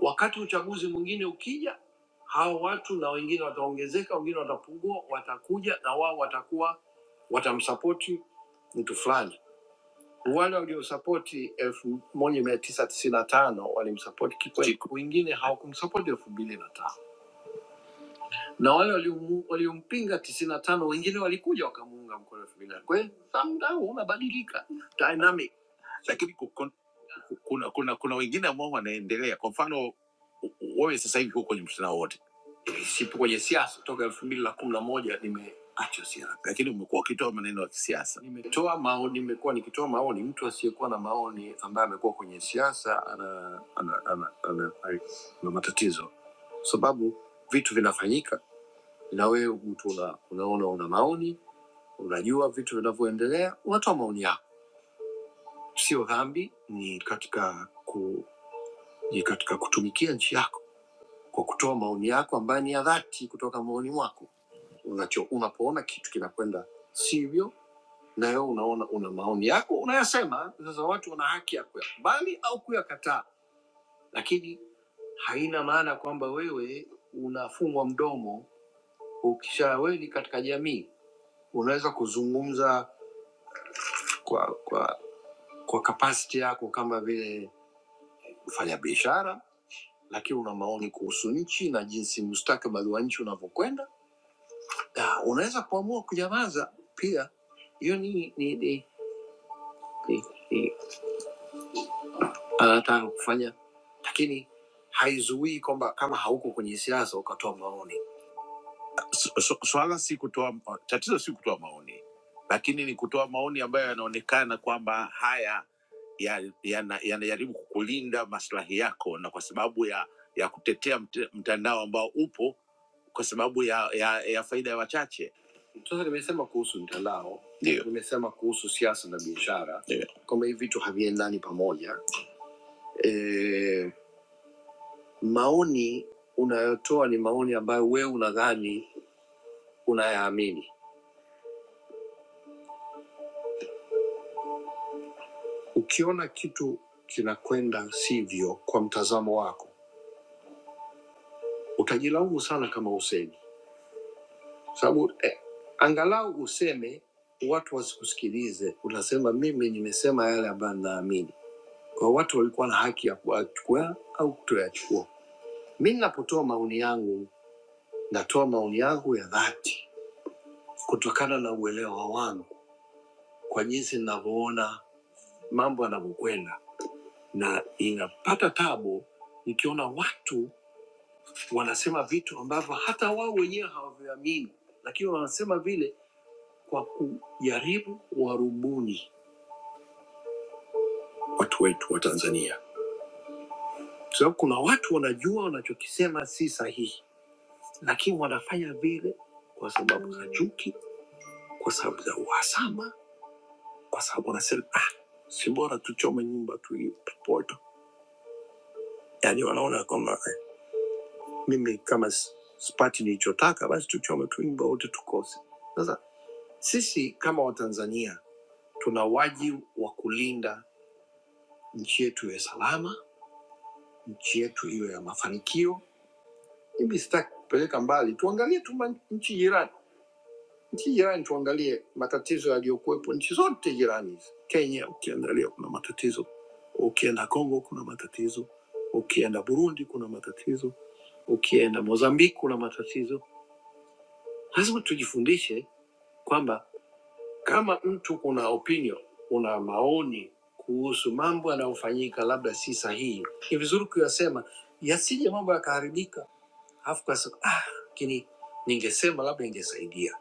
E: Wakati uchaguzi mwingine ukija, hao watu na wengine wataongezeka, wengine watapungua, watakuja na wao watakuwa watamsapoti mtu fulani. Wale waliosapoti elfu moja mia tisa tisini na tano walimsapoti Kikwete, wengine hawakumsapoti elfu mbili na tano na wale waliomu- waliompinga tisini na tano wengine walikuja wakamuunga mkono elfu mbili na nane. kwa hiyo somehow unabadilika dynamic lakini ku- kun- kuna kuna kuna wengine ambao wanaendelea. Kwa mfano wewe sasa hivi huko kwenye mtandao wote, sipo kwenye siasa toka elfu mbili na kumi na moja nimeacha siasa lakini umekuwa ukitoa maneno ya kisiasa. nimetoa maoni nimekuwa nikitoa maoni mtu asiyekuwa na maoni ambaye amekuwa kwenye siasa ana ana, ana, ana, ana, ana ana, ana matatizo sababu vitu vinafanyika na wewe mtu una, unaona una maoni, unajua vitu vinavyoendelea, unatoa maoni yako. Sio dhambi, ni katika ku, ni katika kutumikia nchi yako kwa kutoa maoni yako ambayo ni ya dhati kutoka maoni mwako. Unacho, unapoona kitu kinakwenda sivyo, na wewe unaona una maoni yako unayasema. Sasa watu wana haki ya kuyakubali au kuyakataa, lakini haina maana kwamba wewe unafungwa mdomo. Ukisha wewe ni katika jamii, unaweza kuzungumza kwa kwa kwa kapasiti yako kama vile mfanya biashara lakini una maoni kuhusu nchi na jinsi mustakabali wa nchi unavyokwenda na unaweza kuamua kunyamaza pia hiyo ni ni ni, ni, ni anataka kufanya lakini haizuii kwamba kama hauko kwenye siasa ukatoa maoni Su- su- Swala si kutoa, tatizo si kutoa maoni, lakini ni kutoa maoni ambayo yanaonekana kwamba haya yanajaribu ya, yana- yanajaribu kukulinda maslahi yako, na kwa sababu ya ya kutetea mt, mtandao ambao upo kwa sababu ya, ya, ya faida ya wachache. Sasa nimesema kuhusu mtandao ndio, nimesema kuhusu siasa na biashara Ndio. kwamba hivi vitu haviendani pamoja. E, maoni unayotoa ni maoni ambayo wewe unadhani unayaamini Ukiona kitu kinakwenda sivyo kwa mtazamo wako, utajilaumu sana kama usemi, sababu eh, angalau useme watu wasikusikilize, utasema mimi nimesema yale ambayo ninaamini kwa watu walikuwa na haki ya kuyachukua au kutoyachukua. Mi ninapotoa maoni yangu, natoa maoni yangu ya dhati kutokana na uelewa wangu kwa jinsi ninavyoona mambo yanavyokwenda, na inapata tabu nikiona watu wanasema vitu ambavyo hata wao wenyewe hawaviamini, lakini wanasema vile kwa kujaribu warubuni watu wetu wa Tanzania, kwa sababu kuna watu wanajua wanachokisema si sahihi, lakini wanafanya vile kwa sababu za chuki, kwa sababu za uhasama, kwa sababu wanasema ah, si bora tuchome nyumba tuipoto. Yani wanaona kwamba eh, mimi kama s- sipati nilichotaka, basi tuchome tu nyumba wote tukose. Sasa sisi kama Watanzania Tuna wajibu wa kulinda nchi yetu iwe salama, nchi yetu iwe ya mafanikio. Mimi sitaki kupeleka mbali, tuangalie tu ma- nchi jirani, nchi jirani, tuangalie matatizo yaliyokuwepo nchi zote jirani hizi. Kenya ukiangalia kuna matatizo, ukienda Kongo kuna matatizo, ukienda Burundi kuna matatizo, ukienda Mozambiki kuna matatizo. Lazima tujifundishe kwamba Kama mtu una opinion, una maoni kuhusu mambo yanayofanyika labda si sahihi, ni vizuri kuyasema, yasije mambo yakaharibika, alafu kasema ah, lakini ningesema labda ingesaidia.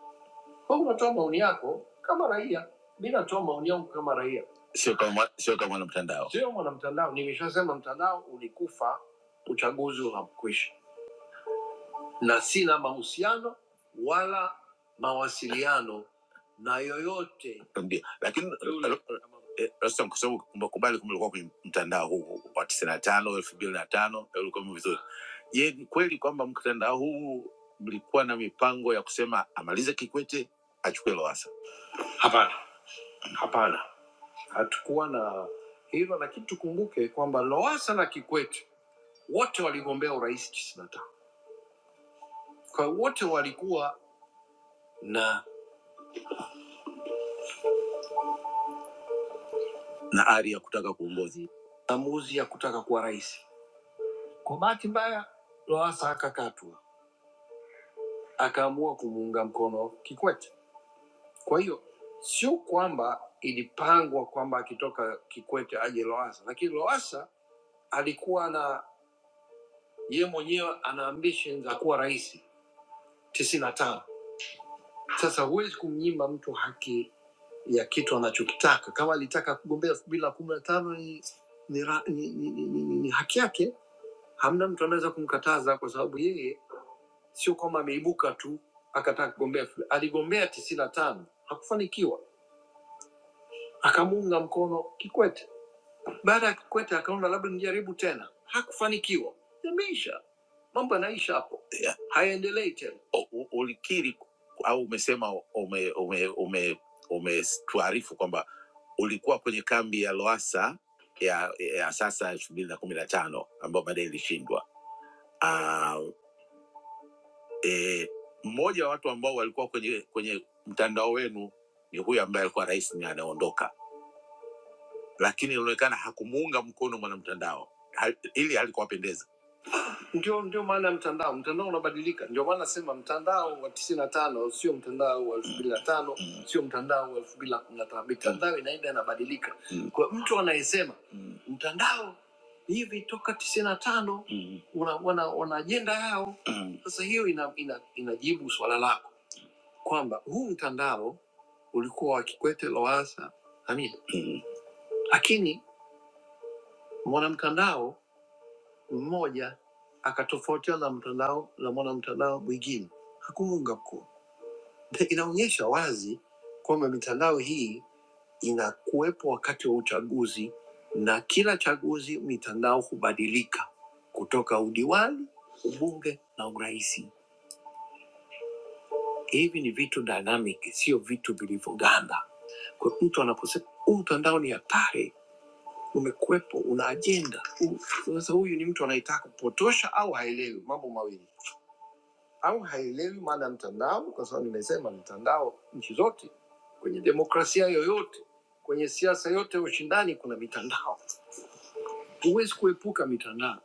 E: Kwa hiyo unatoa maoni yako kama raia, mi natoa maoni yangu kama raia, sio kama mwa- sio kama mwanamtandao, sio mwanamtandao. Nimeshasema mtandao ulikufa, uchaguzi unakwisha, na sina mahusiano wala mawasiliano na yoyote Ndio. lakini Eh, Rostam, kwa sababu umekubali kwamba ulikuwa kwenye mtandao huu wa tisini na tano elfu mbili na tano ulikuwa vizuri. Je, ni kweli kwamba mtandao huu mlikuwa na mipango ya kusema amalize Kikwete achukue Lowassa? Hapana, hapana, hatukuwa na hilo, lakini tukumbuke kwamba Lowassa na Kikwete wote waligombea urais tisini na tano. Kwa hiyo wote walikuwa na na ari ya kutaka kuongoza. maamuzi ya kutaka kuwa rais. Kwa bahati mbaya, Lowassa akakatwa. akaamua kumuunga mkono Kikwete. Kwa hiyo sio kwamba ilipangwa kwamba akitoka Kikwete aje Lowassa, lakini Lowassa alikuwa na yeye mwenyewe ana ambition za kuwa rais tisini na tano. Sasa huwezi kumnyima mtu haki ya kitu anachokitaka. Kama alitaka kugombea elfu mbili na kumi na tano ni, ni, ra- ni, ni, ni, ni, ni, ni haki yake, hamna mtu anaweza kumkataza, kwa sababu yeye sio kwamba ameibuka tu akataka kugombea, elfu- aligombea tisini na tano hakufanikiwa akamuunga mkono Kikwete. Baada ya Kikwete akaona labda nijaribu tena, hakufanikiwa. Yameisha, mambo yanaisha hapo, yeah. hayaendelei tena. O- u- Ulikiri au umesema ume, ume, ume, umetuarifu kwamba ulikuwa kwenye kambi ya Loasa ya, ya sasa elfu mbili na kumi na tano ambayo baadaye ilishindwa. Ah, eh, Mmoja wa watu ambao walikuwa kwenye kwenye mtandao wenu ni huyu ambaye alikuwa rais ni anaondoka lakini ilionekana hakumuunga mkono mwanamtandao Hal- ili halikuwapendeza ndio ndio maana ya mtandao mtandao unabadilika ndio maana nasema mtandao wa tisini na tano sio mtandao wa elfu mbili na tano Mm. sio mtandao wa elfu mbili na kumi na tano mitandao inaenda inabadilika Mm. kwa mtu anayesema Mm. mtandao hivi toka tisini na tano Mm. una wana- wana ajenda yao Mm. sasa hiyo ina, ina, inajibu swala lako kwamba huu mtandao ulikuwa wa kikwete loasa amina lakini mwanamtandao mmoja akatofautiana na mtandao na mwanamtandao mwingine hakuunga mkono. Na Inaonyesha wazi kwamba mitandao hii inakuwepo wakati wa uchaguzi, na kila chaguzi mitandao hubadilika kutoka udiwani, ubunge na urais. Hivi ni vitu dynamic, sio vitu vilivyoganda. Kwa hiyo mtu anaposema huu mtandao ni hatari, umekuwepo, una ajenda. Huu- Sasa huyu ni mtu anayetaka kupotosha au haelewi mambo mawili au haielewi maana ya mtandao, kwa sababu nimesema mtandao nchi zote, kwenye demokrasia yoyote, kwenye siasa yote ya ushindani kuna mitandao. Huwezi kuepuka mitandao.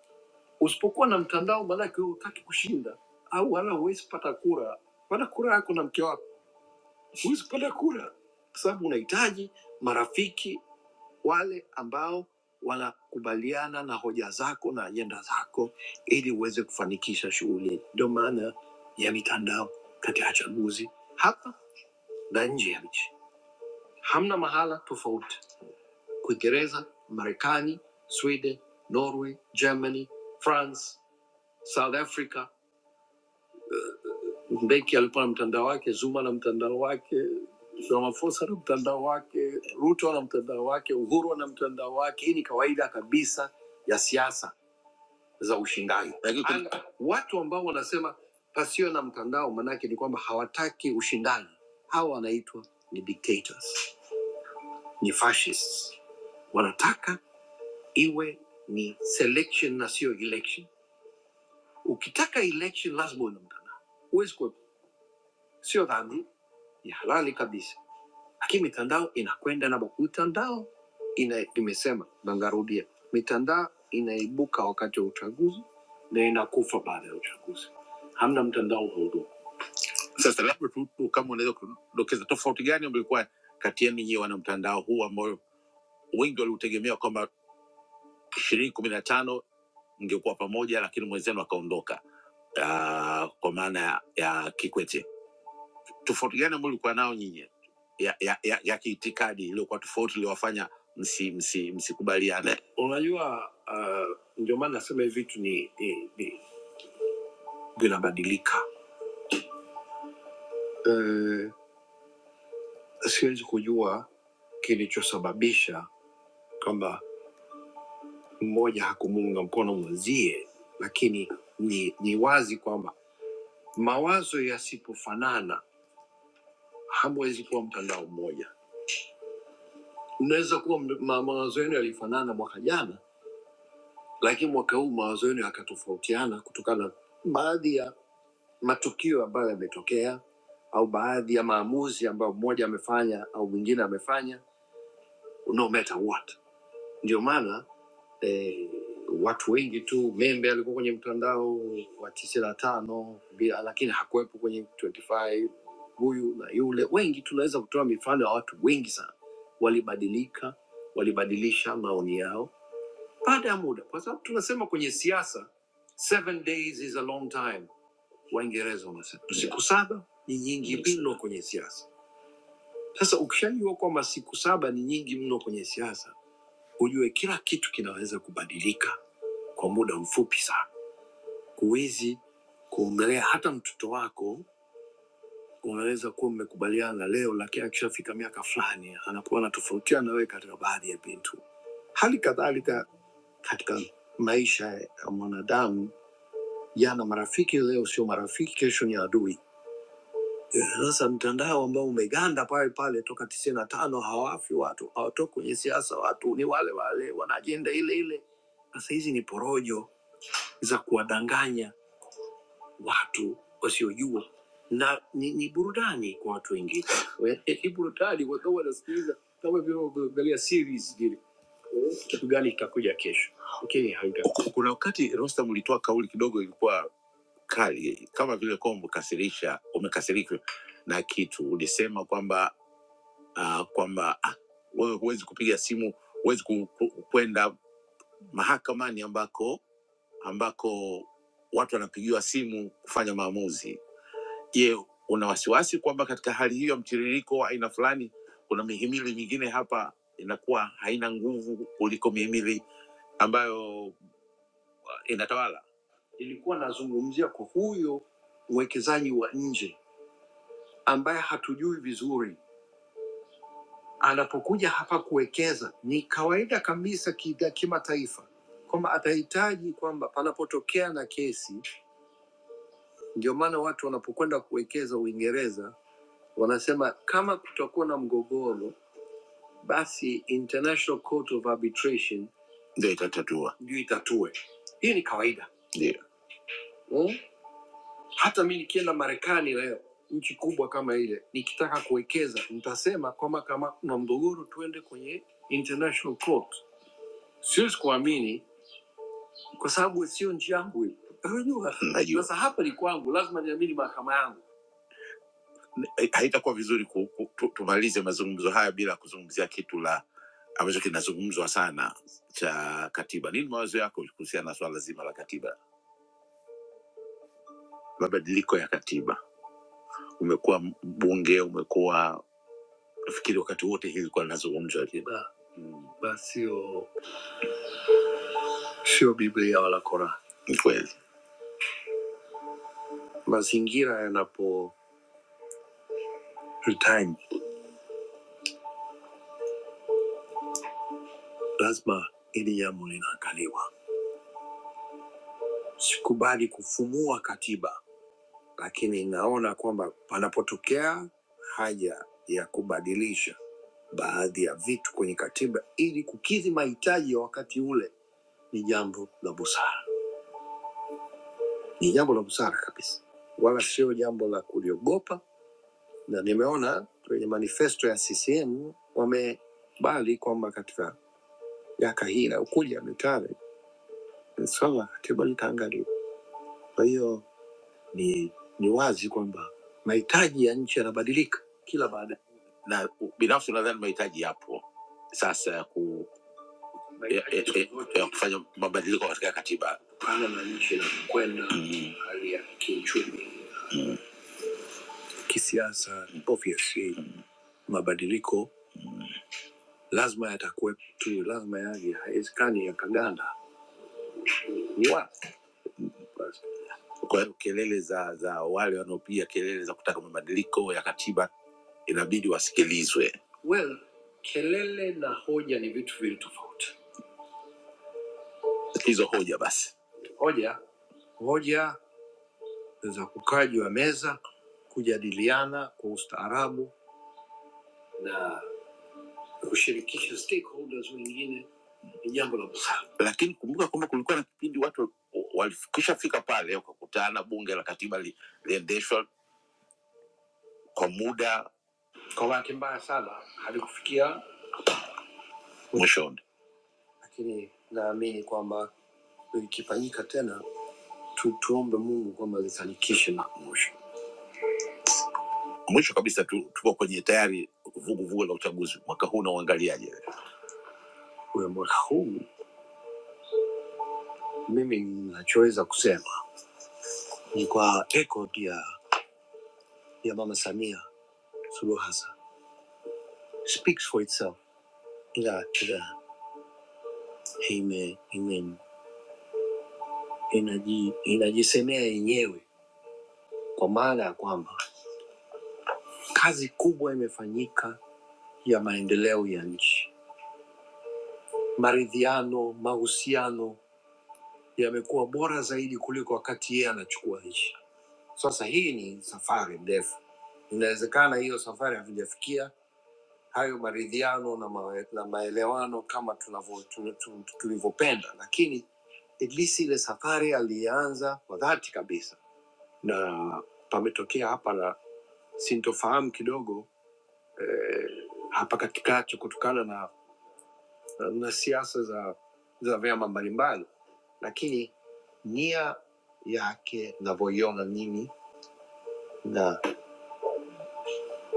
E: Usipokuwa na mtandao, maanake wewe hutaki kushinda, au wala huwezi pata kura. Pata kura yako na mke wako, huwezi pata kura kwa sababu unahitaji marafiki, wale ambao wanakubaliana na hoja zako na ajenda zako ili uweze kufanikisha shughuli. Ndio maana ya mitandao katika chaguzi hapa na nje ya nchi. Hamna mahala tofauti, Uingereza, Marekani, Sweden, Norway, Germany, France, South Africa. Mbeki alikuwa na mtandao wake, Zuma na mtandao wake, Ramaphosa na mtandao wake, Ruto na mtandao wake, Uhuru na mtandao wake. Hii ni kawaida kabisa ya siasa za ushindani Lakini kuna- Anga- watu ambao wanasema pasio na mtandao, manake ni kwamba hawataki ushindani. Hawa wanaitwa ni dictators, ni fascists. Wanataka iwe ni selection na sio election. Ukitaka election lazima uwe na mtandao, huwezi kuepuka. Sio dhambi, ni halali kabisa, lakini mitandao inakwenda na mitandao ina, nimesema na ngarudia, mitandao inaibuka wakati wa uchaguzi na inakufa baada ya uchaguzi. Hamna mtandao unaodumu. Sasa labda tu tu kama unaweza kudokeza tofauti gani mlikuwa kati yenu nyie wana mtandao huu ambao wengi waliutegemea kwamba ishirini kumi na tano mngekuwa pamoja, lakini mwenzenu akaondoka, ah, kwa maana ya ya Kikwete tofauti gani ambayo ulikuwa nao nyinyi ya, ya, ya, ya kiitikadi iliyokuwa tofauti iliyowafanya msikubaliane msi msi msikubaliane? Unajua, uh, ndio maana nasema hivi vitu ni, ni, ni vinabadilika. Uh, siwezi kujua kilichosababisha kwamba mmoja hakumuunga mkono mwenzie, lakini ni, ni wazi kwamba mawazo yasipofanana hamwezi kuwa mtandao mmoja. Mnaweza kuwa m- ma- mawazo yenu yalifanana mwaka jana, lakini mwaka huu mawazo yenu yakatofautiana kutokana na baadhi ya matukio ambayo yametokea au baadhi ya maamuzi ambayo mmoja amefanya au mwingine amefanya no matter what ndio maana eh, watu wengi tu membe alikuwa kwenye mtandao wa tisini na tano bila lakini hakuwepo kwenye 25 huyu na yule wengi tunaweza kutoa mifano ya watu wengi sana walibadilika walibadilisha maoni yao baada ya muda, kwa sababu tunasema kwenye siasa seven days is a long time. Waingereza wanasema siku saba ni nyingi mno kwenye siasa. Sasa ukishajua kwamba siku saba ni nyingi mno kwenye siasa, ujue kila kitu kinaweza kubadilika kwa muda mfupi sana. Huwezi kuongelea hata mtoto wako, unaweza kuwa mmekubaliana leo, lakini akishafika miaka fulani anakuwa anatofautiana na wewe katika baadhi ya vitu. Hali kadhalika katika maisha ya mwanadamu jana marafiki, leo sio marafiki, kesho ni adui. Sasa mtandao ambao umeganda pale pale toka tisini na tano, hawafi watu, hawatoki kwenye siasa, watu ni wale wale, wana ajenda ile ile. Sasa hizi ni porojo za kuwadanganya watu wasiojua na ni, ni burudani kwa watu wengine. We- eh, Kama vile unaangalia series vile. Kuna wakati Rostam ulitoa kauli kidogo ilikuwa kali, kama vile kuwa umekasirisha umekasirika na kitu, ulisema kwamba uh, kwamba ah, wewe huwezi kupiga simu, huwezi ku- ku- kwenda mahakamani ambako ambako watu wanapigiwa simu kufanya maamuzi. Je, una wasiwasi kwamba katika hali hiyo ya mtiririko wa aina fulani kuna mihimili mingine hapa inakuwa haina nguvu kuliko mihimili ambayo ah, inatawala? Nilikuwa nazungumzia kwa huyo mwekezaji wa nje ambaye hatujui vizuri anapokuja hapa kuwekeza ni kawaida kabisa kiga- kimataifa kwamba atahitaji kwamba panapotokea na kesi. Ndio maana watu wanapokwenda kuwekeza Uingereza wanasema kama kutakuwa na mgogoro, basi International Court of Arbitration ndio itatatua, ndio itatue. Hii ni kawaida ndio. Hmm? Hata mi nikienda Marekani leo, nchi kubwa kama ile, nikitaka kuwekeza nitasema kwamba kama kuna mgogoro tuende kwenye International Court siwezi kuamini kwa sababu sio nchi yangu hii. Unajua, Najua sasa hapa ni kwangu, lazima niamini mahakama yangu. hai- haitakuwa vizuri ku, ku, tu, tumalize mazungumzo haya bila kuzungumzia kitu la ambacho kinazungumzwa sana cha katiba. Nini mawazo yako kuhusiana na swala zima la katiba, mabadiliko ya katiba? Umekuwa mbunge, umekuwa nafikiri wakati wote hili likuwa linazungumzwa. Ba- ba- Sio sio Biblia wala Korani. Ni kweli Mazingira yanapo retain lazima ili jambo linaangaliwa. Sikubali kufumua katiba, lakini naona kwamba panapotokea haja ya kubadilisha baadhi ya vitu kwenye katiba ili kukidhi mahitaji ya wakati ule, ni jambo la busara, ni jambo la busara kabisa, wala sio jambo la kuliogopa. Na nimeona kwenye manifesto ya CCM wamebali kwamba katika miaka hii inayokuja mitano swala la katiba litaangaliwa. Kwa hiyo ni ni wazi kwamba mahitaji ya nchi yanabadilika kila baada ya na binafsi nadhani mahitaji yapo sasa ya, ku, ya, ya, ya, ya kufanya mabadiliko katika katiba pana na nchi inakwenda, mm. hali ya kiuchumi, kisiasa, obviously mabadiliko lazima yatakuwepo tu, lazima yaje, haiwezekani yakaganda. Ni wazi basi. Kwa hiyo kelele za za wale wanaopiga kelele za kutaka mabadiliko ya katiba inabidi wasikilizwe. Well, kelele na hoja ni vitu vili tofauti. Hizo hoja basi, Hoja hoja za kukaa juu ya meza, kujadiliana kwa ustaarabu na kushirikisha stakeholders wengine ni jambo la busara. lakini kumbuka kwamba kulikuwa na kipindi watu walikushafika pale wakakutana, bunge la katiba li, liendeshwa kwa muda Kwa bahati mbaya sana halikufikia, mwishoni. lakini naamini kwamba ikifanyika tena tu, tuombe Mungu kwamba lifanikishe mpaka mwisho. Mwisho kabisa tu, tuko kwenye tayari vuguvugu la uchaguzi mwaka huu, nauangaliaje? Kwa mwaka huu mimi ninachoweza kusema ni kwa record ya, ya Mama Samia Suluhu Hassan speaks for itself, ila ila ime, ime, inaji, inajisemea yenyewe kwa maana ya kwamba kazi kubwa imefanyika ya maendeleo ya nchi, maridhiano, mahusiano yamekuwa bora zaidi kuliko wakati yeye anachukua nchi. Sasa hii ni safari ndefu, inawezekana hiyo safari hatujafikia hayo maridhiano na, mawe, na maelewano kama tunavyo- tu- tu- tulivyopenda, lakini at least ile safari alianza kwa dhati kabisa, na pametokea hapa na sintofahamu kidogo hapa katikati kutokana na, na na siasa za, za vyama mbalimbali, lakini nia yake navyoiona mimi na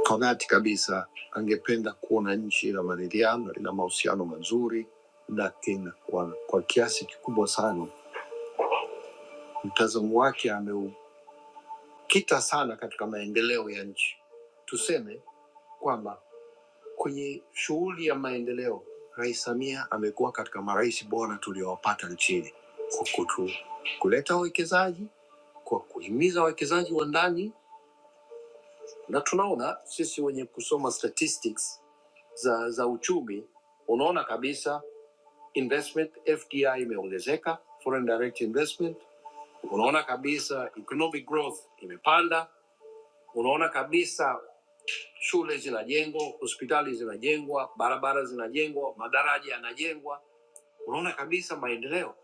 E: Konati kabisa angependa kuona nchi ina maridhiano, ina mahusiano mazuri na ina kwa, kwa kiasi kikubwa sana mtazamo wake ameukita sana katika maendeleo ya nchi. Tuseme kwamba kwenye shughuli ya maendeleo, Rais Samia amekuwa katika marais bora tuliowapata nchini kwa kutu, kuleta wawekezaji, kwa kuhimiza wawekezaji wa ndani, na tunaona sisi wenye kusoma statistics za, za uchumi, unaona kabisa investment FDI imeongezeka, foreign direct investment. Unaona kabisa economic growth imepanda, unaona kabisa shule zinajengwa, hospitali zinajengwa, barabara zinajengwa, madaraja yanajengwa, unaona kabisa maendeleo.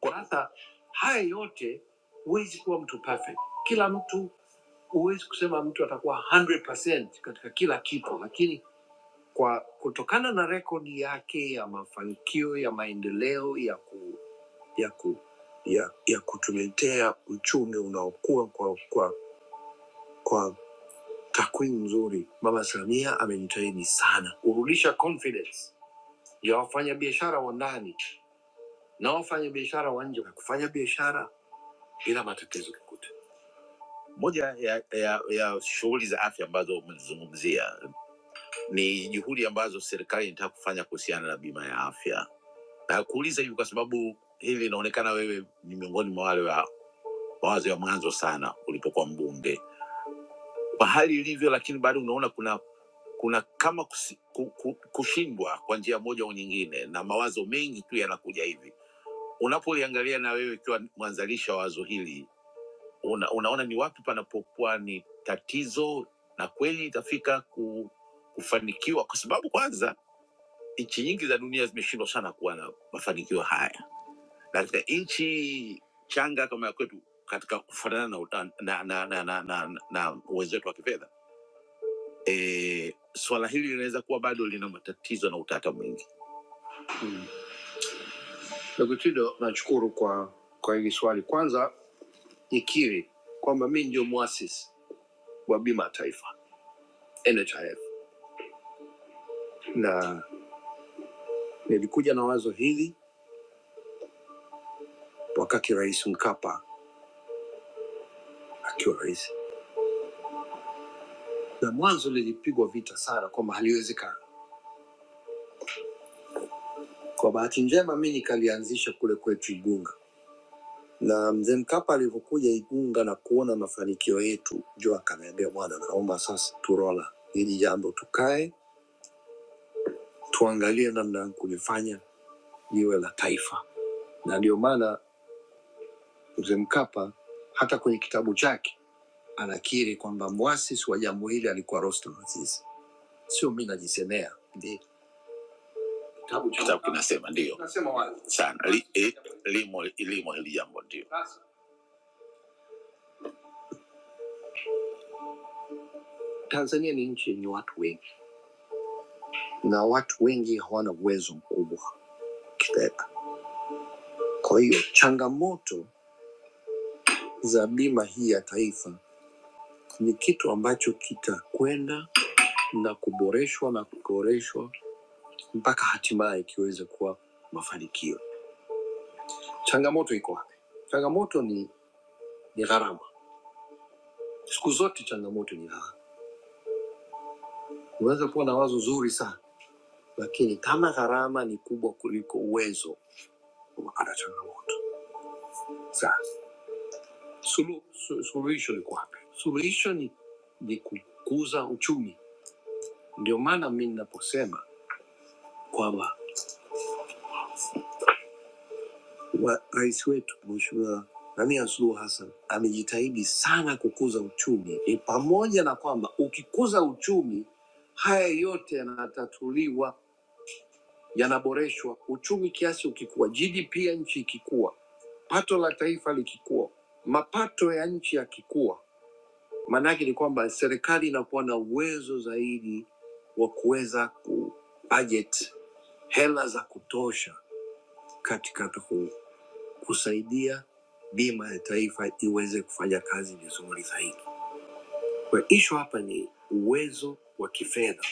E: Kwa sasa haya yote, huwezi kuwa mtu perfect. Kila mtu huwezi kusema mtu atakuwa 100% katika kila kitu, lakini kwa kutokana na rekodi yake ya mafanikio ya maendeleo ya ku, ya ku, ya, ya kutuletea uchumi unaokua kwa, kwa, kwa takwimu nzuri. Mama Samia amejitahidi sana kurudisha confidence ya wafanyabiashara wa ndani na wafanyabiashara wa nje kufanya biashara bila matatizo yoyote. Moja ya, ya, ya shughuli za afya ambazo umezizungumzia ni juhudi ambazo serikali inataka kufanya kuhusiana na bima ya afya Nakuuliza hivi kwa sababu hili inaonekana wewe ni miongoni mwa wale wa mawazo ya mwanzo sana ulipokuwa mbunge, kwa hali ilivyo, lakini bado unaona kuna kuna kama kusi, ku, ku, kushindwa kwa njia moja au nyingine, na mawazo mengi tu yanakuja hivi. Unapoliangalia na wewe ikiwa mwanzalisha wa wazo hili, una, unaona ni wapi panapokuwa ni tatizo na kweli itafika ku, kufanikiwa, kwa sababu kwanza nchi nyingi za dunia zimeshindwa sana kuwa na mafanikio haya katika nchi changa kama ya kwetu katika kufuatana na, uta- na, na, na, na, na, na uwezo wetu wa kifedha e, swala hili linaweza kuwa bado lina matatizo na utata mwingi. Ndugu Tido, nashukuru kwa kwa hili swali. Kwanza nikiri kwamba mi ndio mwasisi wa bima ya taifa NHIF, na nilikuja na wazo hili wakati Rais Mkapa akiwa rais, na mwanzo lilipigwa vita sana kwamba haliwezekana. Kwa bahati njema, mi nikalianzisha kule kwetu Igunga na mzee Mkapa alivyokuja Igunga na kuona mafanikio yetu, njo akaniambia, bwana, naomba sasa turola hili jambo, tukae tuangalie namna ya kulifanya liwe la taifa. Na ndio maana mzee Mkapa hata kwenye kitabu chake anakiri kwamba mwasisi wa jambo hili alikuwa Rostam Aziz, sio mi najisemea. Ndi- Kitabu cha- Kitabu kinasema ndio sana li, eh, limo limo hili jambo ndio. Tanzania ni nchi yenye watu wengi na watu wengi hawana uwezo mkubwa Kwa hiyo changamoto za bima hii ya taifa ni kitu ambacho kitakwenda na kuboreshwa na kuboreshwa mpaka hatimaye kiweze kuwa mafanikio. Changamoto iko wapi? Changamoto ni, ni gharama. Siku zote changamoto ni gharama. Unaweza kuwa na wazo zuri sana, lakini kama gharama ni kubwa kuliko uwezo, unapata changamoto. Sasa sulu, su, suluhisho liko wapi? Suluhisho ni, ni kukuza uchumi. Ndio maana mi ninaposema kwamba wa- rais wetu Mheshimiwa Samia Suluhu Hassan amejitahidi sana kukuza uchumi. Ni pamoja na kwamba ukikuza uchumi, haya yote yanatatuliwa, yanaboreshwa. Uchumi kiasi ukikua, GDP ya nchi ikikua, pato la taifa likikua, mapato ya nchi yakikua, maana yake ni kwamba serikali inakuwa na uwezo zaidi wa kuweza ku budget hela za kutosha katika ku kusaidia bima ya taifa iweze kufanya kazi vizuri zaidi. Kwa hiyo issue hapa ni uwezo wa kifedha,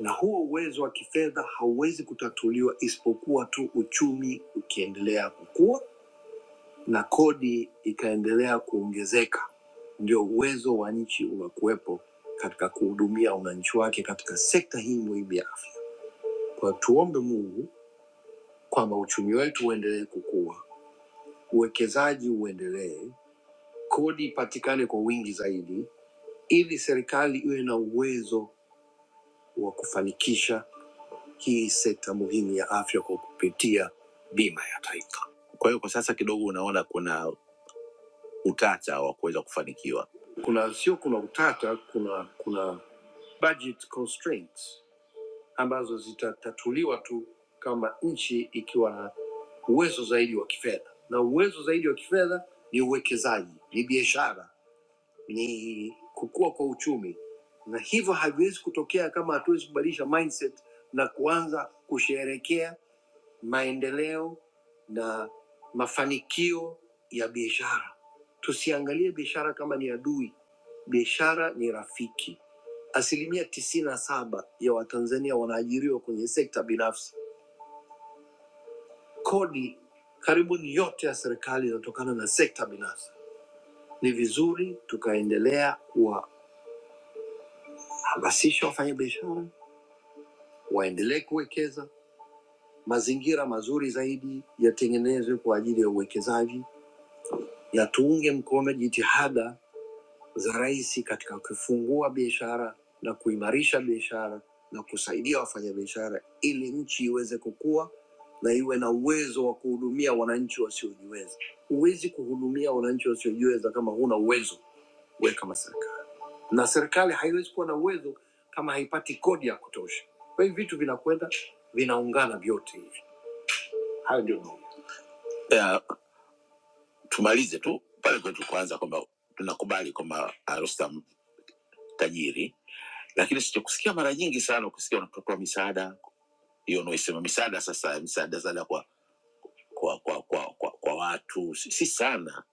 E: na huo uwezo wa kifedha hauwezi kutatuliwa isipokuwa tu uchumi ukiendelea kukua na kodi ikaendelea kuongezeka, ndio uwezo wa nchi unakuwepo katika kuhudumia wananchi wake katika sekta hii muhimu ya afya. Kwa hiyo tuombe Mungu kwamba uchumi wetu uendelee kukua, uwekezaji uendelee, kodi ipatikane kwa wingi zaidi, ili serikali iwe na uwezo wa kufanikisha hii sekta muhimu ya afya kwa kupitia bima ya taifa. Kwa hiyo kwa sasa kidogo unaona kuna utata wa kuweza kufanikiwa. Kuna sio, kuna utata, kuna kuna budget constraints ambazo zitatatuliwa tu kama nchi ikiwa na uwezo zaidi wa kifedha, na uwezo zaidi wa kifedha ni uwekezaji, ni biashara ni kukua kwa uchumi, na hivyo haviwezi kutokea kama hatuwezi kubadilisha mindset na kuanza kusherekea maendeleo na mafanikio ya biashara. Tusiangalie biashara kama ni adui, biashara ni rafiki. Asilimia tisini na saba ya Watanzania wanaajiriwa kwenye sekta binafsi. Kodi karibu ni yote ya serikali inatokana na sekta binafsi. Ni vizuri tukaendelea kuwahamasisha wafanyabiashara waendelee kuwekeza, mazingira mazuri zaidi yatengenezwe kwa ajili ya uwekezaji, na tuunge mkono jitihada za rais katika kufungua biashara na kuimarisha biashara na kusaidia wafanyabiashara ili nchi iweze kukua na iwe na uwezo wa kuhudumia wananchi wasiojiweza. Huwezi kuhudumia wananchi wasiojiweza kama huna uwezo, we kama serikali, na serikali haiwezi kuwa na uwezo kama haipati kodi ya kutosha. Kwa hiyo vitu vinakwenda vinaungana vyote. Hayo ndio maoni. Eh, tumalize tu pale kwetu kwanza kwamba tunakubali kwamba ah, Rostam tajiri, lakini sichokusikia mara nyingi sana kusikia unatotoa misaada hiyo unaoisema misaada, sasa misaada misaada kwa kwa kwa kwa, kwa, kwa watu si, si sana.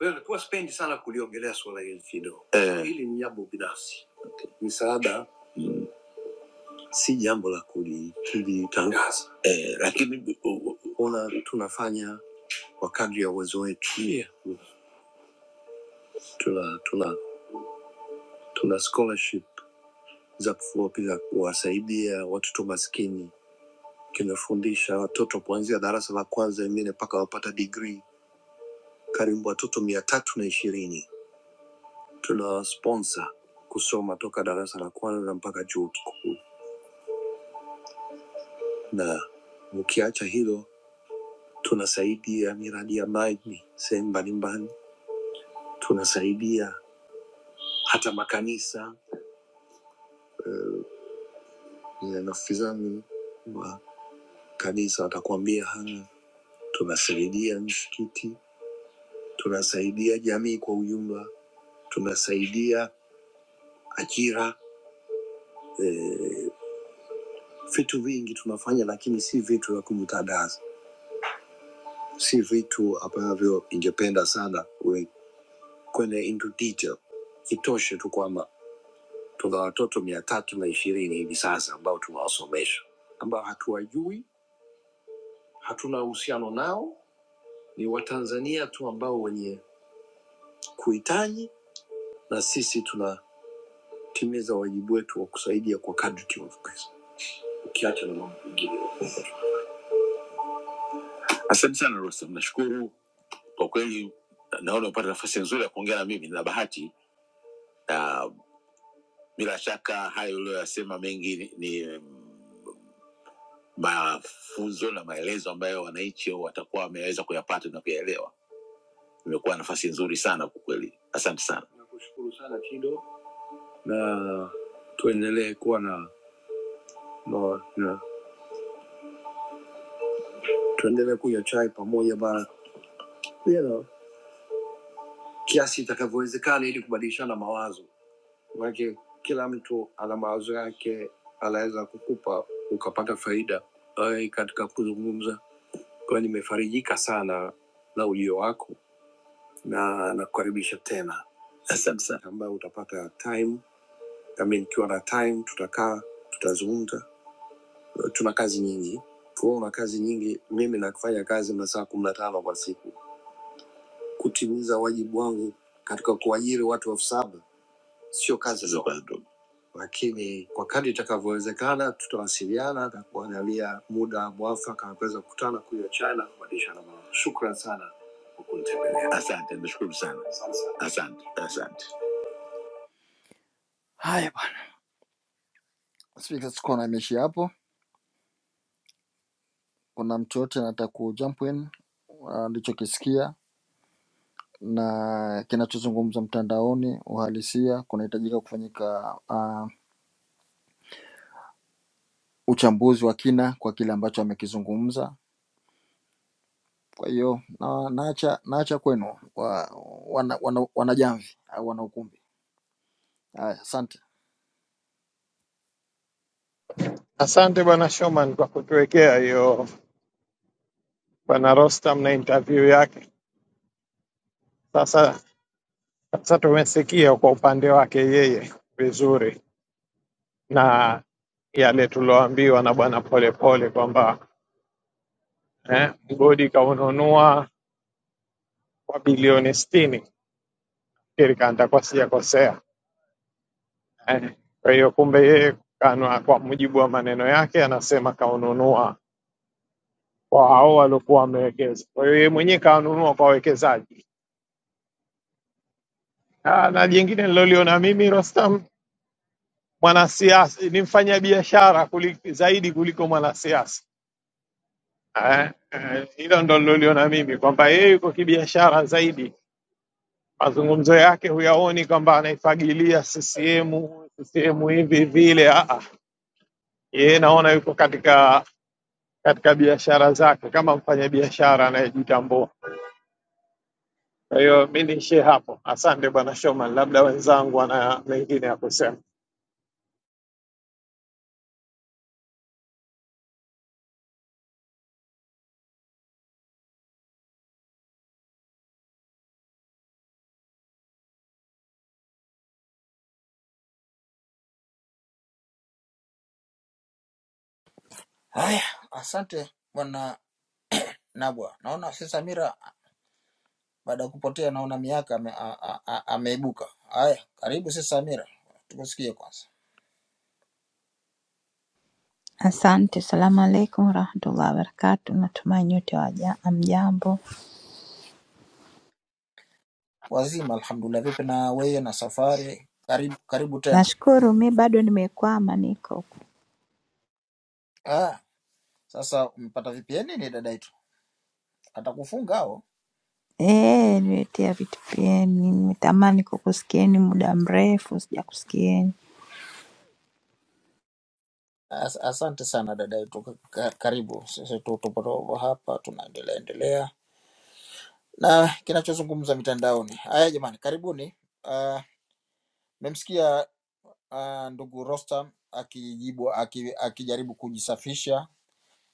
E: Wewe nakuwa spendi sana kuliongelea suala hili kidogo eh. Hili ni jambo binafsi, misaada si jambo la kuli- kulitangaza eh, lakini uh, ona tunafanya kwa kadri ya uwezo wetu yeah. tuna, tuna Tuna scholarship za kufupi za kuwasaidia watoto maskini. Kimefundisha watoto kuanzia darasa la kwanza wengine mpaka wapata degree, karibu watoto mia tatu na ishirini tuna sponsor kusoma toka darasa la kwanza mpaka chuo kikuu, na ukiacha hilo, tunasaidia miradi ya maji sehemu mbalimbali, tunasaidia hata makanisa. Nafikizani wa kanisa watakuambia haya, tunasaidia misikiti tunasaidia jamii kwa ujumla, tunasaidia ajira, vitu vingi tunafanya, lakini si vitu vya kumtandaza, si vitu ambavyo ingependa sana we- kwenda into detail. Itoshe tu kwamba tuna watoto mia tatu na ishirini hivi sasa ambao tunawasomesha, ambao hatuwajui, hatuna uhusiano nao, ni Watanzania tu ambao wenye kuhitaji, na sisi tunatimiza wajibu wetu wa kusaidia kwa kadri tunavyoweza, ukiacha na mambo mengine. Asante sana Rostam, nashukuru kwa kweli. Naona umepata nafasi nzuri ya kuongea na mimi, nina bahati na bila shaka hayo uliyoyasema mengi ni ni mm, mafunzo na maelezo ambayo wananchi watakuwa wameweza kuyapata na kuyaelewa. Imekuwa nafasi nzuri sana kwa kweli, asante sana. Nakushukuru sana Kido, na tuendelee kuwa na, na, na tuendelee kunywa chai pamoja bana, you know, kiasi itakavyowezekana ili kubadilishana mawazo. Maanake kila mtu ana mawazo yake, anaweza kukupa ukapata faida Ai, katika kuzungumza. Kwa hiyo nimefarijika sana na ujio wako na nakukaribisha tena. Asante sana. Ambayo utapata time, nami nikiwa na time tutakaa, tutazungumza. Tuna kazi nyingi, kwa hiyo una kazi nyingi. Mimi nafanya kazi masaa kumi na tano kwa siku, kutimiza wajibu wangu katika kuajiri watu elfu saba sio kazi za watu, lakini kwa kadri itakavyowezekana tutawasiliana na kuangalia muda mwafaka wa kuweza kukutana, kunywa chai na kubadilishana mawazo. Shukran sana kwa kunitembelea. Asante, nashukuru sana, asante, asante. Haya bwana, spika, sikuwa na meshi hapo. Kuna mtu yote anataka ku jump in alichokisikia na kinachozungumza mtandaoni, uhalisia, kunahitajika kufanyika uh, uchambuzi wa kina kwa kile ambacho amekizungumza Kwa hiyo na, naacha naacha kwenu wa, wana, wana, wanajamvi au wana ukumbi. Haya, asante.
A: Asante bwana Shoman kwa kutuwekea hiyo bwana Rostam na interview yake. Sasa sasa tumesikia kwa upande wake yeye vizuri. na yale tulioambiwa na Bwana Polepole kwamba eh, mgodi kaununua kwa bilioni sitini, shirika nitakuwa sijakosea eh. Kwa hiyo kumbe yeye kanwa, kwa mujibu wa maneno yake anasema kaununua kwa hao waliokuwa wamewekeza. Kwa hiyo yeye mwenyewe kanunua kwa wawekezaji. Ah, Na jingine nililoliona mimi Rostam, mwanasiasa ni mfanyabiashara kuli- zaidi kuliko mwanasiasa eh, eh, hilo ndo niloliona mimi kwamba yeye yuko kibiashara zaidi mazungumzo yake huyaoni kwamba anaifagilia CCM, CCM hivi vile. ah, ah. Yeye naona yuko katika katika biashara zake kama mfanyabiashara anayejitambua. Kwa hiyo mi niishie hapo. Asante bwana Shoman, labda wenzangu wana mengine ya kusema.
E: Haya, asante bwana Nabwa. Naona si Samira baada ya kupotea naona miaka ame, a, a, a, ameibuka. Haya, karibu si Samira, tukusikie kwanza.
F: Asante, salamu alaikum warahmatullahi wabarakatu. Natumai nyote waja- hamjambo.
E: Wazima alhamdulillah, vipi na wewe na safari? Karibu karibu tena.
F: Nashukuru, mi bado nimekwama, niko huku.
E: Ah, sasa umepata VPN ni dada yetu, atakufunga au?
F: eh, nimetia vitu vyenu, nimetamani kukusikieni muda mrefu, sijakusikieni.
E: As- Asante sana dada yetu, Ka- ka- karibu. Sisi tu- tupo tupo hapa tunaendelea endelea na kinachozungumza mitandaoni. Haya jamani, karibuni. Ah, Mmemsikia ah, ndugu Rostam akijibu aki, akijaribu kujisafisha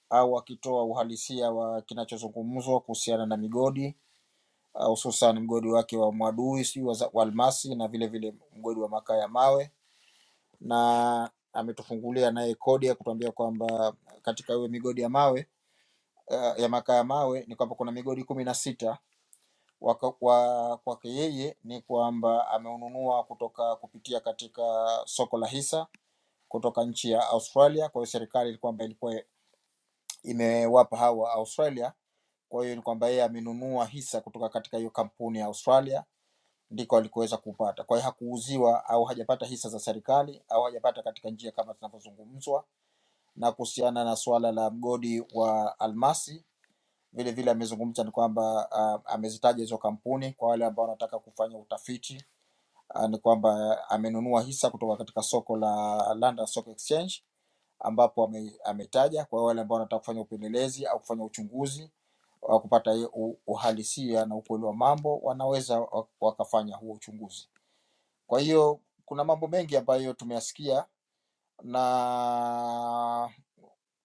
E: au akitoa uhalisia wa kinachozungumzwa kuhusiana na migodi ah, hususan mgodi wake wa Mwadui sijui wa, za- wa almasi na vile vile mgodi wa makaa ya mawe, na ametufungulia naye kodi ya kutuambia kwamba katika hiyo migodi ya mawe ah, ya makaa ya mawe ni kwamba kuna migodi kumi na sita Waka- kwa kwake yeye ni kwamba ameununua kutoka kupitia katika soko la hisa kutoka nchi ya Australia. Kwa hiyo serikali ni kwamba ilikuwa imewapa hawa Australia, kwa hiyo ni kwamba yeye amenunua hisa kutoka katika hiyo kampuni ya Australia, ndiko alikoweza kupata. Kwa hiyo hakuuziwa au hajapata hisa za serikali au hajapata katika njia kama tunavyozungumzwa, na kuhusiana na suala la mgodi wa almasi vile vile amezungumza ni kwamba uh, amezitaja hizo kampuni kwa wale ambao wanataka kufanya utafiti uh, ni kwamba amenunua hisa kutoka katika soko la London Stock Exchange ambapo ame, ametaja kwa wale ambao wanataka kufanya upelelezi au kufanya uchunguzi wa kupata hiyo u- uhalisia na ukweli wa mambo, wanaweza wa- wakafanya huo uchunguzi. Kwa hiyo kuna mambo mengi ambayo tumeyasikia na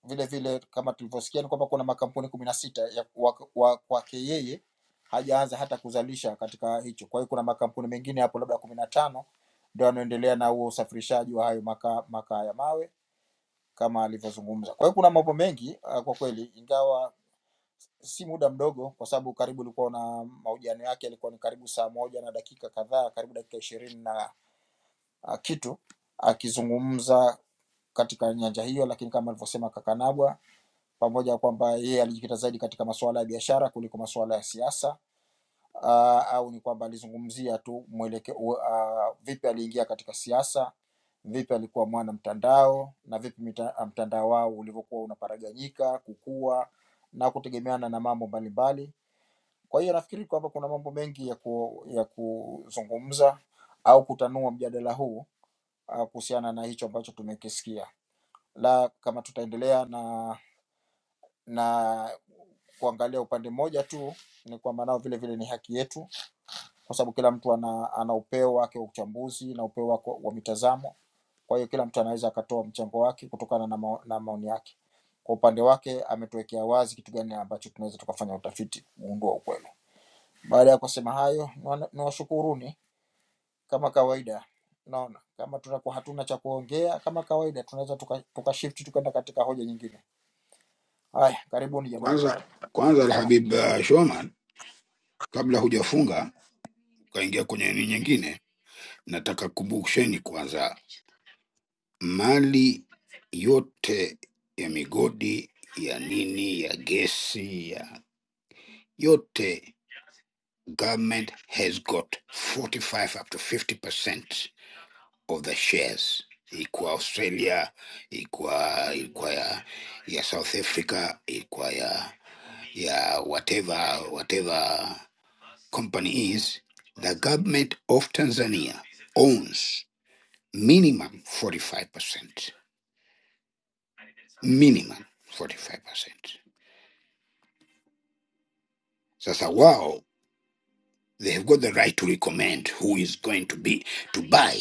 E: vile vile kama tulivyosikia ni kwamba kuna makampuni kumi na sita ya wa- wa- kwake yeye hajaanza hata kuzalisha katika hicho. Kwa hiyo kuna makampuni mengine hapo labda kumi na tano ndio yanaendelea na huo usafirishaji wa hayo makaa makaa ya mawe kama alivyozungumza. Kwa hiyo kuna mambo mengi ah, kwa kweli, ingawa si muda mdogo, kwa sababu karibu ulikuwa na mahojiano yake yalikuwa ni karibu saa moja na dakika kadhaa, karibu dakika ishirini na ah, kitu akizungumza uh, katika nyanja hiyo, lakini kama alivyosema Kakanabwa pamoja na kwamba yeye alijikita zaidi katika masuala ya biashara kuliko masuala ya siasa uh, au ni kwamba alizungumzia tu mweleke, uh, vipi aliingia katika siasa, vipi alikuwa mwana mtandao na vipi mita, mtandao wao ulivyokuwa unaparaganyika kukua na kutegemeana na mambo mbalimbali. Kwa hiyo nafikiri kwamba kuna mambo mengi ya, ku, ya kuzungumza au kutanua mjadala huu uh, kuhusiana na hicho ambacho tumekisikia, la kama tutaendelea na na kuangalia upande mmoja tu, ni kwamba nao vile vile ni haki yetu, kwa sababu kila mtu ana, ana upeo wake wa uchambuzi na upeo wake wa mitazamo. Kwa hiyo kila mtu anaweza akatoa mchango wake kutokana na, mao, na maoni yake. Kwa upande wake ametuwekea wazi kitu gani ambacho tunaweza tukafanya utafiti kuundua ukweli. Baada ya kusema hayo, niwa- niwashukuruni kama kawaida. Naona kama tunakuwa hatuna cha kuongea, kama kawaida tunaweza tuka, tuka shift tukaenda katika hoja nyingine. Haya, karibuni jamani,
G: Kwanza kwanza
E: kama
G: Alhabib uh, Shoman, kabla hujafunga ukaingia kwenye nini nyingine, nataka kumbusheni kwanza, mali yote ya migodi ya nini ya gesi ya yote, government has got 45 up to 50% of the shares, ikwa Australia, ikwa ikwa ya, ya South Africa, ikwa ya ya whatever whatever company is, the government of Tanzania owns minimum 45%. Minimum 45%. Sasa wao they have got the right to recommend who is going to be to buy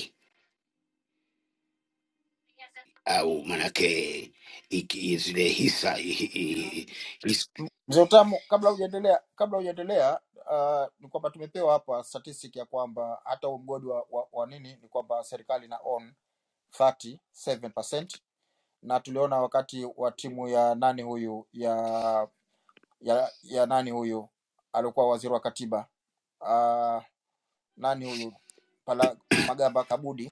G: au manake iki- zile hisa i- i- i- is-
E: Mzee Utamu, kabla hujaendelea kabla hujaendelea uh, ni kwamba tumepewa hapa statistic ya kwamba hata huu mgodi wa, wa, wa nini ni kwamba serikali ina own 37% na saba percent, na tuliona wakati wa timu ya nani huyu ya ya, ya nani huyu alikuwa waziri wa katiba uh, nani huyu pala Magamba Kabudi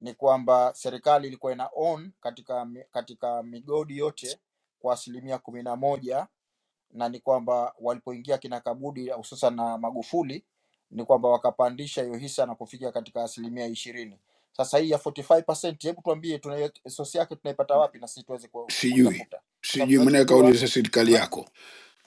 E: ni kwamba serikali ilikuwa ina own katika mi- katika migodi yote kwa asilimia kumi na moja na ni kwamba walipoingia kina Kabudi hususan na Magufuli ni kwamba wakapandisha hiyo hisa na kufikia katika asilimia ishirini. Sasa hii ya 45%, hebu tuambie tuna sosi yake tunaipata wapi na sisi tuweze ku-
G: sijui
E: kuitafuta, kwa sababu
G: sijui manake
E: tunachojua
G: kauliza serikali yako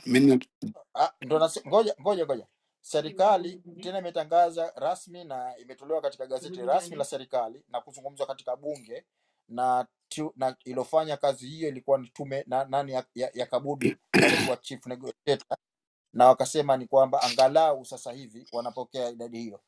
G: mimi
E: ah, ndo nasi- ngoja ngoja ngoja, serikali tena imetangaza rasmi na imetolewa katika gazeti rasmi la serikali na kuzungumzwa katika bunge na tu, na ilofanya kazi hiyo ilikuwa ni tume na nani ya, ya, ya Kabudi ndo alikuwa chief negotiator na wakasema ni kwamba angalau sasa hivi wanapokea idadi hiyo.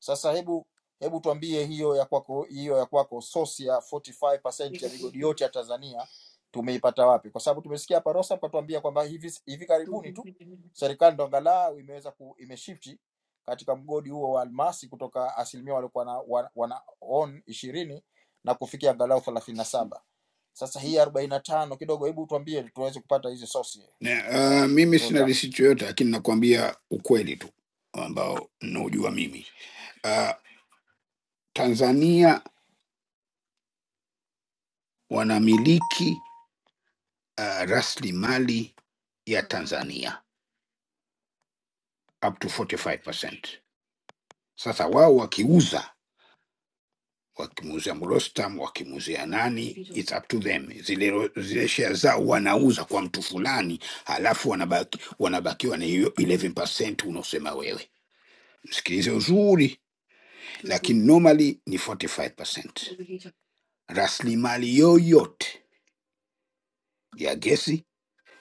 E: Sasa hebu hebu tuambie hiyo ya kwako, hiyo ya kwako, source ya 45% ya migodi yote ya Tanzania tumeipata wapi? Kwa sababu tumesikia hapa Rosa mkatuambia kwamba hivi hivi karibuni tu serikali ndo angalau imeweza ku, imeshifti katika mgodi huo wa almasi kutoka asilimia waliokuwa na, wana, wana own ishirini na kufikia angalau thelathini na saba. Sasa hii arobaini na tano kidogo, hebu tuambie tuweze kupata hizi source
G: na-
E: um,
G: ah, mimi sina
E: zote.
G: risiti yoyote lakini nakwambia ukweli tu ambao naujua mimi uh, Tanzania wanamiliki uh, rasilimali ya Tanzania up to 45%. Sasa wao wakiuza, wakimuuzia Mrostam, wakimuuzia nani, it's up to them. Zile, ro- zile share zao wanauza kwa mtu fulani, halafu wanabaki, wanabakiwa na hiyo 11% unaosema wewe. Msikilize uzuri, lakini normally ni 45%. Rasilimali yoyote ya gesi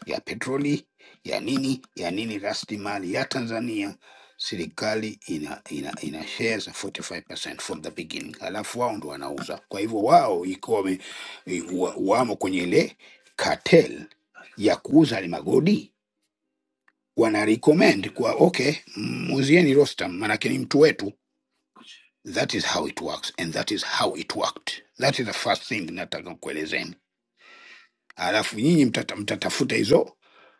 G: ya petroli ya nini ya nini, rasilimali ya Tanzania, serikali ina, ina, ina shares 45% from the beginning, alafu wao ndo wanauza. Kwa hivyo wao ikiwa wame- i- wa- wamo kwenye ile cartel ya kuuza ile magodi, wana recommend kwa okay, muuzieni Rostam, maanake ni mtu wetu. That is how it works and that is how it worked. That is the first thing nataka kuelezeni alafu nyinyi mtata, mtatafuta hizo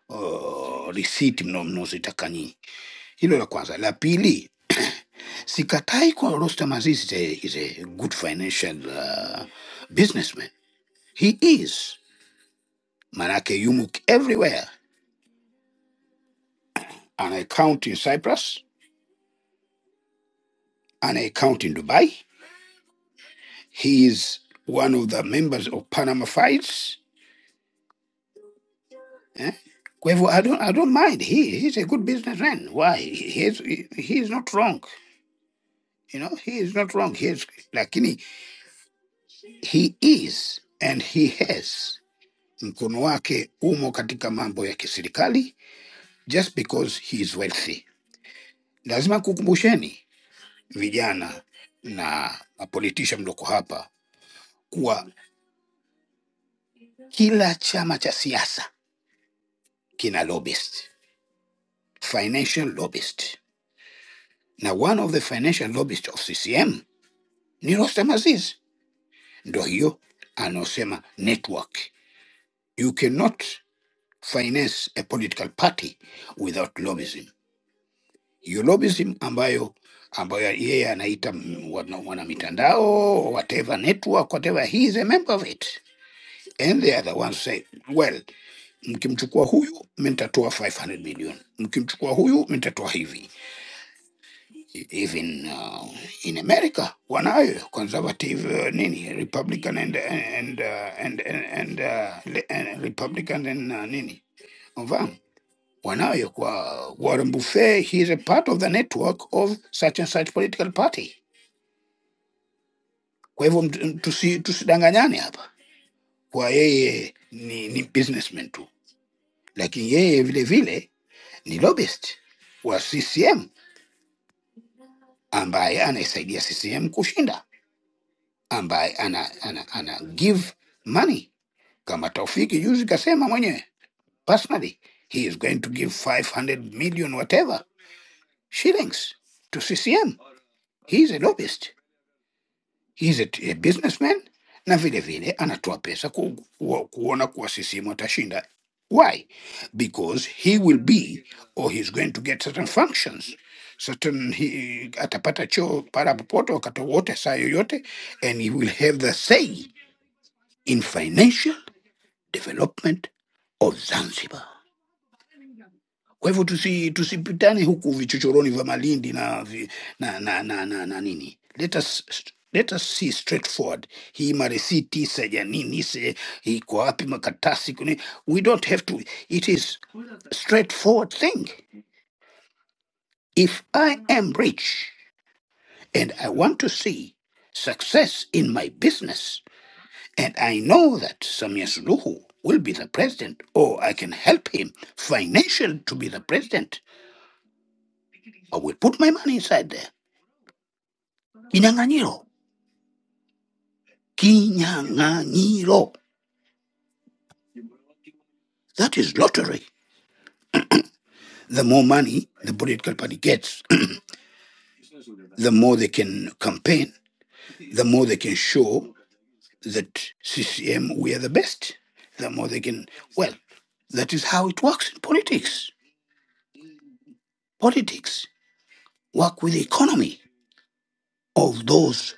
G: uh, risiti mno- mnozitaka nyinyi. Hilo la kwanza. La pili, sikatai kwa Rostam Aziz is a, is a good financial uh, businessman. He is, manake yumo everywhere. An account in Cyprus, an account in Dubai. He is one of the members of Panama Files. Eh? Kwa hivyo I don't, I don't mind. He, he's a good businessman. Why? He, he, is- he he is not wrong. You know, he is not wrong. He is, lakini He is and he has. Mkono wake umo katika mambo ya kiserikali just because he is wealthy. Lazima kukumbusheni vijana na mapolitisha mloko hapa kuwa kila chama cha siasa kina lobbyist, financial lobbyist, na one of the financial lobbyist of CCM ni Rostam Aziz. Ndo hiyo anaosema network. You cannot finance a political party without lobbyism. Yolobism ambayo ambayo yeye anaita m- wana wana mitandao or whatever network whatever he is a member of it and they are the ones say well mkimchukua huyu mintatoa 500 million mkimchukua huyu mintatoa hivi E, even uh, in america wanayo conservative uh, nini republican and and uh, and and, and, uh, le- and republican and uh, nini wanawe kwa Warren Buffet, he is a part of the network of such and such political party. Kwa hivyo mtu- tusi- tusidanganyane hapa kwa yeye ni, ni businessman tu, lakini yeye vile vile ni lobbyist wa CCM ambaye anaisaidia CCM kushinda, ambaye ana, ana, ana give money kama Taufiki juzi kasema mwenyewe personally he is going to give 500 million whatever shillings to CCM. He is a lobbyist he's a, a businessman na vile vile anatoa pesa ku, ku, kuona kuwa CCM atashinda. Why? Because he will be or he's going to get certain functions certain he, atapata cheo para popote wakati wote saa yoyote and he will have the say in financial development of Zanzibar. Kwa hivyo tusi, tusipitane huku vichochoroni vya Malindi na, vi, na, na, na, na, na nini. Let us, let us see straightforward. Hii marisiti seja nini se iko wapi makatasi kuni. We don't have to. It is a straightforward thing. If I am rich and I want to see success in my business and I know that Samia Suluhu will be the president or I can help him financially to be the president, I will put my money inside there. Kinyanganiro. Kinyanganiro. That is lottery. The more money the political party gets, the more they can campaign, the more they can show that CCM, we are the best, the more they can. Well, that is how it works in politics. Politics work with the economy of those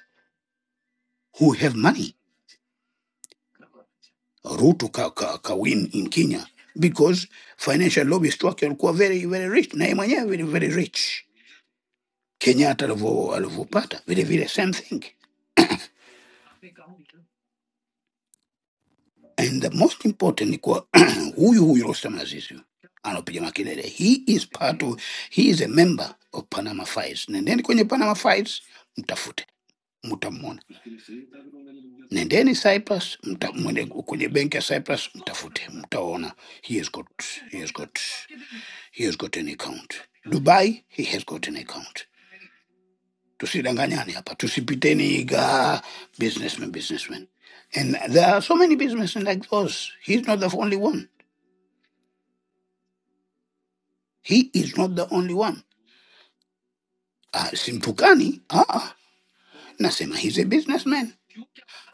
G: who have money. Ruto ka, ka, ka win in Kenya because financial lobbyists wake walikuwa very, very rich, na yeye mwenyewe very, very rich kenyatta alivyo- alivyopata vile vile same thing and the most important ni kuwa huyu huyu rostam azizi anapiga makelele he is part of, he is a member of panama files nendeni kwenye panama files mtafute mtamwona nendeni cyprus mta, mwende kwenye benki ya cyprus mtafute mtaona he has got he has got he has got an account dubai he has got an account tusidanganyane hapa tusipiteni iga businessman businessman and there are so many businessmen like those he's not the only one he is not the only one uh, simtukani uh -uh. nasema he's a businessman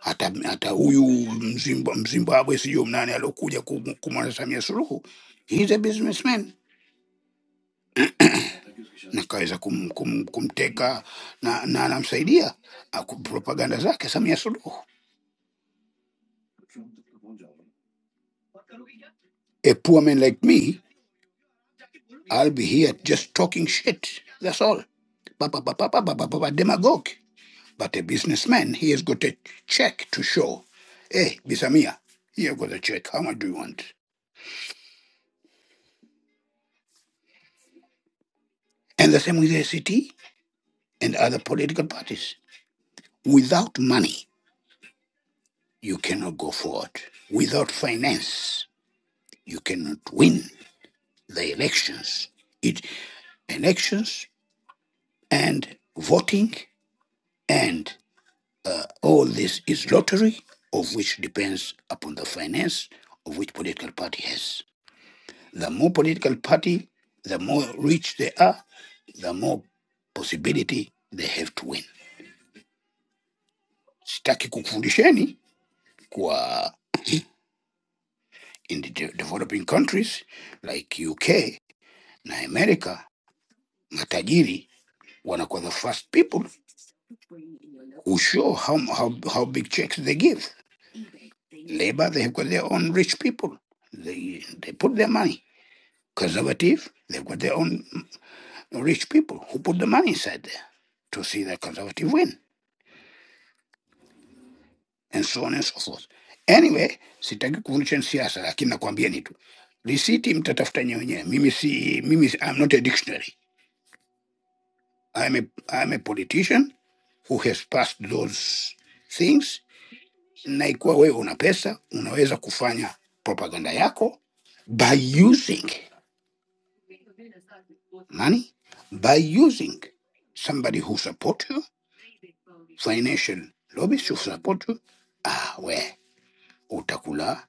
G: hata hata huyu Mzimba- mzimbabwe sijuu mnani aliokuja kum- kumwona samia suluhu he's a businessman nakaweza kum, kum, kumteka na na anamsaidia uh, propaganda zake samia suluhu a poor man like me I'll be here just talking shit. That's all. Ba- ba- ba- ba- ba- ba- ba- ba- Demagogue. But a businessman, he has got a check to show. Hey, Bisamia, here got a check. How much do you want? And the same with the ACT and other political parties. Without money, you cannot go forward. Without finance, you cannot win the elections. It elections and voting and All this is lottery, of which depends upon the finance of which political party has. The more political party, the more rich they are, the more possibility they have to win. Sitaki kukufundisheni kwa in the de- developing countries like UK na America, matajiri wanakuwa the first people who show how, how, how big checks they give. Labor, they have got their own rich people. They, they put their money. Conservative, they've got their own rich people who put the money inside there to see the conservative win and so on and so forth. Anyway, sitaki kuonyesha ni siasa, lakini nakwambieni tu risiti mtatafuta nyewenyewe. Mimi si mimi, si- I'm not a dictionary. I'm a, I'm a politician who has passed those things, na ikiwa wewe una pesa unaweza kufanya propaganda yako by using money by using somebody who support you, financial lobbies who support you. Ah, we utakula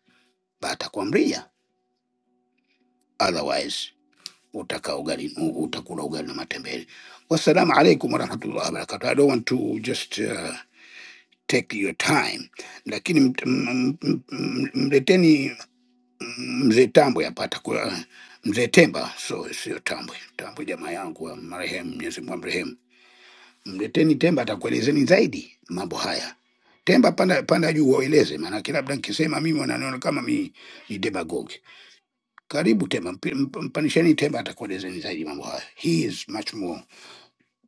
G: batakwamria, otherwise utaka ugali utakula ugali na matembele. Wassalamu alaikum warahmatullahi wabarakatuh. I don't want to just uh, take your time, lakini mt- m- m- m- m- mleteni mzee Tambwe hapa, atakuwa mzee Temba, so sio Tambwe. Tambwe jamaa yangu wa marehemu, Mwenyezi Mungu amrehemu mleteni Temba atakuelezeni zaidi mambo haya. Temba panda, panda juu waeleze, maanake labda nikisema mimi wananiona kama mi ni demagogue. Karibu Temba, mp- mp- mpanisheni Temba atakuelezeni zaidi mambo haya. He is much more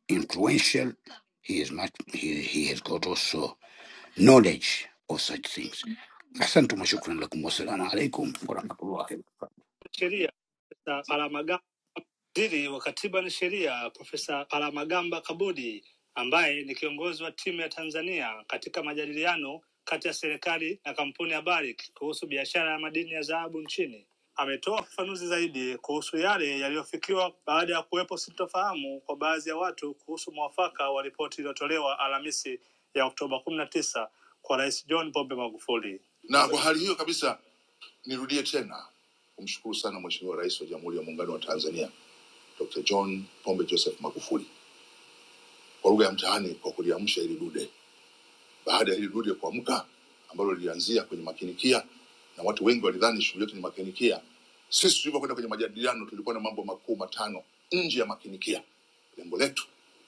G: influential. He is much, he, he has got also knowledge of such things. Asante wa shukran lakum, wassalamu alaikum warahmatullahi
E: sheria Profesa Palamagamba waziri wa katiba na sheria Profesa Palamagamba Kabudi ambaye ni kiongozi wa timu ya Tanzania katika majadiliano kati ya serikali na kampuni ya Barrick kuhusu biashara ya madini ya dhahabu nchini ametoa ufafanuzi zaidi kuhusu yale yaliyofikiwa baada ya kuwepo sintofahamu kwa baadhi ya watu kuhusu mwafaka wa ripoti iliyotolewa Alhamisi ya Oktoba kumi na tisa kwa Rais John Pombe Magufuli. Na kwa hali hiyo kabisa Nirudie tena kumshukuru sana Mheshimiwa Rais wa Jamhuri ya Muungano wa Tanzania Dr. John Pombe Joseph Magufuli kwa lugha ya mtaani kwa kuliamsha hili dude. Baada ya hili dude kuamka, ambalo lilianzia kwenye makinikia na watu wengi walidhani shughuli yetu ni makinikia, sisi tulivyokwenda kwenye majadiliano tulikuwa na mambo makuu matano nje ya makinikia. Lengo letu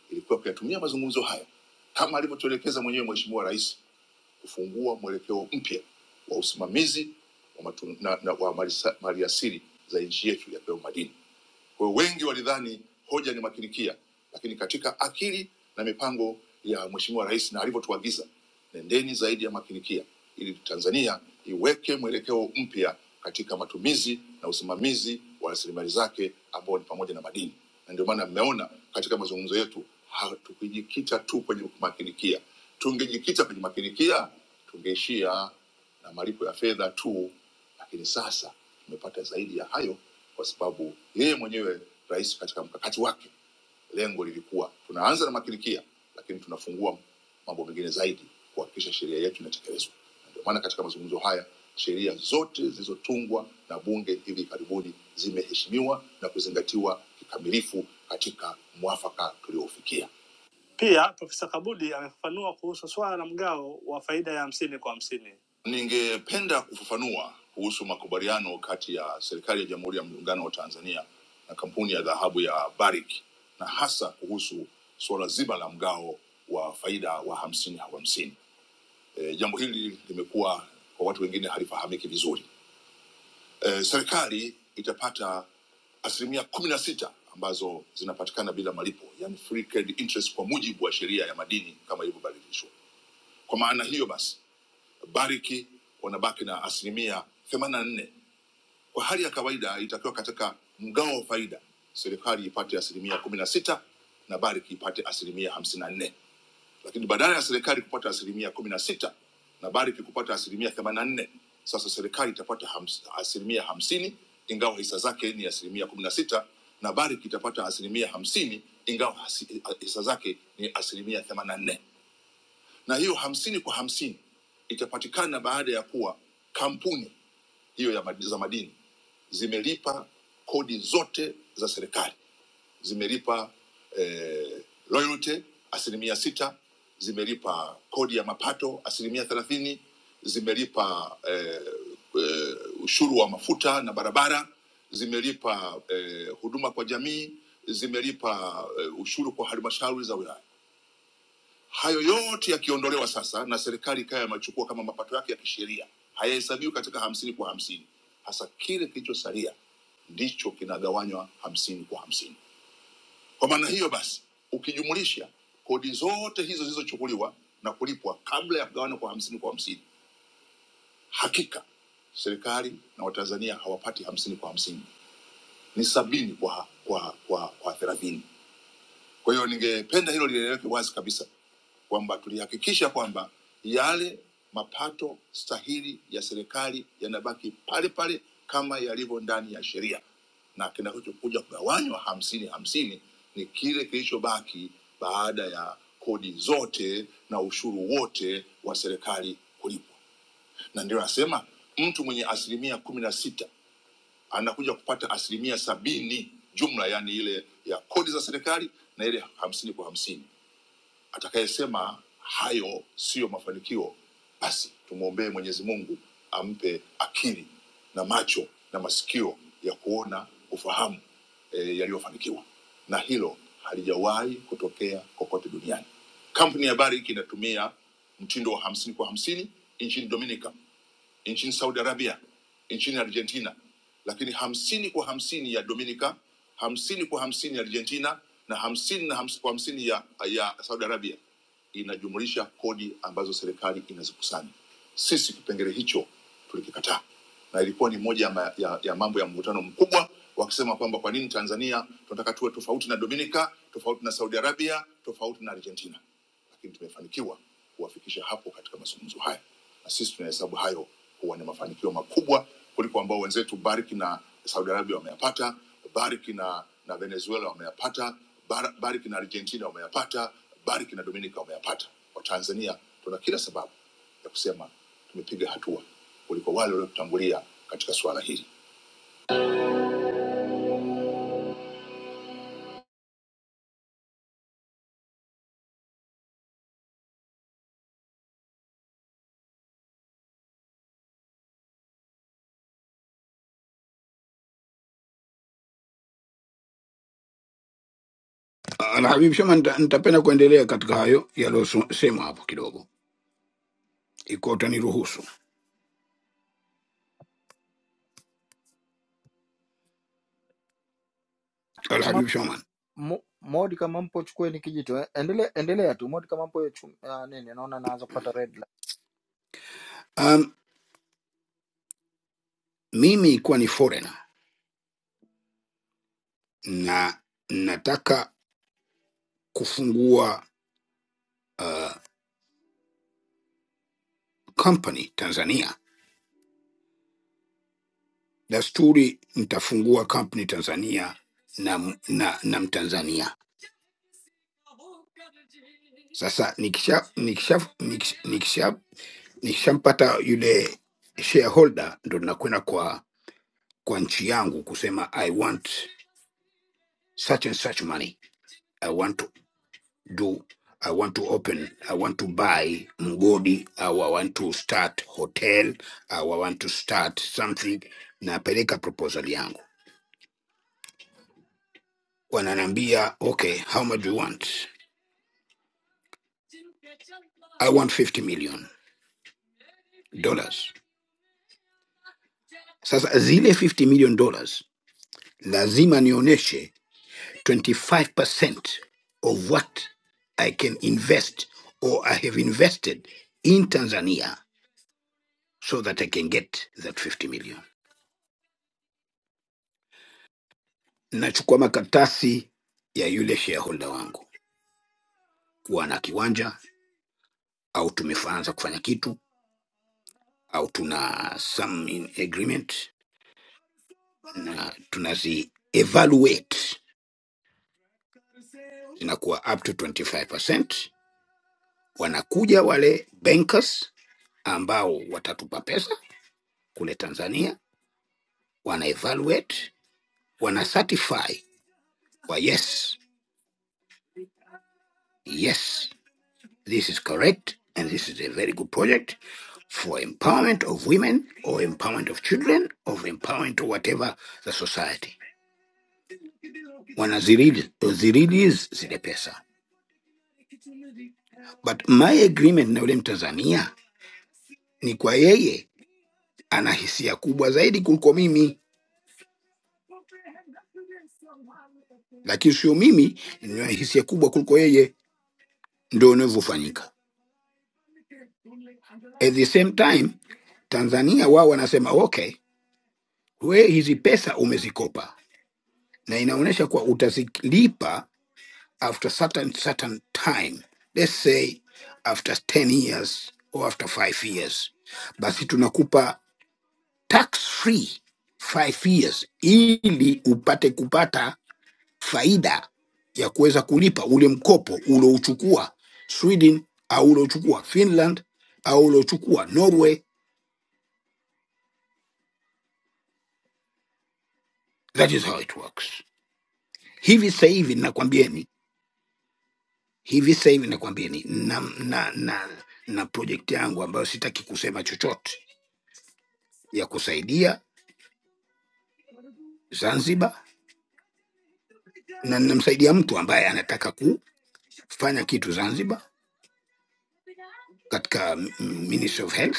E: ilikuwa kuyatumia mazungumzo haya kama alivyotuelekeza mwenyewe Mheshimiwa Rais kufungua mwelekeo mpya wa usimamizi wa, matun- na, na, wa mali sa- maliasili za nchi yetu ya pewu madini. Kwa hiyo wengi walidhani hoja ni makinikia, lakini katika akili na mipango ya Mheshimiwa Rais na alivyotuagiza, nendeni zaidi ya makinikia ili Tanzania iweke mwelekeo mpya katika matumizi na usimamizi wa rasilimali zake ambao ni pamoja na madini, na ndio maana mmeona katika mazungumzo yetu hatukujikita tu kwenye makinikia. Tungejikita kwenye makinikia, tungeishia na malipo ya fedha tu lakini sasa tumepata zaidi ya hayo kwa sababu yeye mwenyewe rais katika mkakati wake lengo lilikuwa tunaanza na makirikia lakini tunafungua mambo mengine zaidi kuhakikisha sheria yetu inatekelezwa Na ndio maana katika mazungumzo haya sheria zote zilizotungwa na bunge hivi karibuni zimeheshimiwa na kuzingatiwa kikamilifu katika mwafaka tuliofikia pia Profesa Kabudi amefafanua kuhusu swala la mgao wa faida ya hamsini kwa hamsini. Ningependa kufafanua kuhusu makubaliano kati ya serikali ya Jamhuri ya Muungano wa Tanzania na kampuni ya dhahabu ya Barrick na hasa kuhusu suala zima la mgao wa faida wa hamsini kwa hamsini. E, jambo hili limekuwa kwa watu wengine halifahamiki vizuri eh, serikali itapata asilimia kumi na sita ambazo zinapatikana bila malipo, yani free carried interest kwa mujibu wa sheria ya madini kama ilivyobadilishwa. Kwa maana hiyo basi, Bariki wanabaki na asilimia themanini na nne. Kwa hali ya kawaida itakiwa katika mgao wa faida, serikali ipate asilimia kumi na sita na Bariki ipate asilimia hamsini na nne lakini badala ya serikali kupata asilimia kumi na sita na Barrick kupata asilimia themanini na nne sasa serikali itapata hams, asilimia hamsini ingawa hisa zake ni asilimia kumi na sita na Barrick itapata asilimia hamsini ingawa hasi- hisa zake ni asilimia themanini na nne na hiyo hamsini kwa hamsini itapatikana baada ya kuwa kampuni hiyo ya mad- za madini zimelipa kodi zote za serikali zimelipa eh, royalty asilimia sita, zimelipa kodi ya mapato asilimia thelathini, zimelipa eh, eh, ushuru wa mafuta na barabara, zimelipa eh, huduma kwa jamii, zimelipa eh, ushuru kwa halmashauri za wilaya. Hayo yote yakiondolewa sasa na serikali ikawa yamechukua kama mapato yake ya kisheria, hayahesabiwi katika hamsini kwa hamsini. Hasa kile kilichosalia ndicho kinagawanywa hamsini kwa hamsini kwa maana hiyo basi, ukijumulisha kodi zote hizo zilizochukuliwa na kulipwa kabla ya kugawana kwa hamsini kwa hamsini, hakika serikali na Watanzania hawapati hamsini kwa hamsini, ni sabini kwa kwa kwa, kwa thelathini. Kwa hiyo ningependa hilo lieleweke wazi kabisa kwamba tulihakikisha kwamba yale mapato stahili ya serikali yanabaki pale pale kama yalivyo ndani ya sheria, na kinachokuja kugawanywa hamsini hamsini ni kile kilichobaki baada ya kodi zote na ushuru wote wa serikali kulipwa, na ndio nasema mtu mwenye asilimia kumi na sita anakuja kupata asilimia sabini jumla, yani ile ya kodi za serikali na ile hamsini kwa hamsini. Atakayesema hayo siyo mafanikio, basi tumwombee Mwenyezi Mungu ampe akili na macho na masikio ya kuona ufahamu e, yaliyofanikiwa, na hilo halijawahi kutokea kokote duniani. Kampuni ya habari hiki inatumia mtindo wa hamsini kwa hamsini nchini Dominica nchini Saudi Arabia, nchini Argentina, lakini hamsini kwa hamsini ya Dominica, hamsini kwa hamsini ya Argentina na hamsini na hams, kwa hamsini ya, ya Saudi Arabia, inajumulisha kodi ambazo serikali inazikusanya. Sisi kipengele hicho tulikikataa, na ilikuwa ni moja ya, ma- ya, ya mambo ya mvutano mkubwa, wakisema kwamba kwa nini Tanzania tunataka tuwe tofauti na Dominica, tofauti na Saudi Arabia, tofauti na Argentina lakini tumefanikiwa kuwafikisha hapo katika mazungumzo haya, na sisi tunahesabu hayo kuwa ni mafanikio makubwa kuliko ambao wenzetu Bariki na Saudi Arabia wameyapata, Bariki na, na Venezuela wameyapata, Bar, Bariki na Argentina wameyapata, Bariki na Dominica wameyapata. Watanzania tuna kila sababu ya kusema tumepiga hatua kuliko wale waliotutangulia katika suala hili.
G: Alhabib Shama, nita- nitapenda kuendelea katika hayo yaliyosemwa hapo kidogo, ikiwa utaniruhusu
E: Kama
G: Alhabib Shama.
E: Mo- Modi, kama mpo chukueni kijito, eh, endelea endelea tu Modi, kama mpo chu- ah, nini, naona naanza kupata red
G: mimi ikiwa ni foreigner na nataka kufungua uh, company Tanzania, dasturi nitafungua company Tanzania na, na, na Mtanzania. Sasa nikisha nikisha nikisha nikisha- nikishampata yule shareholder, ndo nakwenda kwa kwa nchi yangu kusema I want such and such money, I want to do I want to open, I want to buy mgodi, au I want to start hotel, au I want to start something. Napeleka proposal yangu, wananiambia okay, how much you want? I want 50 million dollars. Sasa zile 50 million dollars lazima nionyeshe 25% of what I can invest or I have invested in Tanzania so that I can get that 50 million. nachukua makaratasi ya yule shareholder wangu kuwa na kiwanja au tumeanza kufanya kitu au tuna some in agreement na tunazi evaluate zinakuwa up to 25 wanakuja wale bankers ambao watatupa pesa kule tanzania wana evaluate wana certify kwa yes yes This is correct, and this is a very good project for empowerment of women or empowerment of children or empowerment of whatever the society. Wanazirelease zirelease zile pesa, but my agreement na yule Mtanzania ni kwa yeye ana hisia kubwa zaidi kuliko mimi, lakini sio mimi nina hisia kubwa kuliko yeye, ndio inavyofanyika. At the same time Tanzania wao wanasema okay, we hizi pesa umezikopa na inaonyesha kuwa utazilipa after certain certain time let's say after 10 years or after 5 years basi tunakupa tax free 5 years ili upate kupata faida ya kuweza kulipa ule mkopo ulouchukua sweden au ulouchukua finland au ulouchukua norway that is how it works hivi sasa hivi nakwambieni hivi sasa hivi nakwambieni na, na, na, na project yangu ambayo sitaki kusema chochote ya kusaidia Zanzibar, na ninamsaidia mtu ambaye anataka kufanya kitu Zanzibar katika mm, Ministry of Health,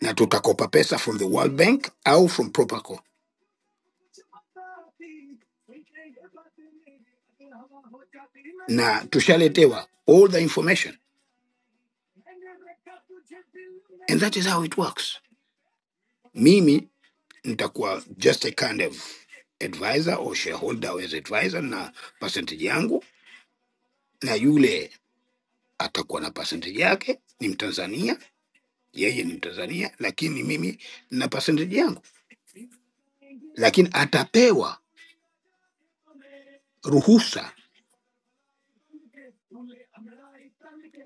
G: na tutakopa pesa from the World Bank au from Properco, na tushaletewa all the information and that is how it works. Mimi nitakuwa just a kind of advisor or shareholder as advisor na percentage yangu, na yule atakuwa na percentage yake, ni Mtanzania, yeye ni Mtanzania, lakini mimi na percentage yangu, lakini atapewa ruhusa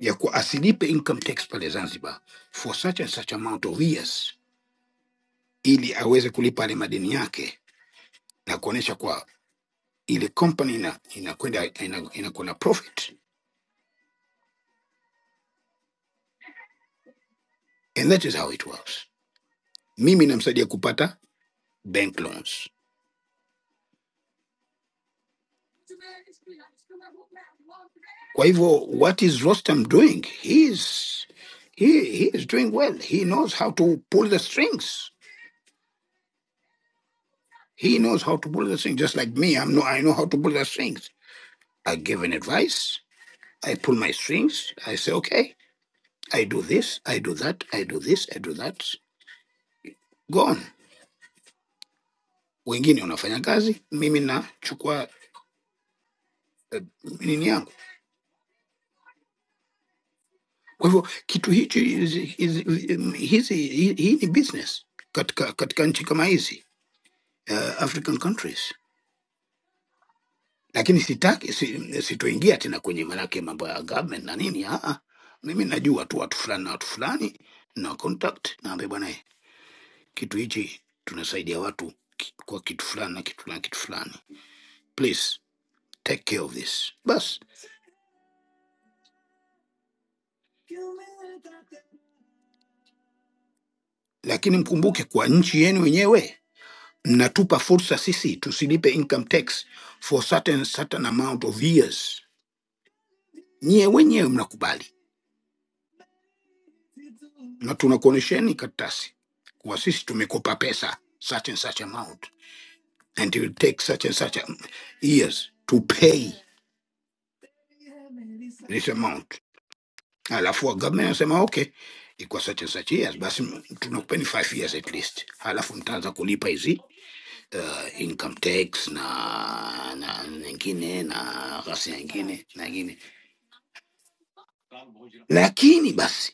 G: ya kuwa asilipe income tax pale Zanzibar for such and such amount of years, ili aweze kulipa yale madeni yake na kuonesha kwa ile company ina- inakwenda ina- inakuwa na profit, and that is how it works. Mimi namsaidia kupata bank loans Kwa hivyo what is Rostam doing? He is he, he is doing well. He knows how to pull the strings. He knows how to pull the strings. Just like me, I'm no, I know how to pull the strings. I give an advice. I pull my strings. I say okay, I do this, I do that, I do this, I do that. Go on. Wengine wanafanya kazi, mimi nachukua eh, nini yangu. Kwa hivyo kitu hichi is- is- hizi hii hii ni business katika katika nchi kama hizi uh, African countries lakini sitaki si, sitoingia tena kwenye manake mambo ya government na nini. ah, ah. Mimi najua tu watu fulani na watu fulani na contact, naambia bwana, eh, kitu hichi tunasaidia watu ki- kwa kitu fulani na kitu fulani kitu fulani, please take care of this bas. Lakini mkumbuke kwa nchi yenu wenyewe mnatupa fursa sisi tusilipe income tax for certain, certain amount of years. Nyie wenyewe mnakubali na tunakuonesheni karatasi kuwa sisi tumekopa pesa such and such amount and it will take such and such um, years to pay this amount. Alafu government anasema okay, ikuwa such and such years, basi m- tunakupeni five years at least, halafu mtaanza kulipa hizi uh, income tax na na nyingine na ghasia nyingine na nyingine, lakini basi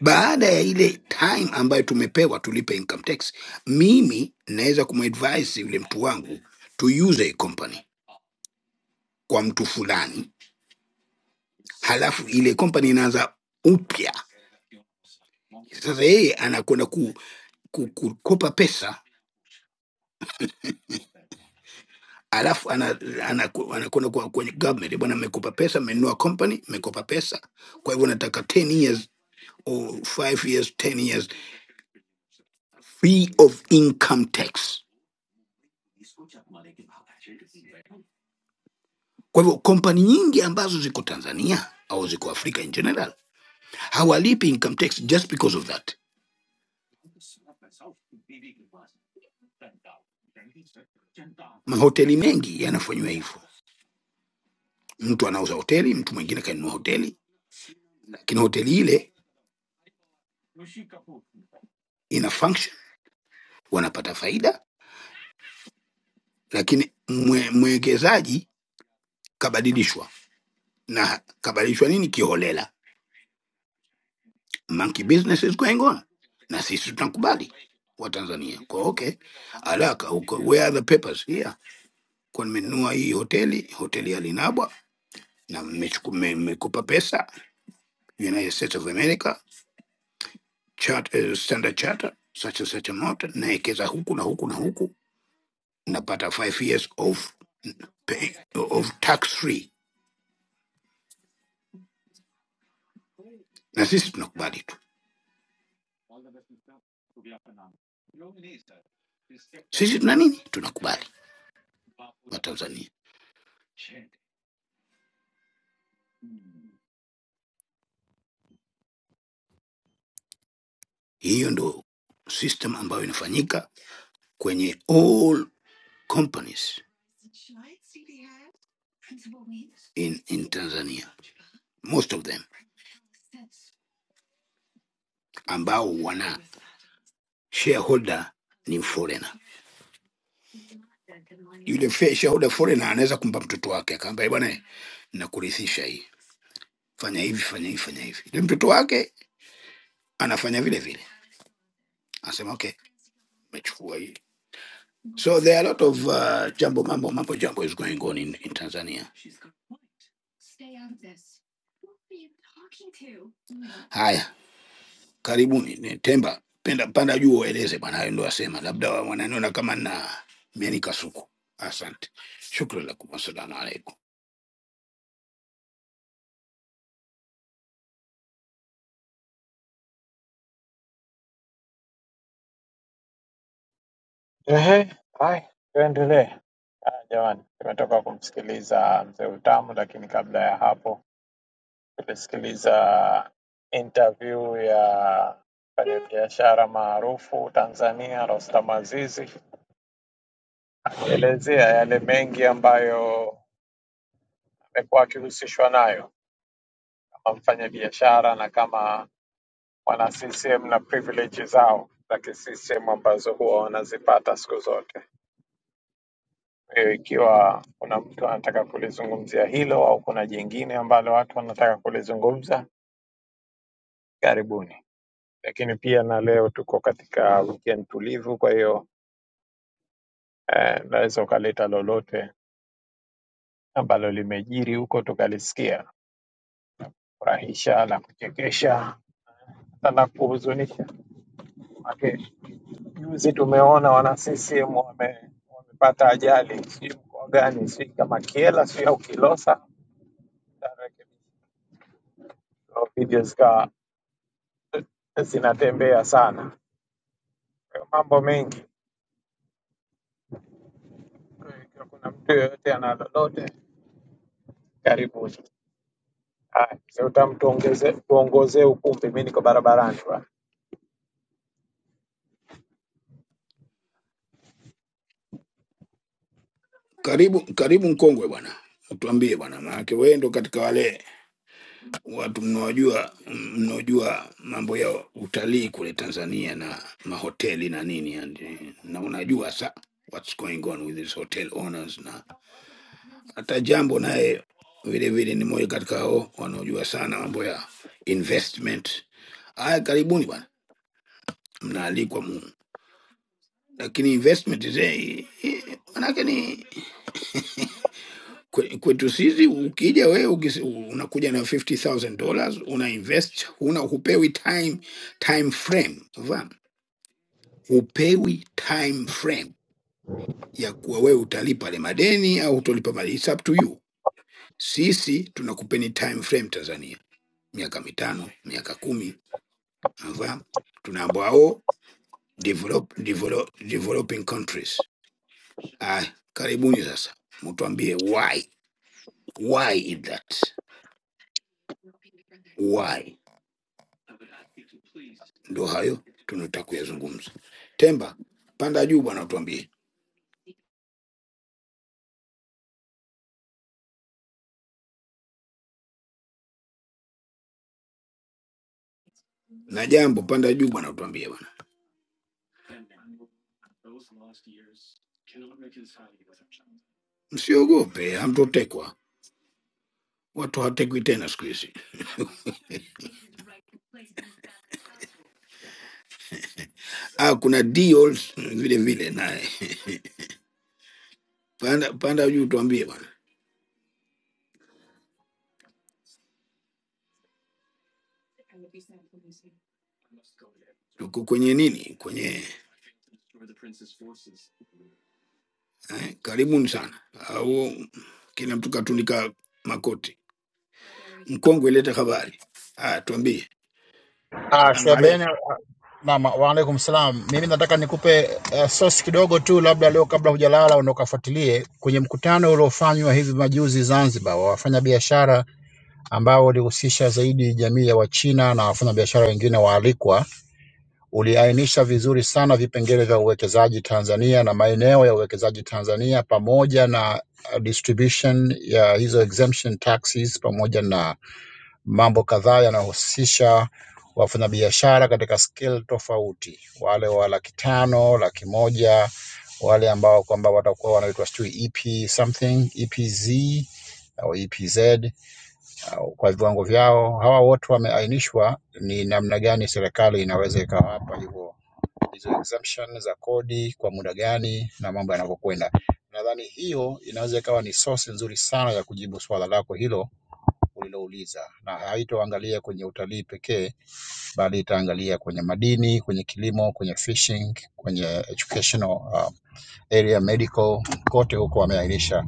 G: baada ya ile time ambayo tumepewa tulipe income tax, mimi naweza kumadvise yule mtu wangu to use a company kwa mtu fulani halafu ile company inaanza upya sasa yeye anakwenda ku, ku, kukopa pesa alafu anakwenda ana, ana, anakwenda kwa- kwenye government bwana mmekopa pesa mmenunua company mmekopa pesa kwa hivyo nataka 10 years or 5 years 10 years free of income tax kwa hivyo kompani nyingi ambazo ziko tanzania au ziko afrika in general hawalipi income tax just because of that mahoteli mengi yanafanyiwa hivyo mtu anauza hoteli mtu mwingine kanunua hoteli lakini hoteli ile ina function wanapata faida lakini mwe, mwekezaji kabadilishwa na kabadilishwa nini kiholela monkey business is going on na sisi tunakubali wa tanzania kwa okay alaka uko, where are the papers here kwa nimenunua hii hoteli hoteli ya linabwa na mmechuku- mme- mmekupa pesa united states of america chart, uh, standard charter such and such amount naekeza huku na huku na huku napata five years of, pay, of tax free, na sisi tunakubali tu, sisi tuna nini, tunakubali Watanzania. Hiyo ndo system ambayo inafanyika kwenye all companies in, in Tanzania, most of them ambao wana shareholder ni foreigner. Yule fair shareholder foreigner anaweza kumpa mtoto wake akamwambia, "Eh, bwana, nakurithisha hii, fanya hivi, fanya hivi, fanya hivi. Yule mtoto wake anafanya vile vile, anasema okay, mechukua hii. So there are a lot of uh, jambo mambo mambo jambo is going on in, in Tanzania. Haya, karibuni ni Temba, penda panda juu ueleze bwana, hayo ndo asema, labda wa- wananiona kama na mianika suku. Asante, shukran lakum, assalamu alaikum.
A: Ehe, haya tuendelee. Haya, Jamani, tumetoka kumsikiliza mzee Utamu, lakini kabla ya hapo Nimesikiliza interview ya mfanyabiashara maarufu Tanzania Rostam Azizi akielezea yale mengi ambayo amekuwa akihusishwa nayo kama mfanyabiashara na kama wana CCM na privilege zao za CCM ambazo huwa wanazipata siku zote. Kwa hiyo ikiwa kuna mtu anataka kulizungumzia hilo au kuna jingine ambalo watu wanataka kulizungumza, karibuni. lakini pia na leo tuko katika weekend tulivu, kwa hiyo eh, naweza ukaleta lolote ambalo limejiri huko tukalisikia, furahisha na kuchekesha hata na kuhuzunisha. Maana juzi tumeona wana CCM wame, wamepata ajali, sijui mkoa gani, sijui kama Kiela, sijui au Kilosa, Tutarekebisha. So, video zikawa zinatembea sana, Kwa hiyo mambo mengi. Kwa hiyo Ikiwa kuna mtu yoyote ana lolote, karibuni. Haya, si utamtuongeze tuongozee ukumbi, mi niko barabarani bwana.
G: Karibu karibu Mkongwe bwana, utuambie bwana, maanake wewe ndo katika wale watu mnaojua mnaojua mambo ya utalii kule Tanzania na mahoteli na nini and, eh, na unajua sa what's going on with these hotel owners na hata jambo naye vile vile ni moja katika hao wanaojua sana mambo ya investment. Haya, karibuni bwana, mnaalikwa mu, lakini investment zee, eh, manake ni Kwe- kwetu sisi ukija wewe ukis- unakuja na 50000 dollars una invest una hupewi time time frame unafahamu hupewi time frame ya kuwa wewe utalipa le madeni au utolipa madeni It's up to you sisi tunakupeni time frame tanzania miaka mitano miaka kumi unafahamu tunaambao develop, develop, developing countries ah, karibuni sasa mtuambie why why is that why Ndo hayo tunataka kuyazungumza. Temba, panda juu bwana, utuambie na jambo, panda juu bwana, utuambie bwana, msiogope, hamtotekwa. Watu hawatekwi tena siku hizi. Ah, kuna deals vile vile naye panda, panda juu tuambie bwana, tuko kwenye nini? Kwenye eh, karibuni sana, au kila mtu katunika makoti. Mkongwe leta habari. Ah, tuambie,
H: Ah,
G: salamu alaikum.
H: Shebene, ah, naam, waalaikum salam. Mimi nataka nikupe uh, source kidogo tu, labda leo kabla hujalala na ukafuatilie kwenye mkutano uliofanywa hivi majuzi Zanzibar wa wafanyabiashara ambao ulihusisha zaidi jamii ya Wachina na wafanyabiashara wengine waalikwa, uliainisha vizuri sana vipengele vya uwekezaji Tanzania na maeneo ya uwekezaji Tanzania pamoja na ah, distribution ya hizo exemption taxes pamoja na Mambo kadhaa yanahusisha wafanyabiashara katika scale tofauti, wale wa laki tano, laki moja, wale ambao kwamba watakuwa wanaitwa sijui EP something, EPZ au EPZ au kwa viwango vyao. Hawa wote wameainishwa ni namna gani serikali inaweza ikawapa hivyo hizo exemption za kodi kwa muda gani na mambo yanavyokwenda. Nadhani hiyo inaweza ikawa ni source nzuri sana ya kujibu swala lako hilo ulilouliza, na haitoangalia kwenye utalii pekee, bali itaangalia kwenye madini, kwenye kilimo, kwenye fishing, kwenye educational uh, area, medical, kote huko wameainisha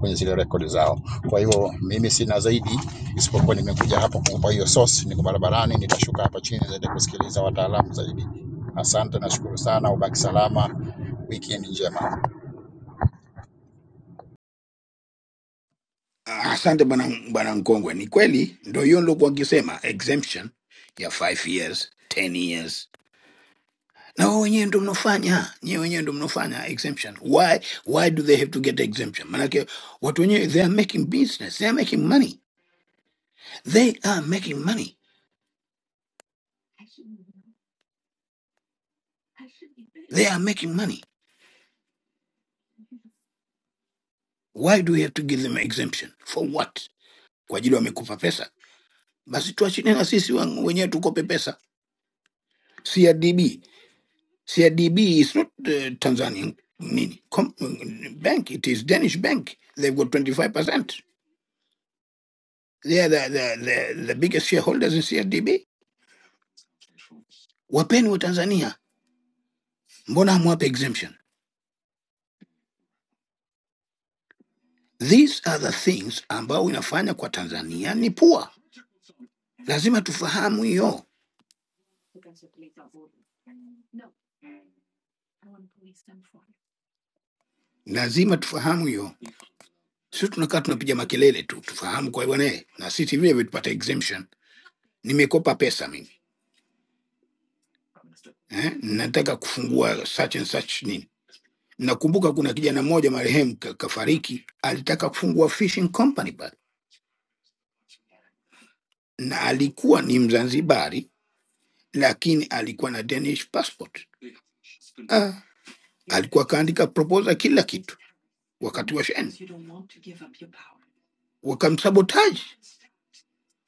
H: kwenye zile rekodi zao. Kwa hiyo mimi sina zaidi isipokuwa nimekuja hapa kukupa hiyo source. Niko barabarani, nitashuka hapa chini zaidi kusikiliza wataalamu zaidi. Asante, nashukuru sana, ubaki salama, weekend njema.
G: Ah, Asante bwana bwana Nkongwe, ni kweli, ndo hiyo nilokuwa nikisema exemption ya 5 years 10 years, na wao wenyewe ndo mnaofanya, nyewe wenyewe ndo mnaofanya exemption. Why why do they have to get exemption? Maanake watu wenyewe they are making business, they are making money, they are making money, they are making money. Why do we have to give them exemption for what? Kwa ajili wamekupa pesa, basi tuachine na sisi wen- wenyewe tukope pesa. CRDB CIDB is not uh, Tanzanian nini, com- bank. It is Danish bank. They've got 25%. They are the, the, the, the biggest shareholders in CIDB. Wapeni wa Tanzania, mbona hamwape exemption? These are the things ambao inafanya kwa Tanzania ni poor. Lazima tufahamu hiyo, lazima tufahamu hiyo. Sisi tunakaa tunapiga makelele tu, tufahamu kwa bwana, eh, na sisi vile vile tupate exemption. Nimekopa pesa mimi eh, nataka kufungua such and such nini Nakumbuka kuna kijana mmoja marehemu ka- kafariki, alitaka kufungua fishing company pale, na alikuwa ni Mzanzibari, lakini alikuwa na Danish passport. Ah, alikuwa kaandika proposal kila kitu wakati wa sheni, wakamsabotaji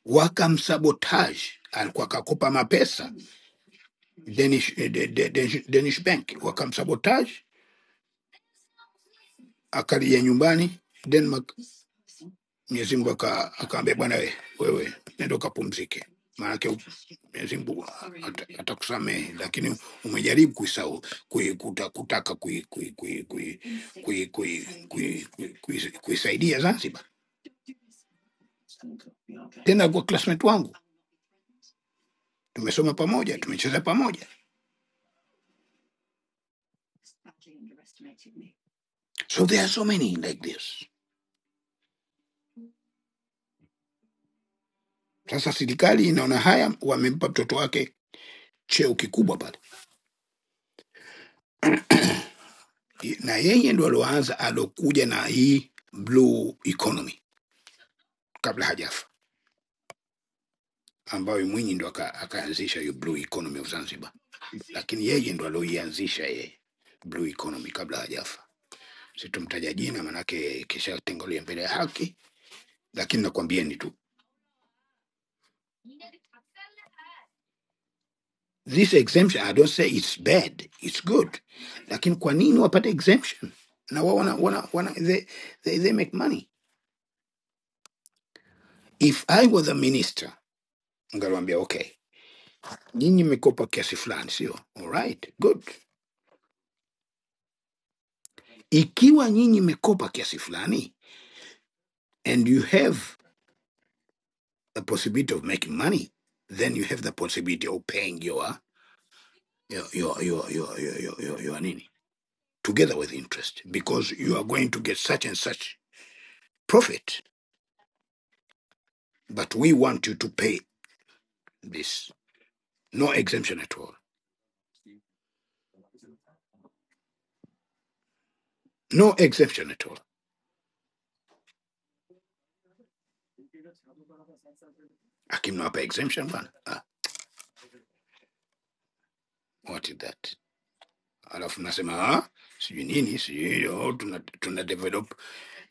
G: wakamsabotaji. Alikuwa akakopa mapesa Danish, eh, de, de, Danish, Danish bank, wakamsabotaji, akalia nyumbani Denmark Mwenyezi Mungu aka- akaambia, bwana we, wewe nenda ukapumzike, maanake u- Mwenyezi Mungu ata- atakusamehe, lakini umejaribu kuisahau kui, kuta, kutaka kuisaidia kui, kui, kui, kui, kui, kui, kui, kui, kuisaidia Zanzibar. Tena kwa classmate wangu tumesoma pamoja, tumecheza pamoja, so there are so many like this. Sasa serikali inaona haya, wamempa mtoto wake cheo kikubwa pale, na yeye ndo alioanza, alokuja na hii blue economy kabla hajafa ambayo Mwinyi ndo aka- akaanzisha hiyo blue economy of Zanzibar, lakini yeye ndo aloianzisha yeye blue economy kabla hajafa. Situmtaja jina manake kisha tengolia mbele ya haki, lakini nakwambieni tu this exemption, I don't say it's bad, it's good, lakini kwa nini wapate exemption na wao wana, wana, wana, they, they, they make money. If I was a minister, ngaliwaambia okay, nyinyi mmekopa kiasi fulani, sio all right, good. Ikiwa nyinyi mmekopa kiasi fulani and you have the possibility of making money, then you have the possibility of paying your your your your your your your, your, your nini together with interest because you are going to get such and such profit, but we want you to pay this. No exemption at all. No exemption at all. Akimnawapa exemption bwana. Ah, what is that? Alafu nasema ah, sijui nini sijui hiyo oh, tuna, tuna develop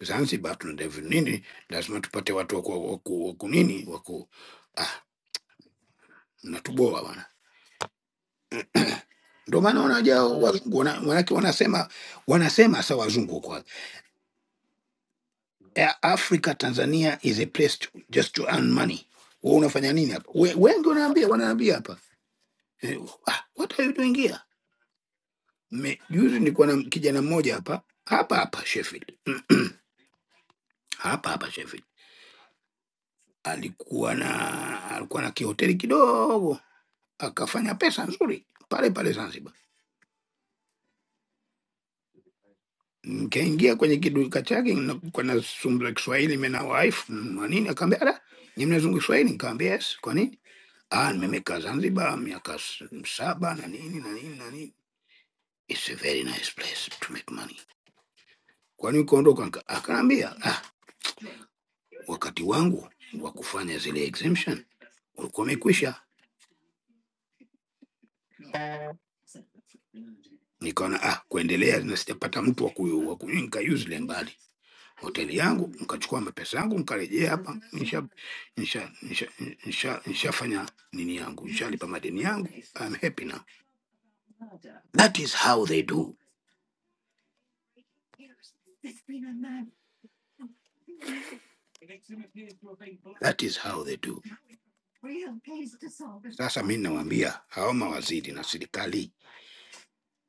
G: Zanzibar tuna develop nini, lazima tupate watu waku, waku, waku nini waku ah, mnatuboa bwana. Ndio maana wanajao wazungu wana- manake wanasema wanasema sa wazungu kwa eh, Africa Tanzania is a place to, just to earn money. Wewe unafanya nini hapa? We, wengi wanaambia wanaambia hapa eh, ah, what are you doing here? Me, juzi nilikuwa na kijana mmoja hapa hapa hapa Sheffield hapa hapa Sheffield alikuwa na alikuwa na kihoteli kidogo akafanya pesa nzuri pale pale Zanzibar Nikaingia kwenye kiduka chake na- kwa nasumbula Kiswahili mimi na wife mm, na nini, akaambia ala, nyinyi mnazungumza Kiswahili? Nikamwambia yes. Kwa nini? Ah, nimekaa Zanzibar miaka s- saba na nini na nini na nini. It's a very nice place to make money. Kwa nini ukaondoka? Nika- Akaambia ah, wakati wangu wa kufanya zile exemption ulikuwa umekwisha nikaona ah, kuendelea na sijapata mtu wa kuyu- wa kuyu- nikayuzile mbali hoteli yangu, nikachukua mapesa yangu nikarejea hapa, nisha nisha nisha nisha nishafanya nini yangu, nishalipa madeni yangu. I'm happy now. That is how they do, that is how they do. Sasa mi nawaambia hao mawaziri na serikali,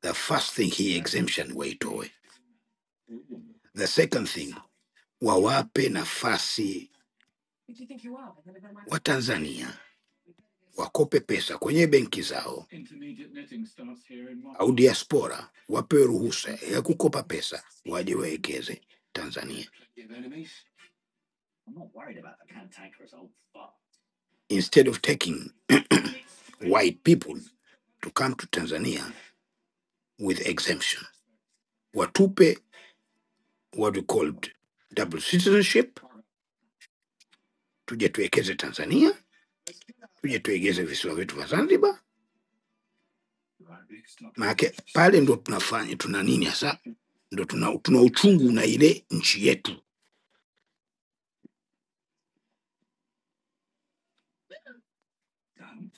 G: the first thing hii exemption waitoe, the second thing wawape nafasi Watanzania wakope pesa kwenye benki zao au diaspora wapewe ruhusa ya kukopa pesa waje wawekeze Tanzania, instead of taking white people to come to Tanzania with exemption. Watupe what we called double citizenship, tuje tuwekeze Tanzania, tuje tuegeze visiwa vyetu vya Zanzibar maanake pale ndo tunafanya tuna nini hasa ndo tuna, tuna uchungu na ile nchi yetu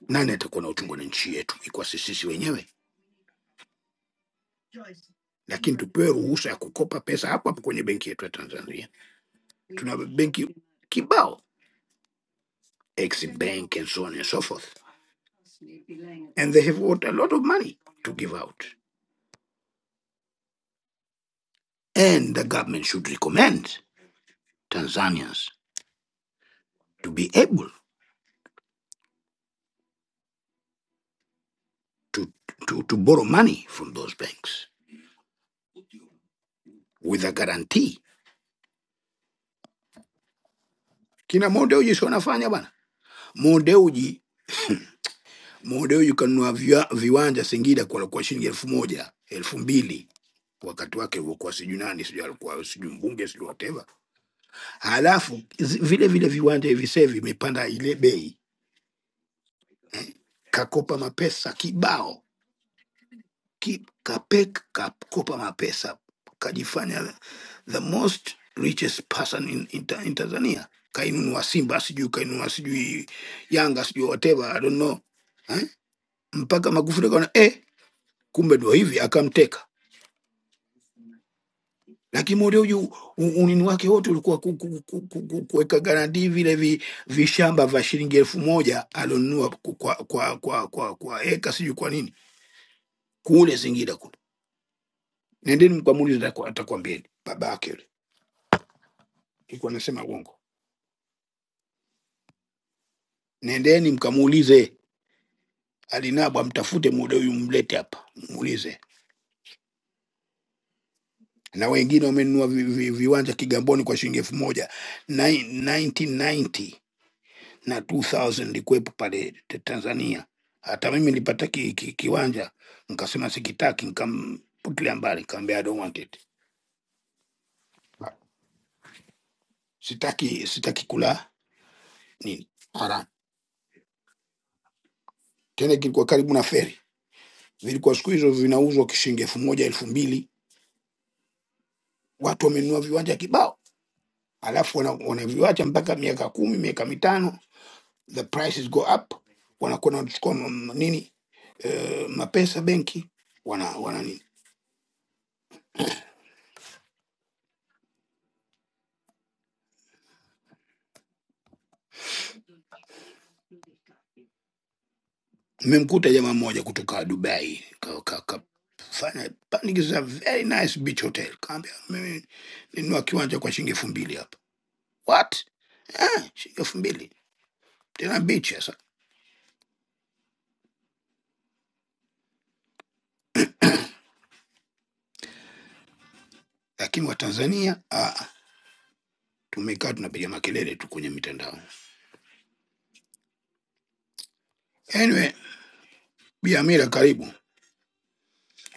G: nani atakuwa na uchungu na nchi yetu ikuwa si sisi wenyewe lakini tupewe ruhusa ya kukopa pesa hapo hapo kwenye benki yetu ya tanzania tuna benki kibao exim bank and so on and so forth and they have got a lot of money to give out. And the government should recommend Tanzanians to be able to, to, to borrow money from those banks with a guarantee kina Modeuji sio nafanya bana. Modeuji Modeuji kanunua viwa- viwanja Singida kwa, kwa shilingi elfu moja elfu mbili wakati wake ilivyokuwa sijui nani sijui alikuwa sijui mbunge sijui whatever. Halafu zi- vile vile viwanja hivi sasa hivi imepanda ile bei eh, kakopa mapesa kibao ki, kape, kakopa mapesa kajifanya the most richest person in, in, Ta- in Tanzania kainunua Simba sijui kainunua sijui Yanga sijui whatever I don't know eh? mpaka Magufuli akaona eh, kumbe ndo hivi, akamteka. Lakini Mode huyu u- unini wake wote ulikuwa ku- ku- ku- ku- ku- kuweka garantii vile vi, vishamba vya shilingi elfu moja alionunua ku- kwa kwa kwa kwa, kwa eka sijui kwa nini kule Singida kule. Nendeni mkamuulize, ataku- atakwambieni baba yake yule alikuwa anasema uongo. Nendeni mkamuulize, alinabwa, mtafute Mode huyu, mlete hapa muulize. Na wengine wamenunua vi, vi, viwanja Kigamboni kwa shilingi elfu moja 1990 na 2000 nilikuwepo pale te- Tanzania. Hata mimi nilipata ki, ki, kiwanja nikasema sikitaki, nikamputilia mbali, nikamwambia I don't want it, Ah, sitaki sitaki kula nini haramu. Tena kilikuwa karibu na feri, vilikuwa siku hizo vinauzwa kishilingi elfu moja elfu mbili watu wamenunua viwanja kibao, alafu wana- wanaviwacha mpaka miaka kumi miaka mitano, the prices go up, wanakuwa wanachukua m- nini eh, mapesa benki wana, wana nini Nimemkuta jamaa mmoja kutoka Dubai kafanya ka, ka, kafanya- pandikiza very nice beach hotel, kaambia mimi ninunua kiwanja kwa shilingi elfu mbili hapa. What? Ah, shilingi elfu mbili tena beach sasa. Lakini Watanzania ah, tumekaa tunapiga makelele tu kwenye mitandao. Anyway, Bi Amira, karibu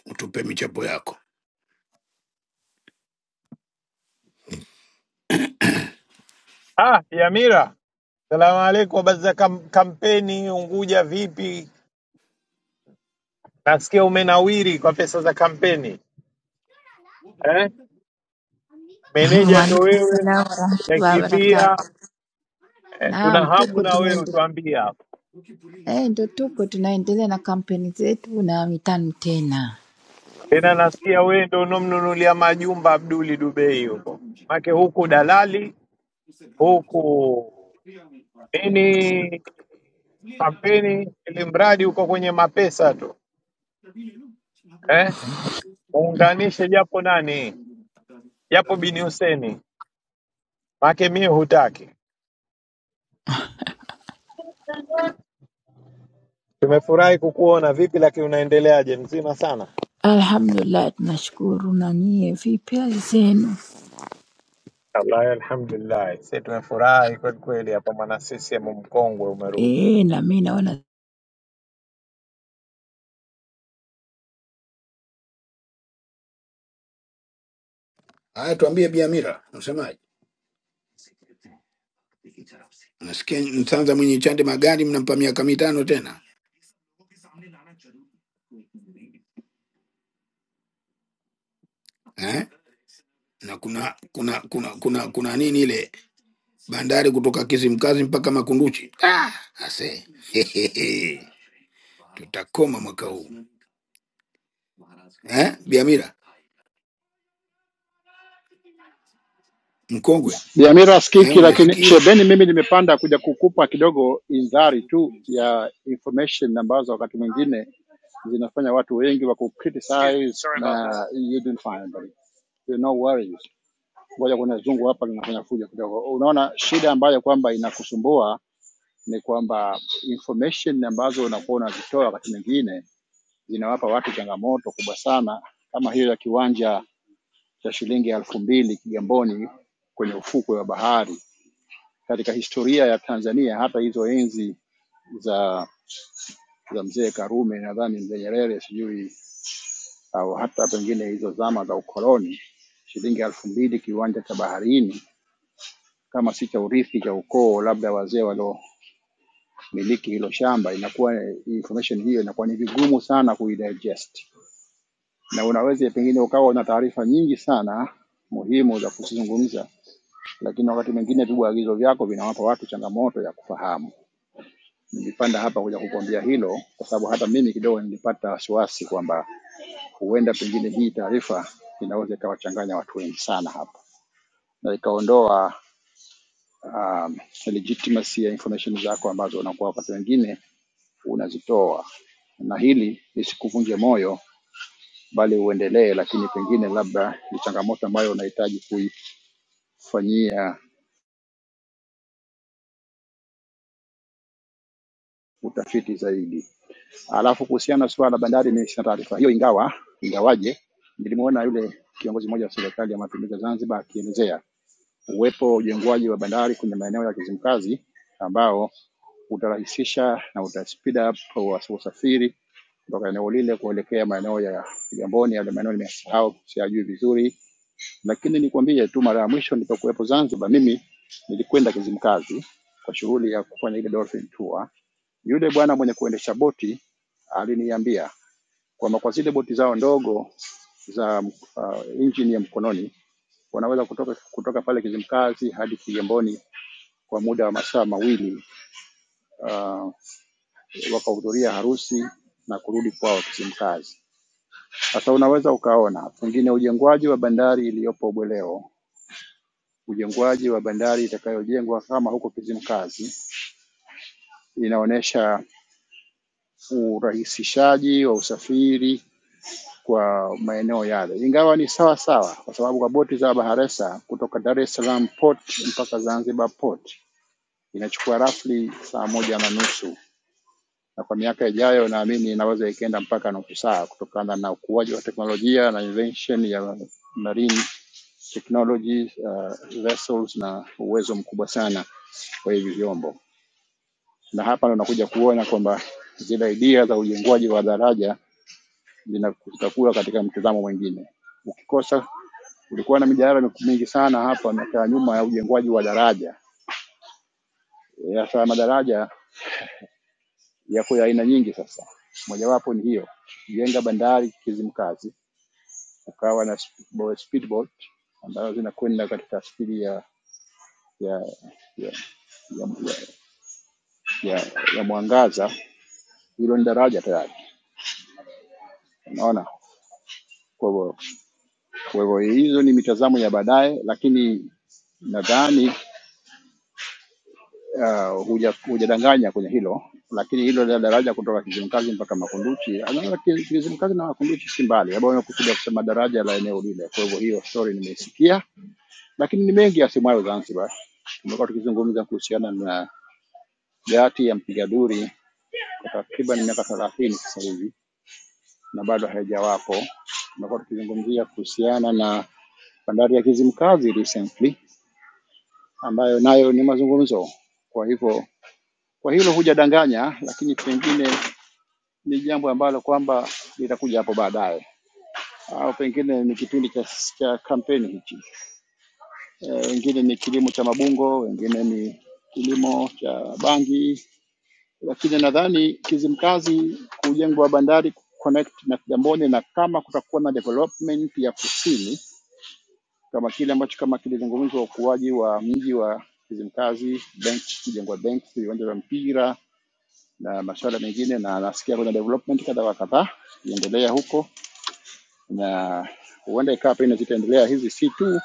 G: utupe michapo yako.
A: Ah, Yamira, salamu alaikum. Habari za kam kampeni Unguja vipi? Nasikia umenawiri kwa pesa za kampeni eh? Meneja ndo
F: Waalaikum
A: wewe,
F: salamu warahmatullahi wabarakatu.
A: umekimbia eh,
F: Naam,
A: tuna hamu
F: tuko
A: na wewe
F: tunaendelea,
A: utuambie hapo.
F: eh, ndo tuko tunaendelea na kampeni zetu na mitano tena.
A: Tena nasikia wewe ndo unomnunulia majumba Abduli Dubei huko, make huku dalali huku nini kampeni, ili mradi uko kwenye mapesa tu eh? Muunganishe japo nani, japo Bini Huseni, maake mie hutaki. Tumefurahi kukuona, vipi lakini unaendeleaje? Mzima sana?
F: Alhamdulillah, tunashukuru. Na nyie vipi hali zenu?
A: Wallahi, alhamdulillah, sisi tumefurahi kweli kweli hapa, mwana CCM mkongwe umerudi.
F: Eh, na mimi naona
G: Haya, tuambie Bi Amira, unasemaje? Nasikia Mtanza mwenye chande magari mnampa miaka mitano tena eh? na kuna kuna kuna kuna kuna nini ile bandari kutoka Kisimkazi mpaka Makunduchi. Ah, ase tutakoma mwaka huu eh? Biamira mkongwe
H: Dhamira
G: eh,
H: sikiki, lakini
G: umesikie
H: shebeni, mimi nimepanda kuja kukupa kidogo indhari tu ya information ambazo wakati mwingine zinafanya watu wengi wa kucriticize na you don't find them. You no worries. Ngoja kuna zungu hapa linafanya fujo kidogo. Unaona shida ambayo kwamba inakusumbua ni kwamba information ambazo unakuwa unazitoa wakati mwingine zinawapa watu changamoto kubwa sana, kama hiyo ya kiwanja cha shilingi elfu mbili Kigamboni kwenye ufukwe wa bahari katika historia ya Tanzania, hata hizo enzi za za mzee Karume, nadhani mzee Nyerere, sijui au hata pengine hizo zama za ukoloni, shilingi elfu mbili kiwanja cha baharini, kama si cha urithi cha ukoo, labda wazee waliomiliki hilo shamba, inakuwa information hiyo inakuwa ni vigumu sana kuidigest, na unaweza pengine ukawa na taarifa nyingi sana muhimu za kuzizungumza, lakini wakati mwingine viagizo vyako vinawapa watu changamoto ya kufahamu. Nilipanda hapa kuja kukuambia hilo, kwa sababu hata mimi kidogo nilipata wasiwasi kwamba huenda pengine hii taarifa inaweza ikawachanganya watu wengi sana hapa na ikaondoa um, legitimacy ya information zako ambazo unakuwa wakati wengine unazitoa, na hili lisikuvunje moyo, bali uendelee, lakini pengine labda ni changamoto ambayo unahitaji kuifanyia utafiti zaidi. Alafu kuhusiana na suala la bandari nimesha taarifa hiyo, ingawa ingawaje nilimuona yule kiongozi mmoja wa serikali ya mapinduzi ya Zanzibar akielezea uwepo wa ujengwaji wa bandari kwenye maeneo ya Kizimkazi ambao utarahisisha na uta speed up wa- usafiri kutoka eneo lile kuelekea maeneo ya Kigamboni, yale maeneo nimesahau, siyajui vizuri, lakini nikwambie tu, mara ya mwisho nilipokuwepo Zanzibar, mimi nilikwenda Kizimkazi kwa shughuli ya kufanya ile dolphin tour yule bwana mwenye kuendesha boti aliniambia kwamba kwa zile boti zao ndogo za uh, injini ya mkononi wanaweza kutoka, kutoka pale Kizimkazi hadi Kigamboni kwa muda wa masaa mawili uh, wakahudhuria harusi na kurudi kwao Kizimkazi. Sasa unaweza ukaona pengine ujengwaji wa bandari iliyopo Bweleo, ujengwaji wa bandari itakayojengwa kama huko Kizimkazi inaonyesha urahisishaji wa usafiri kwa maeneo yale, ingawa ni sawa sawa, kwa sababu kwa boti za Baharesa kutoka Dar es Salaam port mpaka Zanzibar port inachukua rafli saa moja na nusu, na kwa miaka ijayo naamini inaweza ikaenda mpaka nusu saa kutokana na ukuaji wa teknolojia na invention ya marine technology uh, vessels na uwezo mkubwa sana wa hivi vyombo, na hapa ndo nakuja kuona kwamba zile idea za ujengwaji wa daraja zina- zitakuwa katika mtazamo mwingine. Ukikosa Kulikuwa na mijadala mingi sana hapa miaka ya nyuma ya ujengwaji wa daraja. Eh, Sasa madaraja yako ya aina nyingi. Sasa mojawapo ni hiyo, jenga bandari Kizimkazi, ukawa na speedboat, speedboat ambazo zinakwenda katika spidi ya ya ya, ya, ya, ya, ya mwangaza. Hilo ni daraja tayari, unaona. Kwa hivyo kwa hivyo hizo ni mitazamo ya baadaye, lakini nadhani uh, huja- hujadanganya kwenye hilo, lakini hilo la daraja kutoka Kizimkazi mpaka Makunduchi, anaona ki- Kizimkazi na Makunduchi si mbali, labda wamekusudia kusema daraja la eneo lile. Kwa hivyo hiyo story nimeisikia, lakini ni mengi yasemwayo Zanzibar. Tumekuwa tukizungumza kuhusiana na gati ya mpiga duri kwa takriban miaka thelathini sasa hivi na bado haijawapo. Tumekuwa tukizungumzia kuhusiana na bandari ya Kizimkazi recently ambayo nayo ni mazungumzo. Kwa hivyo kwa hilo hujadanganya, lakini pengine ni jambo ambalo kwamba litakuja hapo baadaye, au pengine ni kipindi cha, cha kampeni hichi. Eh, Wengine ni kilimo cha mabungo, wengine ni kilimo cha bangi, lakini nadhani Kizimkazi kujengwa bandari connect na Kigamboni, na kama kutakuwa na development ya kusini kama kile ambacho kama kilizungumzwa, ukuaji wa mji wa Kizimkazi, bench kujengwa benki, viwanja vya mpira na masuala mengine, na nasikia kuna development kadha wa kadha iendelea huko na huenda ikawa pengine zitaendelea hizi, si tu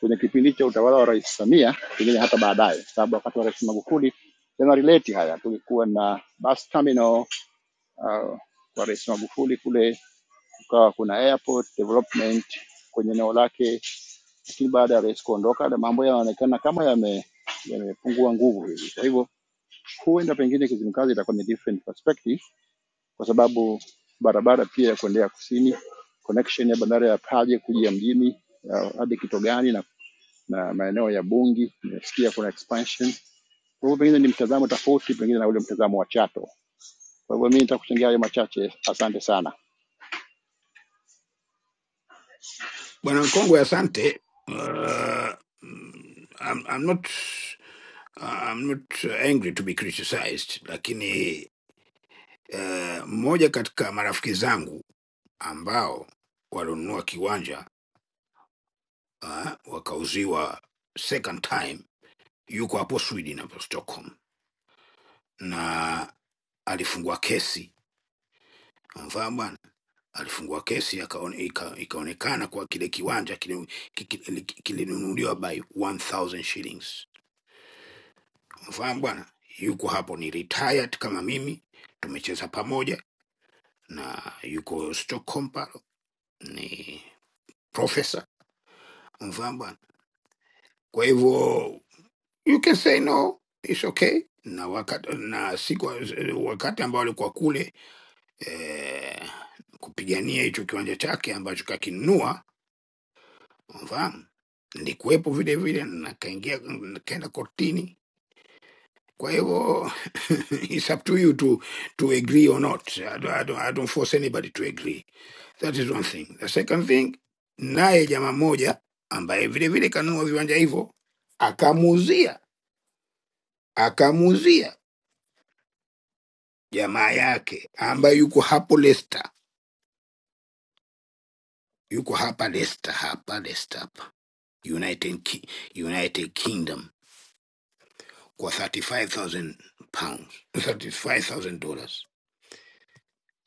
H: kwenye kipindi cha utawala wa Rais Samia, pengine hata baadaye, sababu wakati wa Rais Magufuli yanarelate haya. Tulikuwa na bus terminal uh, kwa Rais Magufuli kule, kukawa kuna airport development kwenye eneo lake, lakini baada ya rais kuondoka na mambo yanaonekana kama yame- yamepungua nguvu hivi. Kwa hivyo huenda pengine Kizimkazi itakuwa ni different perspective kwa sababu barabara pia ya kuendea kusini, connection ya bandari ya Paje kuja mjini ya hadi Kitogani na, na maeneo ya Bungi nimesikia kuna expansion. Kwa hivyo pengine ni mtazamo tofauti pengine na ule mtazamo wa Chato. Kwa hivyo mimi nitakuchangia hayo machache, asante sana.
G: bwana mkongwe, asante. Uh, mm, I'm, I'm not I'm not angry to be criticized, lakini eh, mmoja katika marafiki zangu ambao walionunua kiwanja uh, wakauziwa second time, yuko hapo Sweden hapo Stockholm na alifungua kesi mfaa bwana alifungua kesi akaone, ika, ikaonekana kwa kile kiwanja kile- ki- ki- kilinunuliwa by 1000 shillings mfaa bwana yuko hapo ni retired kama mimi tumecheza pamoja na yuko stockholm pale ni profesa mfaa bwana kwa hivyo you can say no it's okay na wakati na siku wakati ambao alikuwa kule eh, kupigania hicho kiwanja chake ambacho kakinunua Unafahamu? Nilikuwepo vile vile na kaingia nikaenda kortini. Kwa hivyo it's up to you to to agree or not. I don't, I don't, I don't force anybody to agree. That is one thing. The second thing, naye jamaa mmoja ambaye vile vile kanunua viwanja hivyo akamuuzia akamuuzia jamaa yake ambaye yuko hapo Leicester, yuko hapa Leicester, hapa Leicester, hapa United, Ki- United Kingdom kwa 35000 pounds 35000 dollars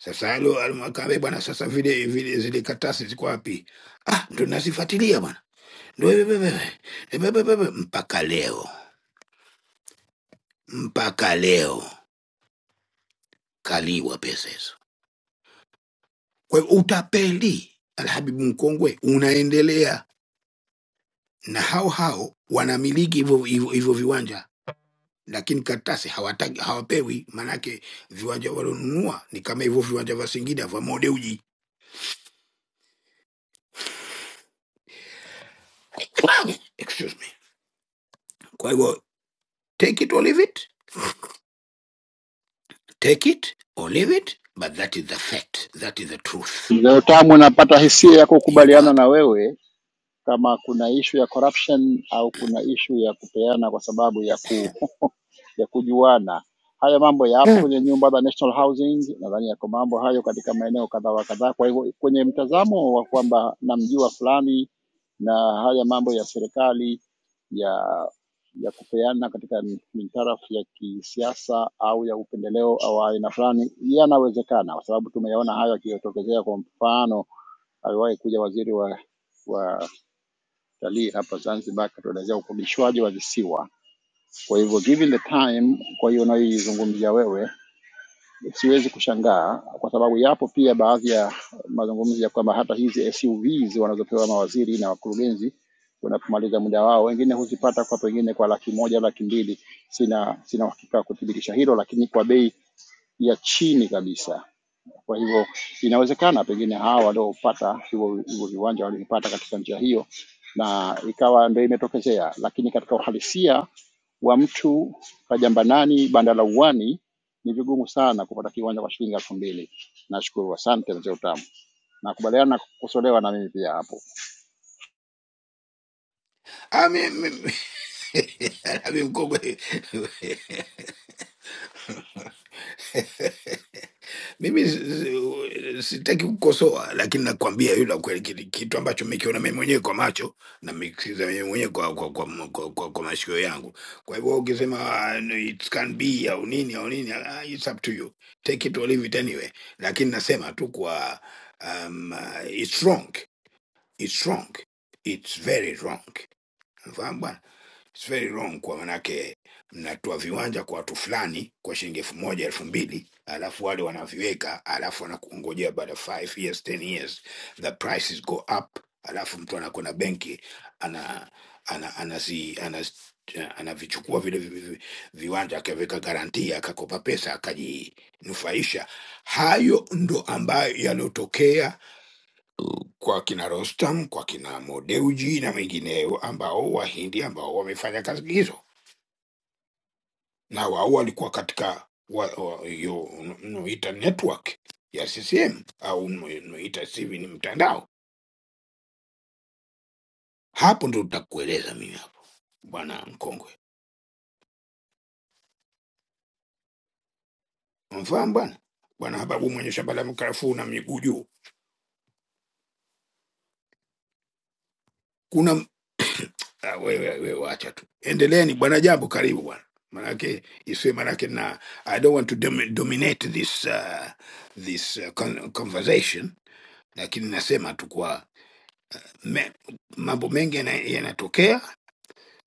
G: sasa alo almakabe bwana sasa vile vile zile katasi ziko wapi ah ndo nazifuatilia bwana ndo wewe wewe wewe, wewe, wewe. mpaka leo mpaka leo kaliwa pesa hizo kwa hiyo utapeli alhabibu mkongwe unaendelea na hao hao wanamiliki hivyo hivyo hivyo viwanja lakini karatasi hawataki hawapewi maanake viwanja walionunua ni kama hivyo viwanja vya singida vya modeuji Excuse me. Kwa hivyo, take it or leave it, take it or leave it, but that is the fact, that is the truth.
H: Mzee Utamu, napata hisia ya
G: Yuko
H: kukubaliana
G: hapa.
H: na wewe kama kuna ishu ya corruption au kuna ishu ya kupeana kwa sababu ya ku ya kujuana. Haya mambo yapo
G: Mm.
H: kwenye nyumba za National Housing, nadhani yako mambo hayo katika maeneo kadhaa wa kadhaa. Kwa hivyo kwenye mtazamo wa kwamba namjua fulani na haya mambo ya serikali ya ya kupeana katika mintarafu ya kisiasa au ya upendeleo au aina fulani yanawezekana, kwa sababu tumeyaona hayo yakitokezea. Kwa mfano, aliwahi kuja waziri wa wa utalii hapa Zanzibar, katuelezea ukodishwaji wa visiwa. Kwa hivyo given the time, kwa hiyo unayoizungumzia wewe, siwezi kushangaa kwa sababu yapo pia baadhi ya mazungumzo ya kwamba hata hizi SUVs wanazopewa mawaziri na wakurugenzi wanapomaliza muda wao, wengine huzipata kwa pengine kwa laki moja laki mbili. Sina sina uhakika wa kuthibitisha hilo, lakini kwa bei ya chini kabisa. Kwa hivyo inawezekana pengine hawa waliopata hivyo hivyo viwanja walivipata katika njia hiyo, na ikawa ndio imetokezea. Lakini katika uhalisia wa mtu Kajambanani, Bandalauwani, ni vigumu sana kupata kiwanja kwa shilingi elfu mbili. Nashukuru, asante mzee Utamu. Nakubaliana na kukosolewa na mimi pia hapo.
G: I mean, I mean, go Mkongwe. Mimi si- si- sitaki kukosoa, lakini nakwambia yule la kweli, kile kitu ambacho nimekiona mimi mwenyewe kwa macho na nimekisikiza mimi mwenyewe kwa, kwa, kwa, kwa, kwa, kwa mashikio yangu. Kwa hivyo ukisema ah, no, it can be au nini au nini, ah, it's up to you, take it or leave it anyway. Lakini nasema tu kwa um, ah, it's wrong, it's wrong, it's very wrong. Unafahamu bwana? It's very wrong kwa manake mnatoa viwanja kwa watu fulani kwa shilingi elfu moja elfu mbili alafu wale wanaviweka, alafu wanakungojea baada ya five years ten years the prices go up, alafu mtu anakwenda benki ana ana anazi anaz, anavichukua vile vi- vi- viwanja akaviweka garantia akakopa pesa akajinufaisha. Hayo ndo ambayo yaliyotokea kwa kina Rostam, kwa kina Modeuji na wengineo ambao Wahindi ambao wamefanya kazi hizo, na wao walikuwa katika wa- wa- hiyo unaoita network ya CCM au uno- unaoita sivi ni mtandao. Hapo ndo nitakueleza mimi hapo, bwana mkongwe, mfahamu bwana bwana Hababu mwenye shamba la mkarafuu na miguu juu kuna Ah, wewe wewe wacha tu endeleeni bwana jambo karibu bwana manake isiwe manake na i don't want to dom dominate this uh, this uh, con conversation lakini nasema tu kwa me, mambo mengi yana- yanatokea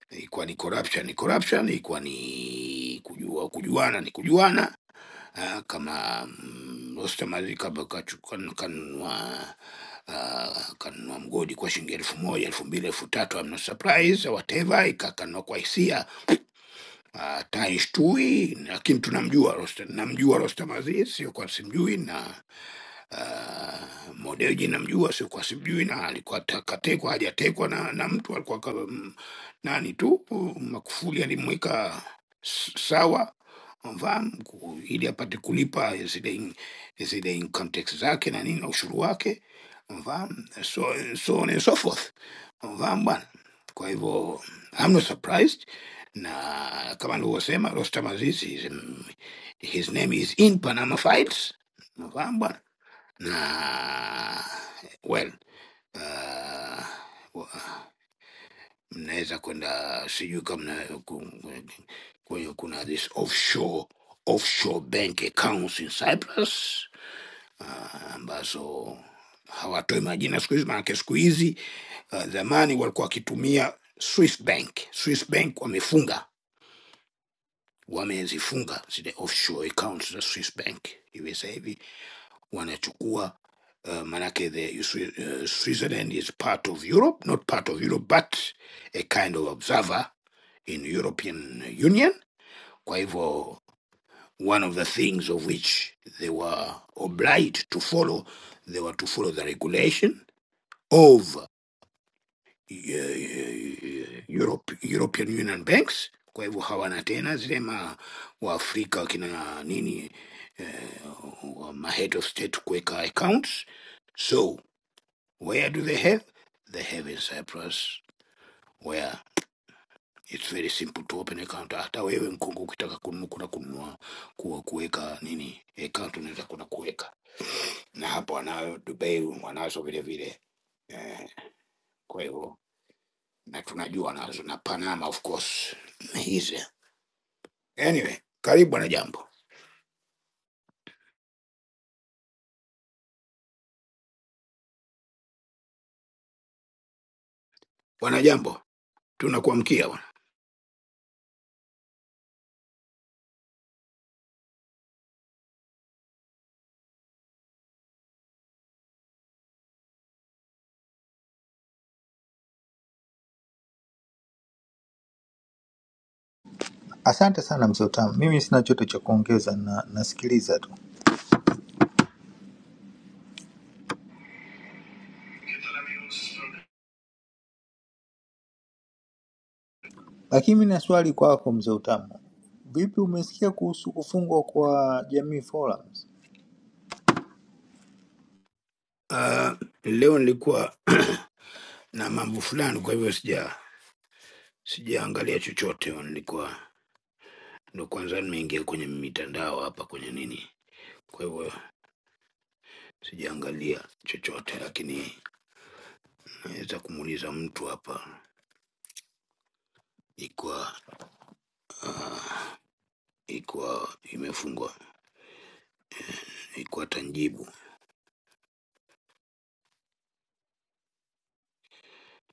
G: ikuwa ni corruption ni corruption ikuwa ni kujua kujuana ni kujuana Ah, kama mm, Ostamali kaba kachukan- kanunua ah, kanunua mgodi kwa shilingi elfu moja elfu mbili elfu tatu amna surprise whatever, ikakanua kwa hisia Ah, taishtui lakini tunamjua Rostam, namjua Rostam Aziz, sio kwa simjui na uh, Modeji namjua, sio kwa simjui, na alikuwa ta- katekwa hajatekwa na, na mtu alikuwa ka, m, nani tu uh, Magufuli alimweka s- sawa mfahamu ku- ili apate kulipa zile in- zile income tax zake na nini na ushuru wake mfahamu, so, so on and so forth mfahamu bwana. Kwa hivyo I'm not surprised na kama nilivyosema Rostam Aziz is, his name is in Panama Files, unafahamu bwana na well uh, wa- mnaweza kwenda sijui kama mna- ku- kwenye kuna this offshore offshore bank accounts in Cyprus uh, ambazo hawatoi majina siku hizi, maanake siku hizi uh, zamani walikuwa wakitumia Swiss bank. Swiss bank wamefunga wamezifunga zile offshore accounts za Swiss Bank hivi sasa hivi wanachukua uh, manake the uh, Switzerland is part of Europe, not part of Europe but a kind of observer in European Union. Kwa hivyo one of the things of which they were obliged to follow, they were to follow the regulation of eh, eh, eh, Europe, European Union Banks. Kwa hivyo hawana tena zile ma waafrika wakina nini eh, wa ma head of state kuweka accounts. So where do they have? They have in Cyprus where it's very simple to open account. Hata wewe mkungu ukitaka kununua kuna kununua kuwa kuweka nini account unaweza kuna kuweka, na hapo wanayo Dubai wanazo vile vile eh, kwa hivyo na tunajua nazo na Panama of course hizi. Anyway, karibu bwana Jambo. Bwana Jambo, tunakuamkia bwana.
I: Asante sana mzee Utamu, mimi sina chote cha kuongeza na nasikiliza tu, lakini mimi na swali kwako mzee Utamu. Vipi, umesikia kuhusu kufungwa kwa Jamii Forums?
G: Ah, leo nilikuwa na mambo fulani, kwa hivyo sija sijaangalia chochote bwana. Nilikuwa ndo kwanza nimeingia kwenye mitandao hapa kwenye nini, kwa hivyo sijaangalia chochote, lakini naweza kumuuliza mtu hapa ikwa uh, ikwa imefungwa ikwa tanjibu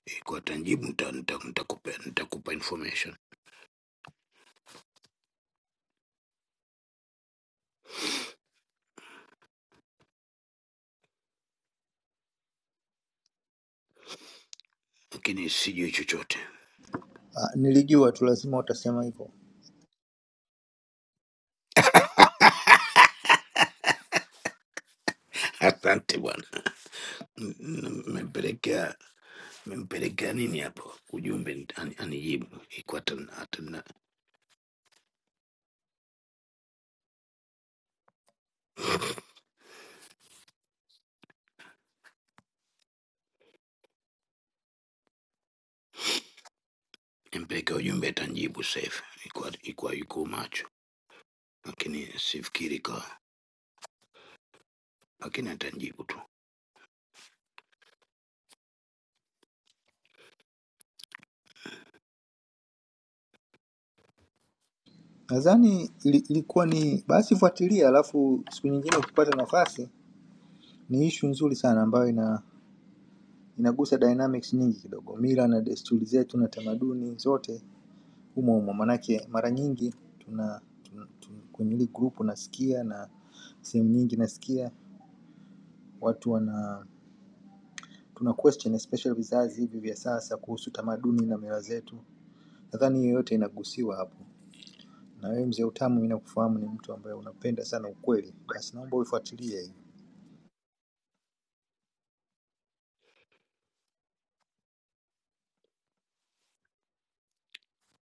G: ikwa tanjibu nitakupa nita, nita nitakupa information lakini sijui chochote.
I: Ah, nilijua tu lazima utasema hivyo.
G: Asante bwana, M- m- mmempelekea mmempelekea nini hapo ujumbe? nita- ani- Anijibu iko atana nimpelekea ujumbe, atanijibu safe, iko iko yuko macho, lakini sifikiri kwa, lakini atanijibu tu.
I: Nadhani ili- ilikuwa ni basi, fuatilia, alafu siku nyingine ukipata nafasi. Ni ishu nzuri sana ambayo ina inagusa dynamics nyingi kidogo, mila na desturi zetu na tamaduni zote humo humo, manake mara nyingi tuna, tuna, tuna kwenye hili grupu nasikia na sehemu nyingi nasikia watu wana tuna question especially vizazi hivi vya sasa kuhusu tamaduni na mila zetu. Nadhani hiyo yote inagusiwa hapo. Na wewe mzee Utamu, mimi nakufahamu ni mtu ambaye unapenda sana ukweli, basi naomba uifuatilie hiyo.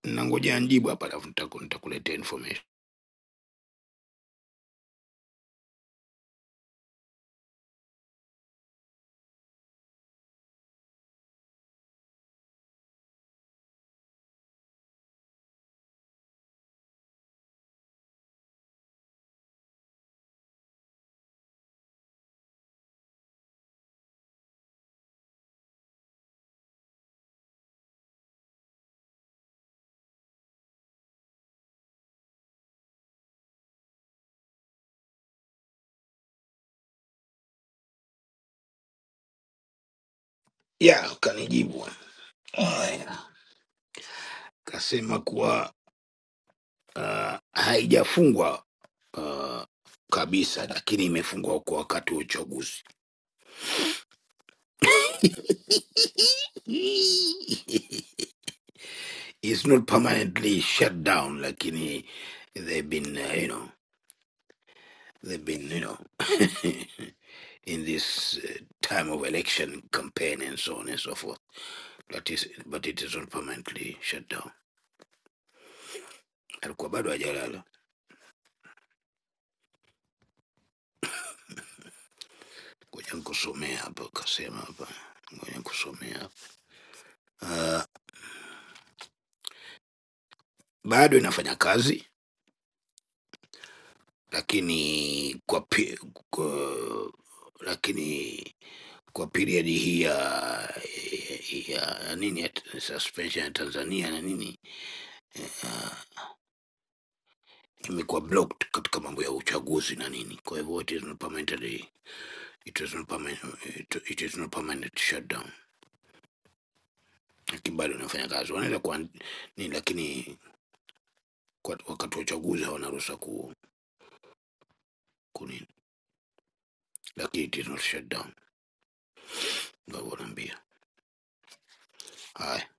G: Nangoja anijibu hapa, alafu nitaku- nitakuletea information. Ya, kanijibu haya, kasema kuwa uh, haijafungwa uh, kabisa, lakini imefungwa kwa wakati wa uchaguzi. it's not permanently shut down like in a- they've been uh, you know they've been you know in this uh, time of election campaign and so on and so forth that is but it is not permanently shut down alikuwa bado hajalala ngoja nikusomea hapa kasema hapa ngoja nikusomea hapa. Uh, bado inafanya kazi lakini kwa, pi- kwa lakini kwa period hii ya, ya, ya nini ya t- suspension ya Tanzania na nini uh, imekuwa blocked katika mambo ya uchaguzi na nini, kwa hivyo it is not permanently it is not permanent it, it is not permanent shutdown, lakini bado inafanya kazi, wanaweza kuwa nini, lakini kwa, wakati wa uchaguzi hawana ruhusa ku kunini, lakini it is not shut down, ndio wanaambia. Haya,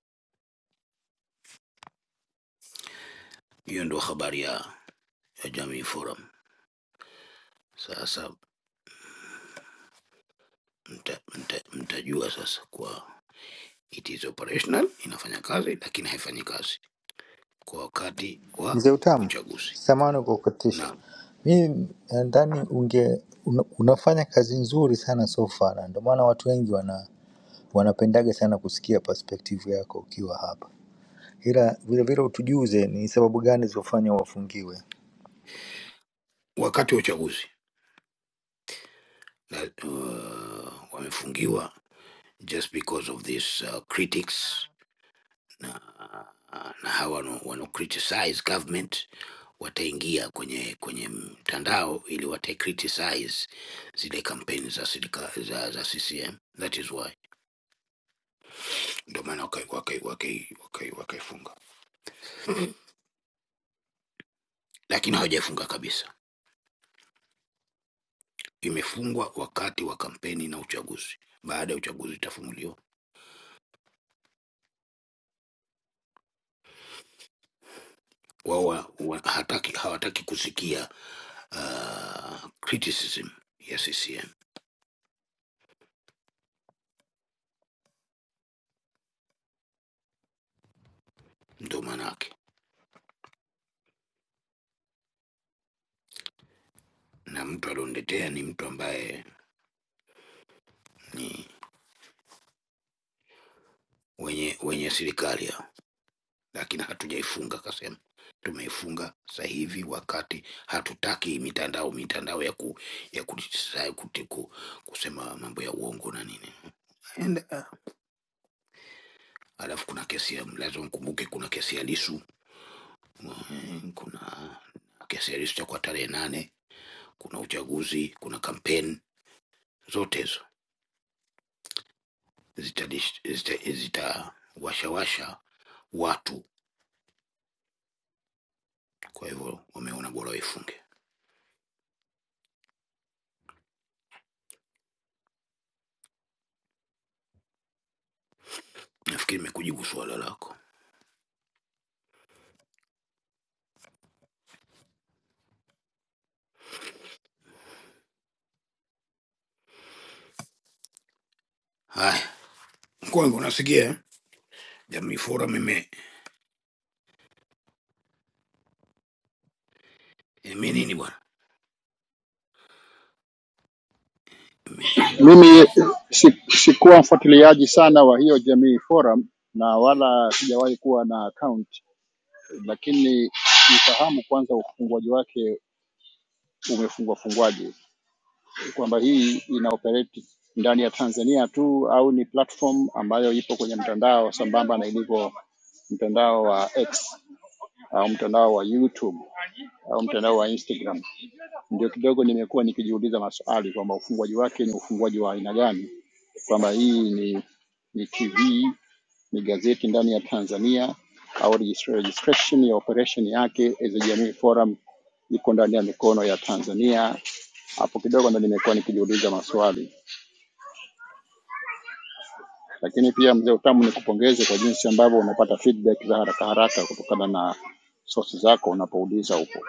G: hiyo ndio habari ya, ya Jamii Forum. Sasa mta, mta, mtajua sasa kuwa it is operational, inafanya kazi lakini haifanyi kazi kwa wakati wa
I: Mzee Utamu,
G: uchaguzi,
I: samahani kwa kukatisha.
G: na
I: Mimi nadhani unge una, unafanya kazi nzuri sana so far, na ndio maana watu wengi wana wanapendaga sana kusikia perspective yako ukiwa hapa, ila vilevile utujuze ni sababu gani zilizofanya wafungiwe.
G: wakati wa uchaguzi na, uh, wamefungiwa just because of this uh, critics na uh, na hawa wano, wano criticize government wataingia kwenye kwenye mtandao ili wata criticize zile kampeni za, serika- za, za CCM. That is why ndio maana wakaifunga waka, waka, waka, waka wakaifunga. lakini hawajaifunga kabisa. Imefungwa wakati wa kampeni na uchaguzi. Baada ya uchaguzi itafunguliwa. Wao wa- wa- hataki hawataki kusikia uh, criticism ya CCM, ndio maana yake. Na mtu alioniletea ni mtu ambaye ni wenye wenye serikali hao, lakini hatujaifunga kasema tumeifunga sasa hivi wakati hatutaki mitandao mitandao ya ku, ya ku, ku, ku, kusema mambo ya uongo na nini and uh, alafu kuna kesi ya lazima mkumbuke, kuna kesi ya Lisu, mm, kuna kesi ya Lisu cha kwa tarehe nane, kuna uchaguzi, kuna kampeni, zote hizo zitawashawasha zita, zita zitawashawasha watu. Kwa hivyo wameona bora waifunge. Nafikiri nimekujibu suala lako. Haya, mkwangu, unasikia eh? Jamii Forum ime ime nini bwana, ime, ime
H: Mimi si, sikuwa mfuatiliaji sana wa hiyo Jamii Forum na wala sijawahi kuwa na account, lakini nifahamu kwanza ufunguaji wake umefungwa fungwaje, kwamba hii ina operate ndani ya Tanzania tu au ni platform ambayo ipo kwenye mtandao sambamba na ilivyo mtandao wa X au mtandao wa YouTube au mtandao wa Instagram. Ndio kidogo nimekuwa nikijiuliza maswali kwamba ufunguaji wake ni ufunguaji wa aina gani, kwamba hii ni, ni TV ni gazeti ndani ya Tanzania au registra- registration ya operation yake as a Jamii Forum iko ndani ya mikono ya Tanzania. Hapo kidogo ndo nimekuwa nikijiuliza maswali, lakini pia mzee Utamu, nikupongeze kwa jinsi ambavyo unapata feedback za haraka haraka kutokana na source zako unapouliza huko.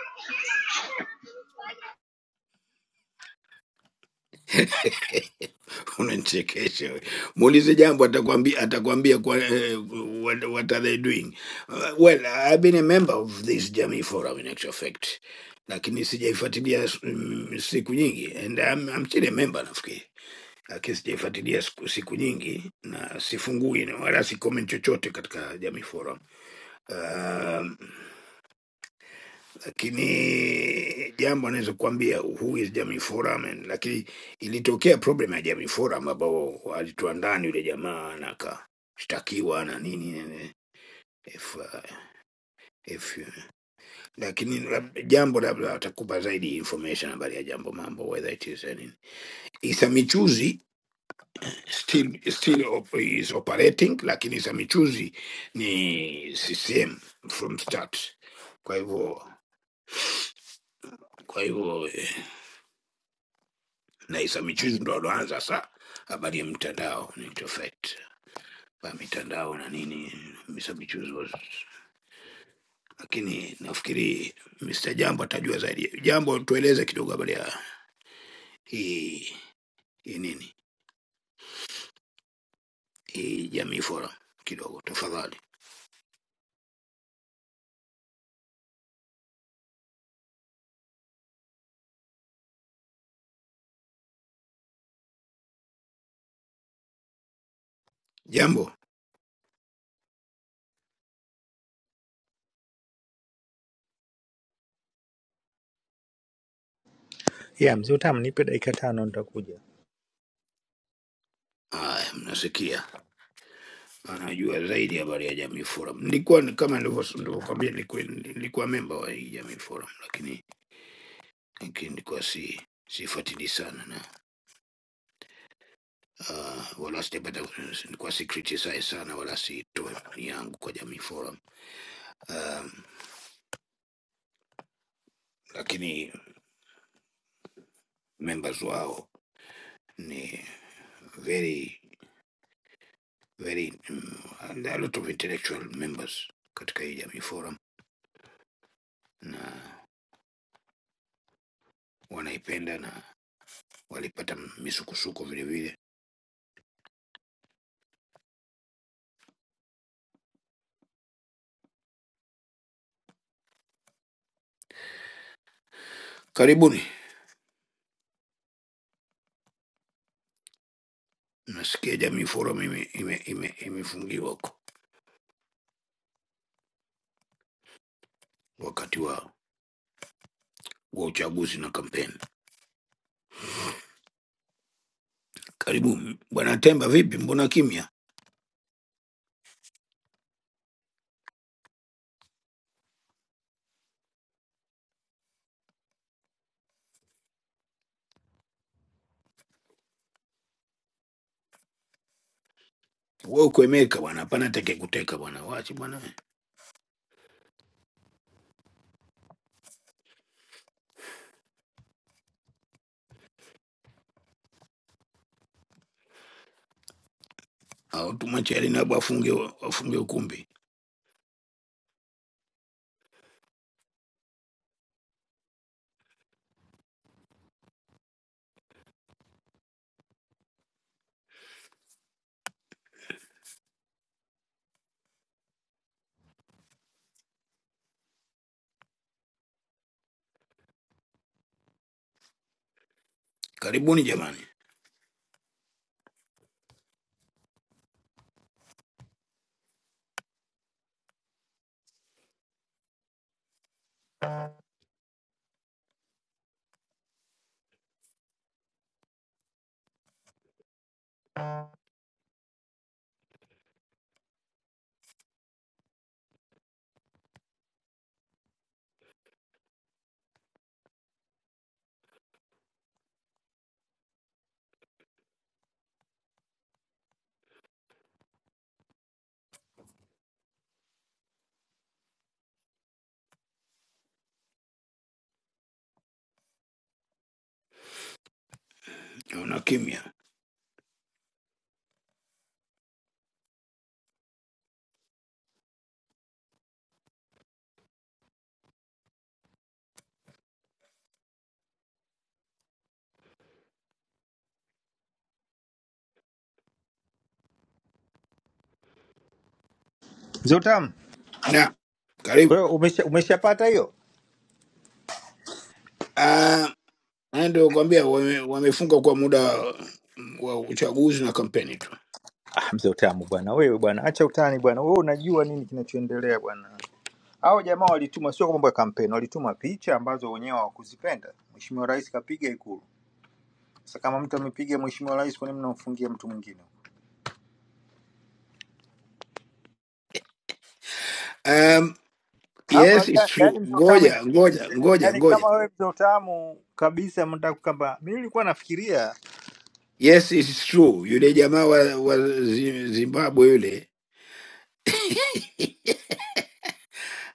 G: Unanichekesha wewe. Muulize jambo atakwambia atakwambia kwa eh, what, what are they doing? Uh, well, I've been a member of this Jamii Forum in actual fact. Lakini sijaifuatilia s- mm, siku nyingi and I'm, I'm still a member nafikiri. Lakini sijaifuatilia siku, siku nyingi na sifungui na wala si comment chochote katika Jamii Forum. Um, lakini jambo anaweza kukwambia who is Jamii Forum, and- lakini ilitokea problem ya Jamii Forum ambao walitoa ndani yule jamaa na akashtakiwa na nini nini, if, uh, if, uh, lakini lab- jambo labda atakupa zaidi information habari ya jambo mambo whether it is any. Issa Michuzi still, still op, is operating, lakini Issa Michuzi ni CCM from start, kwa hivyo kwa hivyo eh, na Isa Michuzi ndo aloanza saa habari ya mtandao ni Tofet pa mitandao na nini Isa Michuzi was, lakini nafikiri Mr. Jambo atajua zaidi. Jambo, tueleze kidogo habari ya hii hii nini hii Jamii Forum kidogo tafadhali. Jambo,
I: Yeah, mzee Utamu, nipe dakika tano nitakuja.
G: haya, mnasikia, anajua zaidi habari ya Jamii Forum. Nilikuwa ni- kama nilivyo- nilivyokwambia, nilikuwa nilikuwa memba wa hii Jamii Forum, lakini lakini nilikuwa si sifuatili sana na Ah, wala sijapata kwa sikritisae sana wala siitoe maoni yangu kwa Jamii Forum. Um, lakini members wao ni very very mm, and a lot of intellectual members katika hii Jamii Forum na wanaipenda na walipata misukosuko vile vile. Karibuni, nasikia Jamii Forum ime, ime, ime, imefungiwa huko wakati wa wa uchaguzi na kampeni. Karibu bwana Temba, vipi? Mbona kimya? wewe kuemeka bwana, hapana teke kuteka bwana, wache bwana, au tumwache Alinabu afunge afunge ukumbi. Karibuni jamani, una kimya
I: Mzee Utamu,
G: na
I: kwa
G: karibu.
I: hiyo umesha- umeshapata hiyo?
G: Ah, haya ndio kuambia wame, wamefunga kwa muda mm, wa uchaguzi na kampeni tu.
I: Ah, mzee Utamu bwana, wewe bwana, acha utani bwana, wewe unajua nini kinachoendelea bwana. Hao jamaa walituma, sio kwa mambo ya kampeni, walituma picha ambazo wenyewe hawakuzipenda. Mheshimiwa Rais kapiga Ikulu. Sasa kama mtu amepiga Mheshimiwa Rais, kwa nini mnamfungia mtu mwingine?
G: Um,
I: Hapo
G: yes it's
I: unajua,
G: true.
I: yani mzee Utamu
G: Ngoja ngoja
I: inasikitisha,
G: ngoja
I: yani
G: ngoja,
I: kama wewe mzee Utamu kabisa, mnataka kwamba mimi nilikuwa nafikiria
G: yes it's true. Yule jamaa wa, wa Zi- Zimbabwe yule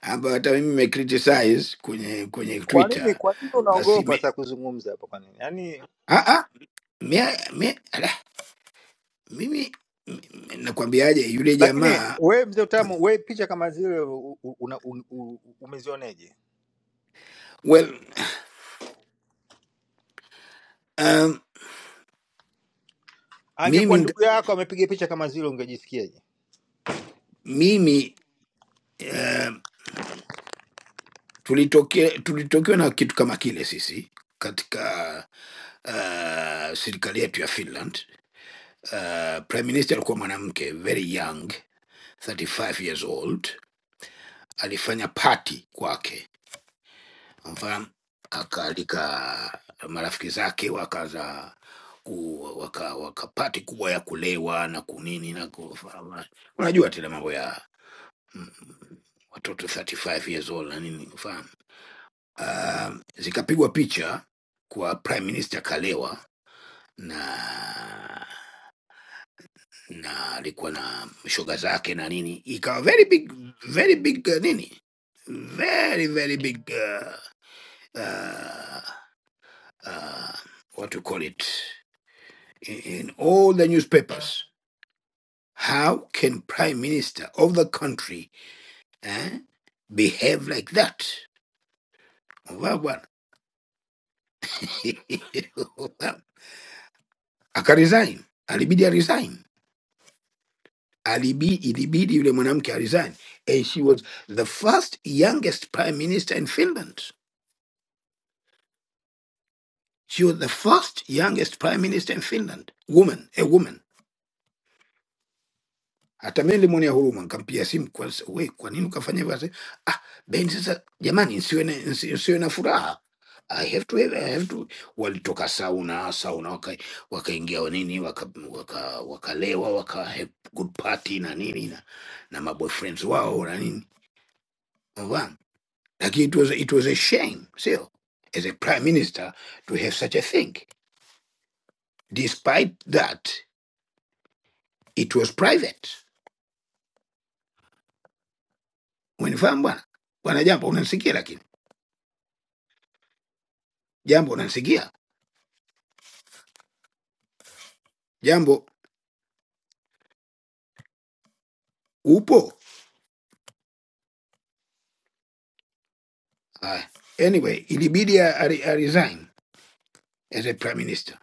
G: ambayo hata mimi nimecriticize kwenye kwenye
I: kwa nini,
G: Twitter,
I: kwa nini
G: basi
I: unaogopa
G: me,
I: sasa kuzungumza hapa? Kwa nini yani
G: ah ah Mia, mia, ala, mimi mi- nakwambiaje yule
I: Lakini
G: jamaa
I: wewe mzee utamu, wewe picha kama zile u- u- una- u- u- umezioneje?
G: well, um,
I: Angekuwa
G: mimi nga-
I: ndugu yako amepiga picha kama zile ungejisikiaje?
G: mimi um, tulitokea tulitokewa na kitu kama kile sisi katika uh, serikali yetu ya Finland. Uh, prime minister alikuwa mwanamke very young 35 years old, alifanya party kwake mfahamu akaalika marafiki zake wakaza ku- waka, waka pati kubwa ya kulewa na kunini na kufahamu. unajua tena mambo ya mm, watoto 35 years old na nini ufahamu Ah, zikapigwa picha kwa prime minister kalewa na na alikuwa na shoga zake na nini ikawa very big very big uh, nini very very big uh, uh, uh, what to call it, in, in all the newspapers. How can prime minister of the country eh, behave like that? Well, well, akaresign. Alibidi resign. Alibi, ilibidi yule mwanamke resign. And she was the first youngest prime minister in Finland. She was the first youngest prime minister in Finland. Woman, a woman. Hata mimi nilimwonea huruma, nikampigia simu kwanza, we, kwa nini ukafanya hivyo? Akasema, Ah, Ben, sasa jamani, nsiwe na, nsi- nsiwe na furaha I have to, have, I have to. Walitoka sauna sauna waka- wakaingia waka nini wakalewa waka, waka wakalewa, waka have good party na nini na, na maboyfriends wao na nini Unafahamu? lakini it was, it was a shame sio as a prime minister to have such a thing despite that it was private. Umenifahamu bwana bwana, jambo unanisikia, lakini jambo unanisikia jambo upo Aya. anyway ilibidi a- a- a resign as a prime minister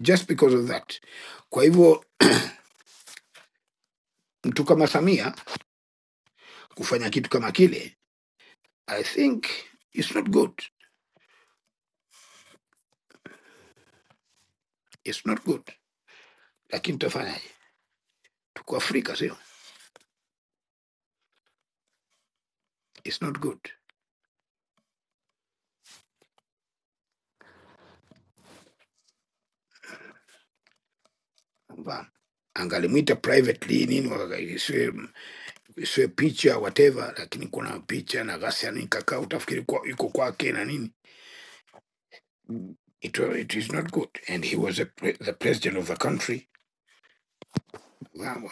G: just because of that kwa hivyo mtu kama samia kufanya kitu kama kile i think it's not good it's not good lakini tutafanyaje tuko afrika sio it's not good Unafahamu? angalimwita privately nini waka- isiwe isiwe picha whatever lakini kuna picha na ghasia nini kakaa utafikiri kwa, iko kwake na nini It, wa- it is not good. And he was a pre- the president of the country. Wow.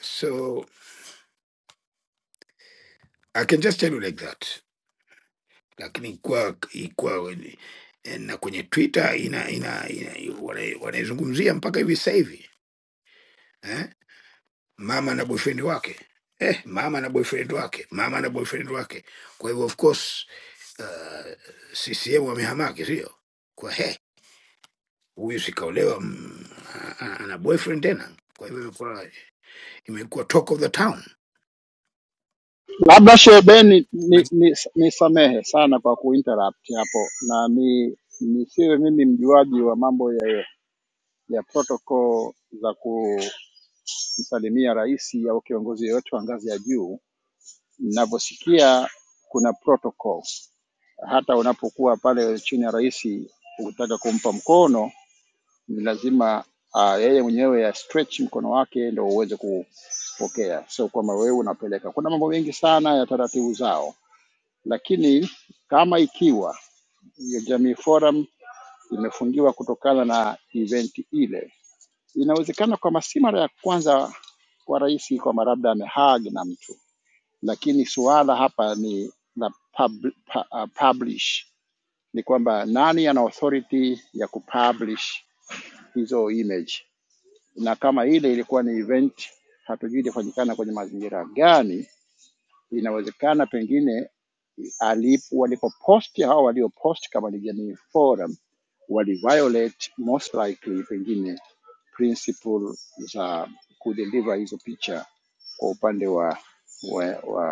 G: So I can just tell you like that. Lakini kwa, kwa eh, na kwenye Twitter ina ina, ina wana- wanaizungumzia mpaka hivi sasa hivi eh? Mama na boyfriend wake eh, mama na boyfriend wake, mama na boyfriend wake. Kwa hivyo of course uh, CCM wamehamaki, sio kwa he huyu sikaolewa mm, a- a- ana boyfriend tena. Kwa hivyo imekuwa imekuwa talk of the town.
H: Labda Shebeni ni, ni, ni samehe sana kwa kuinterrupt hapo na ni nisiwe mimi mjuaji wa mambo ya ya protocol za kumsalimia rais au kiongozi yoyote wa ngazi ya juu. Ninavyosikia kuna protocol, hata unapokuwa pale chini ya rais ukitaka kumpa mkono ni lazima uh, yeye mwenyewe ya stretch mkono wake ndo uweze kupokea, sio kwamba wewe unapeleka. Kuna mambo mengi sana ya taratibu zao, lakini kama ikiwa hiyo Jamii Forum imefungiwa kutokana na event ile, Inawezekana kwamba si mara ya kwanza kwa rais kwamba labda amehag na mtu, lakini suala hapa ni la pub, pa, uh, publish, ni kwamba nani ana authority ya kupublish hizo image, na kama ile ilikuwa ni event, hatujui ilifanyikana kwenye mazingira gani. Inawezekana pengine alipo, walipoposti hao walioposti kama ni Jamii Forum waliviolate most likely pengine principle za kudeliver hizo picha kwa upande wa wa, wa,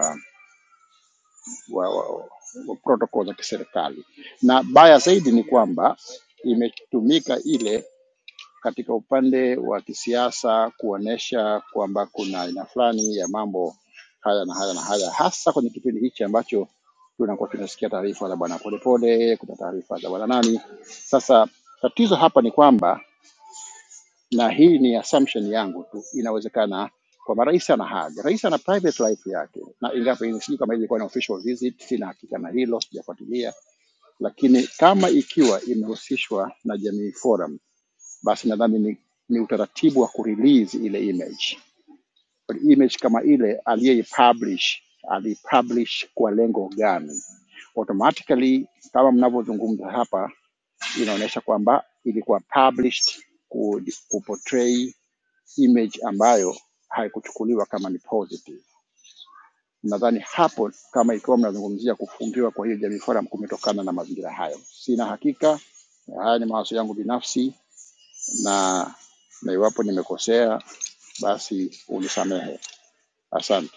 H: wa, wa, wa protocol za kiserikali, na baya zaidi ni kwamba imetumika ile katika upande wa kisiasa kuonesha kwamba kuna aina fulani ya mambo haya na haya na haya, hasa kwenye kipindi hichi ambacho tunakuwa tunasikia taarifa za bwana Polepole, kuna taarifa za bwana nani. Sasa tatizo hapa ni kwamba, na hii ni assumption yangu tu, inawezekana kwamba rais ana haja, rais ana private life yake, na ingawa pengine sijui kama ilikuwa ni official visit, sina hakika na hilo, sijafuatilia, lakini kama ikiwa imehusishwa na Jamii Forum basi nadhani ni, ni utaratibu wa kurelease ile image. But image kama ile aliyeipublish alipublish kwa lengo gani? Automatically kama mnavyozungumza hapa, inaonyesha kwamba ilikuwa published ku, kuportray image ambayo haikuchukuliwa kama ni positive. Nadhani hapo kama ikiwa mnazungumzia kufungiwa kwa hiyo Jamii Forum kumetokana na mazingira hayo. Sina hakika, haya ni mawazo yangu binafsi na na iwapo nimekosea basi unisamehe. Asante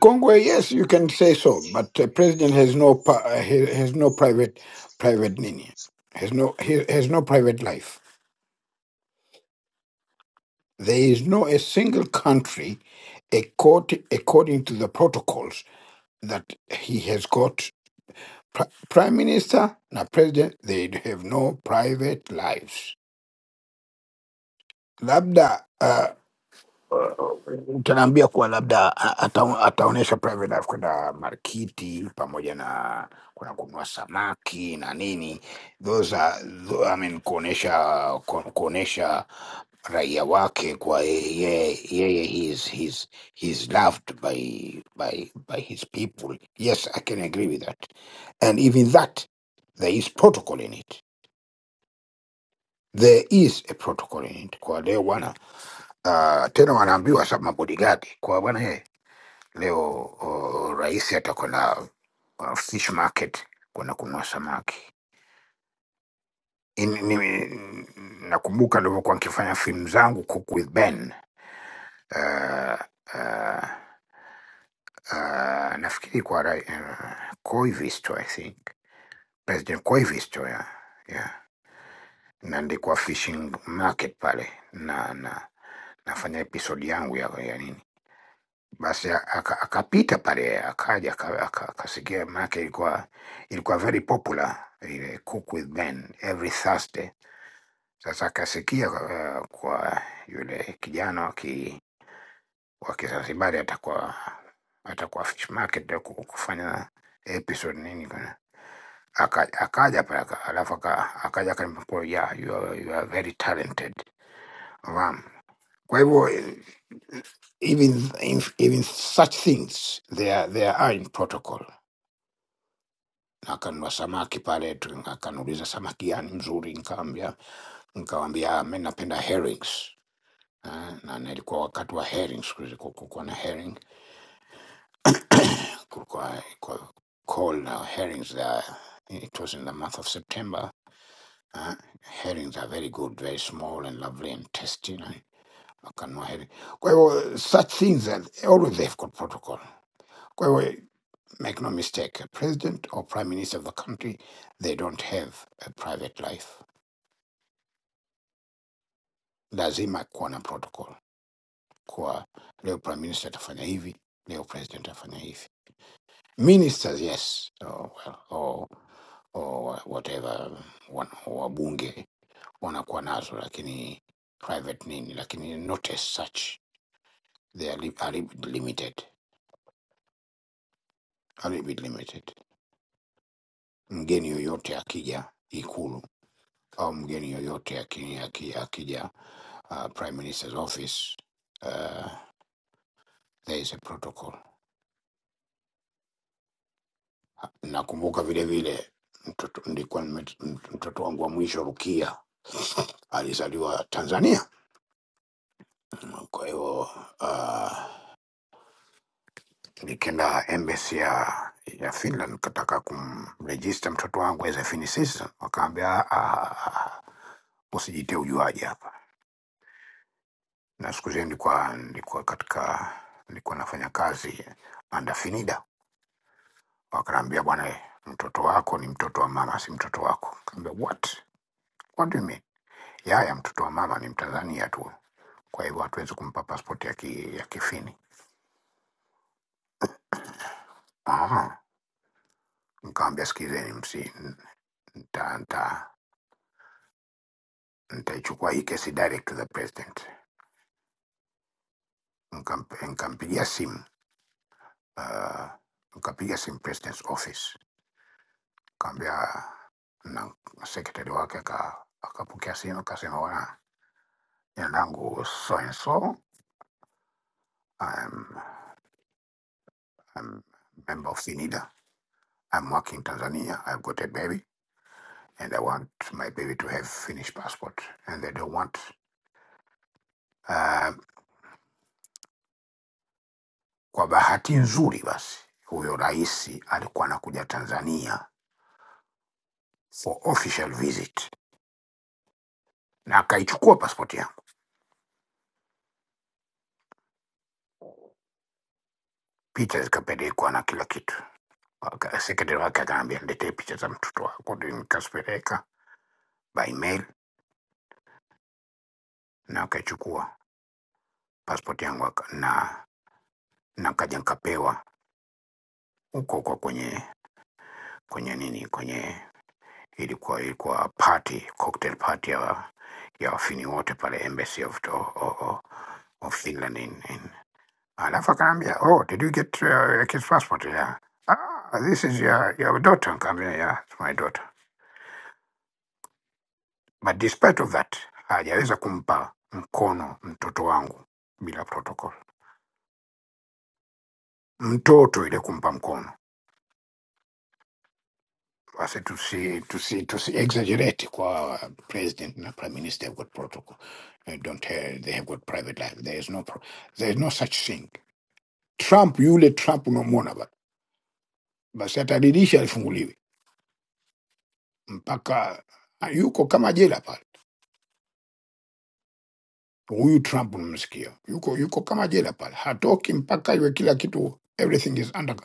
G: Congo, yes, you can say so, but the president has no pa- uh, he has no private private nini, has no he has no private life. There is no a single country, according according to the protocols that he has got pri- prime minister na president. They have no private lives. Labda uh, utaniambia kuwa labda a- ata, ataonyesha private life kwenda markiti pamoja na kuna kununua samaki na nini those are, tho- I mean, kuonyesha ku- kuonyesha raia wake kwa yeye yeye he is he is- he is loved by by by his people yes i can agree with that and even that there is protocol in it there is a protocol in it. Kwa leo bwana uh, tena wanaambiwa sa mabodigadi kwa bwana ye leo uh, rais atakwenda uh, fish market kwenda kununua samaki. In, ni, ni- nakumbuka nilivyokuwa nikifanya filamu zangu Cook with Ben uh, uh, uh, nafikiri kwa ra- uh, Koivisto I think President Koivisto yeah. yeah. na ndikuwa fishing market pale na na nafanya episode yangu ya, ya nini basi a- aka- akapita pale akaja aka- aka- akasikia maake ilikuwa ilikuwa very popular ile cook with ben every thursday sasa akasikia uh, kwa yule kijana wa ki- wa kizanzibari atakuwa atakuwa fish market ya ku- kufanya episode nini kana Aka- akaja pale aka- alafu aka- akaja akaniambia ya you are, you are very talented Ram. Kwa hivyo eh, even, even such things they are, they are in protocol. Akanunua samaki pale, tu- akaniuliza samaki gani mzuri, nikamwambia nikawambia mi napenda herrings eh, na nilikuwa wakati wa herrings, kulikuwa kulikuwa na herring kulikuwa kulikuwa call na herrings there. It was in the month of September. eh. herrings are very good, very small and lovely and tasty. Na akanunua herring. Kwa hivyo such things are, always they've got protocol. Kwa hivyo Make no mistake, a president or prime minister of the country, they don't have a private life. Lazima kuwa na protocol. Kwa leo prime minister atafanya hivi, leo president atafanya hivi. Ministers, yes, or, well, or, or whatever, wana- wabunge wanakuwa nazo, lakini private nini, lakini not as such. They are a little bit limited, a little bit limited. Mgeni yoyote akija ikulu au mgeni yoyote aki- aki- akija uh, Prime Minister's office uh, there is a protocol. Nakumbuka vile vile mtoto, nilikuwa nimet- mt- mtoto wangu wa mwisho Rukia alizaliwa Tanzania, kwa hiyo uh, nikaenda embassy ya ya Finland kataka kumregister mtoto wangu as a Finnish citizen, wakaambia "Ah, ah, ah, ah, usijite ujuaji hapa. na siku zile nilikuwa nilikuwa katika nilikuwa nafanya kazi andafinida wakanaambia bwana eh, mtoto wako ni mtoto wa mama si mtoto wako kaambia what what do you mean yaya mtoto wa mama ni mtanzania tu kwa hivyo hatuwezi kumpa passport ya, ki, ya kifini Aha. nikawambia sikizeni msi nta- nta- nitaichukua hii kesi direct to the president Nikamp- nikampigia simu uh, nikapiga simu president's office kaambia na sekretari wake aka- akapokea simu akasema, bwana, jina langu so and so, I'm, I'm member of SINIDA, I'm working in Tanzania, I've got a baby and I want my baby to have Finnish passport and they don't want uh, kwa bahati nzuri basi huyo rais alikuwa anakuja Tanzania for official visit na akaichukua pasipoti yangu, picha zikapelekwa na kila kitu. Waka- Secretary wake akaambia niletee picha za mtoto wako, ndio nikazipeleka by mail na akachukua passport yangu aka- na na kaja nikapewa huko huko kwenye kwenye nini kwenye ilikuwa ilikuwa party cocktail party ya ya wafini wote pale embassy of, of, of, of Finland in, in. Alafu akaambia oh, did you get uh, your kid's passport? Yeah. Ah, this is your, your daughter. Nikaambia yeah, it's my daughter. But despite of that, hajaweza kumpa mkono mtoto wangu bila protocol. Mtoto ile kumpa mkono. Basi tusi, tusi, tusi exaggerate kwa president na prime minister have got protocol. They don't have, they have got private life. There is no, pro, there is no such thing. Trump yule Trump unamwona ba. Basi ataridisha alifunguliwe mpaka yuko kama jela pale. Huyu Trump unamsikia yuko yuko kama jela pale, hatoki mpaka iwe kila kitu, everything is under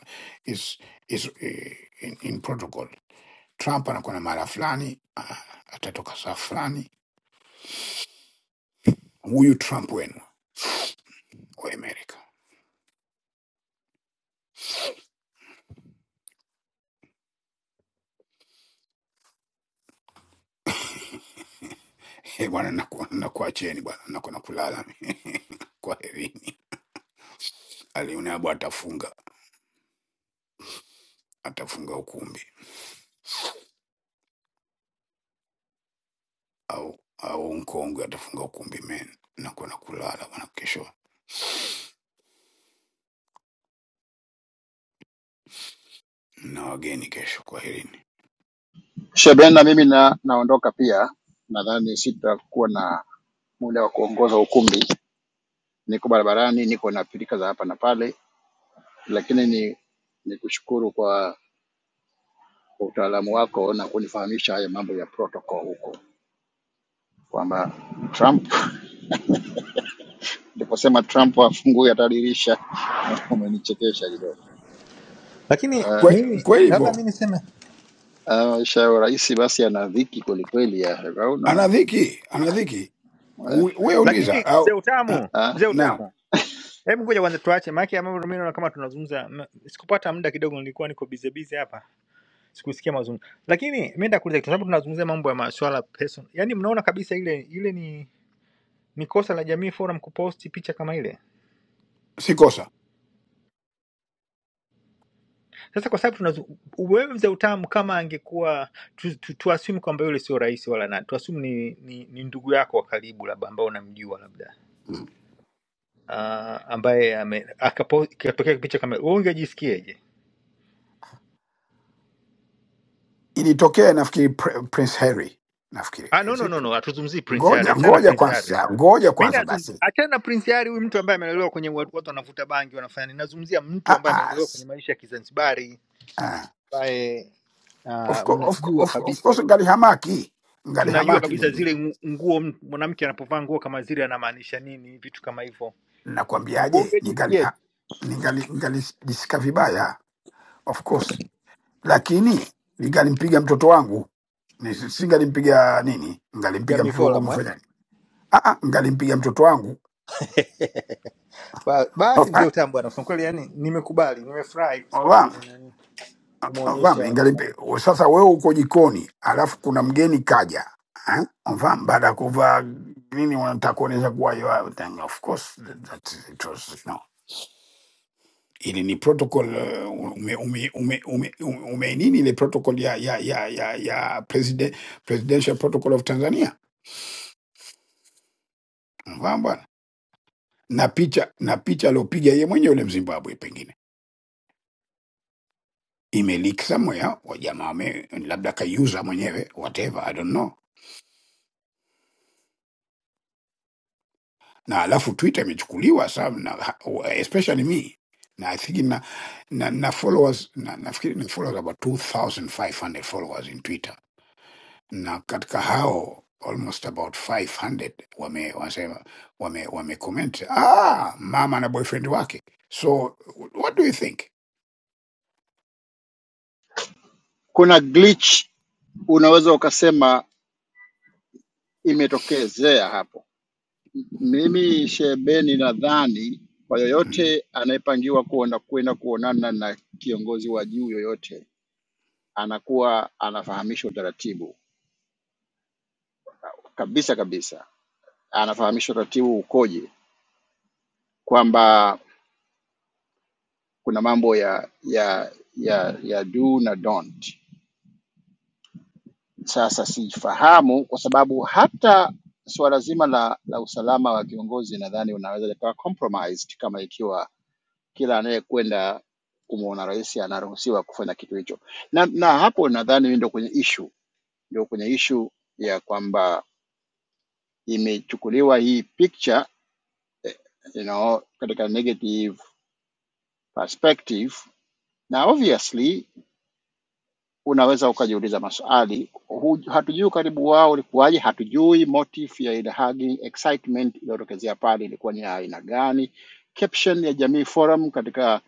G: is is eh, in, in protocol. Trump anakuwa na mara fulani, ah, atatoka saa fulani. Huyu Trump wenu wa Amerika Eh, bwana, naku- nakuacheni bwana, naku- nakulala kwaherini. Alionabu atafunga atafunga ukumbi au au mkongwe atafunga ukumbi men, nakuwa nakulala bwana, kesho na wageni kesho, kwaherini.
H: Sheikh Brenda, mimi na, naondoka pia, nadhani sitakuwa na muda wa kuongoza ukumbi. Niko barabarani, niko na pilika za hapa na pale, lakini ni nikushukuru kwa kwa utaalamu wako na kunifahamisha haya mambo ya protocol huko, kwamba Trump ndiposema Trump afungue hata dirisha. Umenichekesha kidogo.
I: Lakini
H: Eh,
G: Kwe-
I: mimi
G: kweli
I: labda mi
G: hivyo,
I: niseme,
H: eh, Maisha ya urais basi yana dhiki kwelikweli, ya
G: ana
H: unaona
G: dhiki, ana dhiki. U- We uliza
I: lakini mzee
G: au ah,
I: utamu,
H: Ah,
I: mzee
G: na
I: utamu, hebu ngoja kwanza tuache, maana yake mambo mimi naona kama tunazungumza, m- sikupata muda kidogo, nilikuwa niko busy busy hapa, sikusikia mazungumzo. Lakini mimi nitakuuliza kitu, sababu tunazungumzia mambo ya masuala person, yaani mnaona kabisa ile ile ni ni kosa la Jamii Forum kuposti picha kama ile
G: si kosa.
I: Sasa kwa sababu tunazu- wewe mzee utamu, kama angekuwa tu- tu- tuassume kwamba yule sio rais wala nani, tuassume ni, ni, ni ndugu yako wa karibu labda ambao unamjua labda
G: Mm.
I: uh, ambaye ame- akapo- ikatokea picha kama wewe, ungejisikiaje?
G: Ilitokea nafikiri Pr- Prince Harry, nafikiri
I: Ah, no,
G: is
I: no,
G: it?
I: no, no, hatuzungumzii Prince Harry,
G: Ngoja
I: achana na
G: ngoja
I: Prince Harry.
G: kwanza, ngoja
I: Mimi
G: kwanza
I: nazungumzia
G: basi.
I: achana na Prince Harry, huyu mtu ambaye amelelewa kwenye watu watu wanavuta bangi wanafanya nini. Nazungumzia mtu
G: Ah,
I: ambaye
G: ah,
I: amelelewa kwenye
G: s-
I: maisha ya Kizanzibari
G: ah.
I: ambaye
G: Of,
I: uh,
G: co- of, co-
I: mnajua
G: of, of
I: kabisa
G: course ngali hamaki ngali
I: tunajua
G: hamaki
I: kabisa
G: nini,
I: zile ngu- nguo, m- mwanamke anapovaa nguo kama zile anamaanisha nini, vitu kama hivyo.
G: nakwambiaje, ningali
I: Ungejisikiaje?
G: ha- ningali ningalijisika vibaya of course, lakini ningalimpiga mtoto wangu Ni- singalimpiga nini, ngalimpiga
I: Jamii
G: mtoto
I: Forum eh?
G: wangu Ah, ah, ngalimpiga mtoto wangu
I: Ba, basi mzee Utambo bwana, kusema kweli, yani nimekubali, nimefurahi kwa sababu
G: Obama,
I: umenani
G: Obama,
I: umeonyesha
G: ingalimpiga.
I: nani.
G: Sasa wewe uko jikoni, alafu kuna mgeni kaja Eh, Obama, baada ya kuvaa nini, unataka kuonyesha kuwa you are- then of course that that it was no ili ni protocol uh, ume, ume, ume, ume, ume ume nini ile protocol ya ya ya ya, ya president, presidential protocol of Tanzania Obama bwana, na picha na picha aliopiga yeye mwenyewe yule Mzimbabwe pengine imeliki somewhere, wa jamaa wame labda kaiuza mwenyewe whatever, I don't know. Na alafu Twitter imechukuliwa some na, especially me na I think na, na, na followers na, nafikiri ni followers about 2500 followers in Twitter, na katika hao almost about 500 wame wanasema wame wame comment ah, mama na boyfriend wake. So what do you think?
H: kuna glitch unaweza ukasema imetokezea hapo. M- Mimi Shebeni, nadhani kwa
G: Mm.
H: yoyote anayepangiwa kuona kwenda kuonana na kiongozi wa juu yoyote, anakuwa anafahamishwa utaratibu kabisa kabisa, anafahamishwa utaratibu ukoje, kwamba kuna mambo ya ya ya ya do na don't. Sasa siifahamu kwa sababu hata suala zima la, la usalama wa kiongozi nadhani unaweza likawa compromised kama ikiwa kila anayekwenda kumwona rais anaruhusiwa kufanya kitu hicho, na, na hapo nadhani ndio kwenye ishu ndio kwenye ishu ya kwamba imechukuliwa hii picture you know, katika negative perspective na obviously unaweza ukajiuliza maswali. Hu- Hatujui ukaribu wao ulikuwaje, hatujui motive ya ile hugging, excitement iliyotokezea pale ilikuwa ni ya aina gani. Caption ya Jamii Forum katika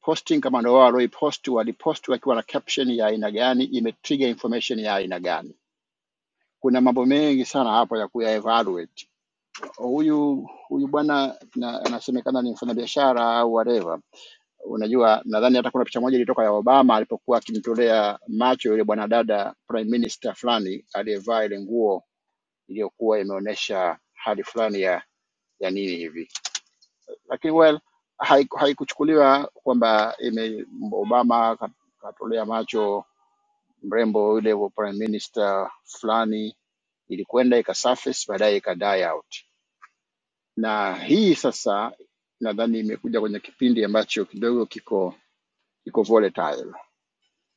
H: posting, kama ndio wao walioipost, walipost wakiwa na caption ya aina gani, imetrigger information ya aina gani. Kuna mambo mengi sana hapo ya kuya evaluate. Huyu huyu bwana na- anasemekana ni mfanyabiashara au whatever unajua nadhani hata kuna picha moja ilitoka ya obama alipokuwa akimtolea macho yule bwanadada prime minister fulani aliyevaa ile nguo iliyokuwa imeonyesha hali fulani ya ya nini hivi lakini well haiku- haikuchukuliwa kwamba ime obama ka- katolea macho mrembo yule wa prime minister fulani ilikwenda ikasurface baadaye ika die out na hii sasa nadhani imekuja kwenye kipindi ambacho kidogo kiko kiko volatile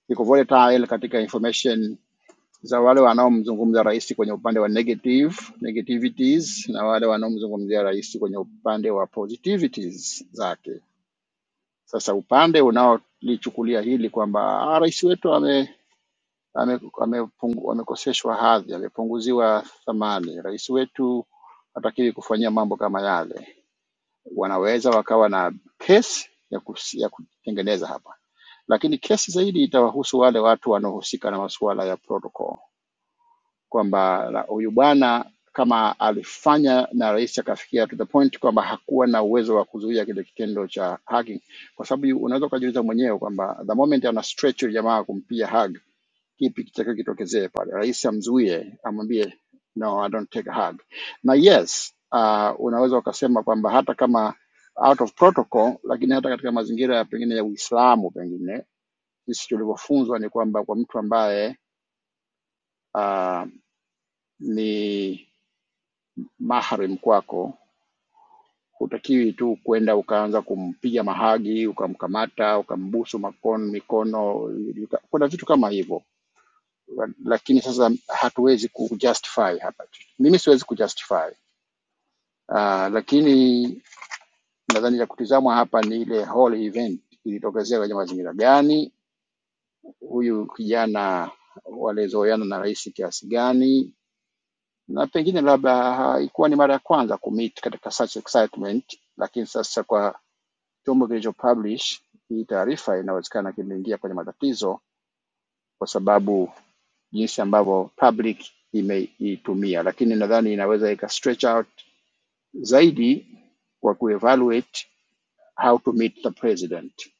H: iko volatile katika information za wale wanaomzungumza rais kwenye upande wa negative negativities na wale wanaomzungumzia rais kwenye upande wa positivities zake. Sasa upande unaolichukulia hili kwamba "Ah, rais wetu ame, ame, amepungu, amekoseshwa hadhi, amepunguziwa thamani, rais wetu hatakiwi kufanyia mambo kama yale, wanaweza wakawa na kesi ya, kus- ya kutengeneza hapa, lakini kesi zaidi itawahusu wale watu wanaohusika na masuala ya protocol, kwamba la- huyu bwana kama alifanya na rais akafikia to the point kwamba hakuwa na uwezo wa kuzuia kile kitendo cha hacking, kwa sababu unaweza ukajiuliza mwenyewe kwamba the moment ana stretch yule jamaa kumpiga hug kipi kitakachotokea pale. Rais amzuie, amwambie no, I don't take a hug. Na yes, uh, unaweza ukasema kwamba hata kama out of protocol, lakini hata katika mazingira ya pengine ya Uislamu, pengine sisi tulivyofunzwa ni kwamba kwa mtu ambaye uh, ni mahrim kwako hutakiwi tu kwenda ukaanza kumpiga mahagi, ukamkamata, ukambusu makono, mikono, uka- kuna vitu kama hivyo lakini sasa hatuwezi kujustify hapa. Mimi siwezi kujustify uh, lakini nadhani la kutizamwa hapa ni ile whole event ilitokezea kwenye mazingira gani, huyu kijana walizoeana na rais kiasi gani, na pengine labda haikuwa ni mara ya kwanza kumit katika such excitement, lakini sasa kwa chombo kilicho publish hii taarifa, inawezekana kimeingia kwenye matatizo kwa sababu jinsi ambavyo public imeitumia, lakini nadhani inaweza ika stretch out zaidi kwa kuevaluate how to meet the president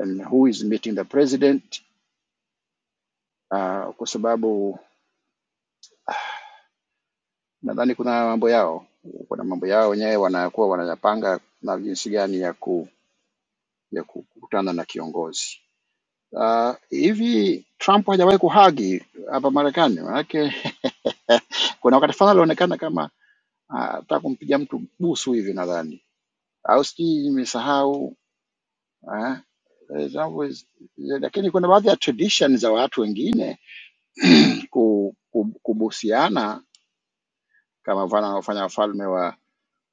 H: and who is meeting the president uh, kwa sababu nadhani kuna mambo yao kuna mambo yao wenyewe wanakuwa wanayapanga na jinsi gani ya ku ya kukutana na kiongozi uh, hivi Trump hajawahi kuhagi hapa Marekani manake kuna wakati fulani alionekana kama ah, anataka uh, kumpiga mtu busu hivi nadhani au sijui nimesahau ah, eh, zangu zi- lakini kuna baadhi ya tradition za watu wengine ku- ku- kubusiana kama mfano wanaofanya wafalme wa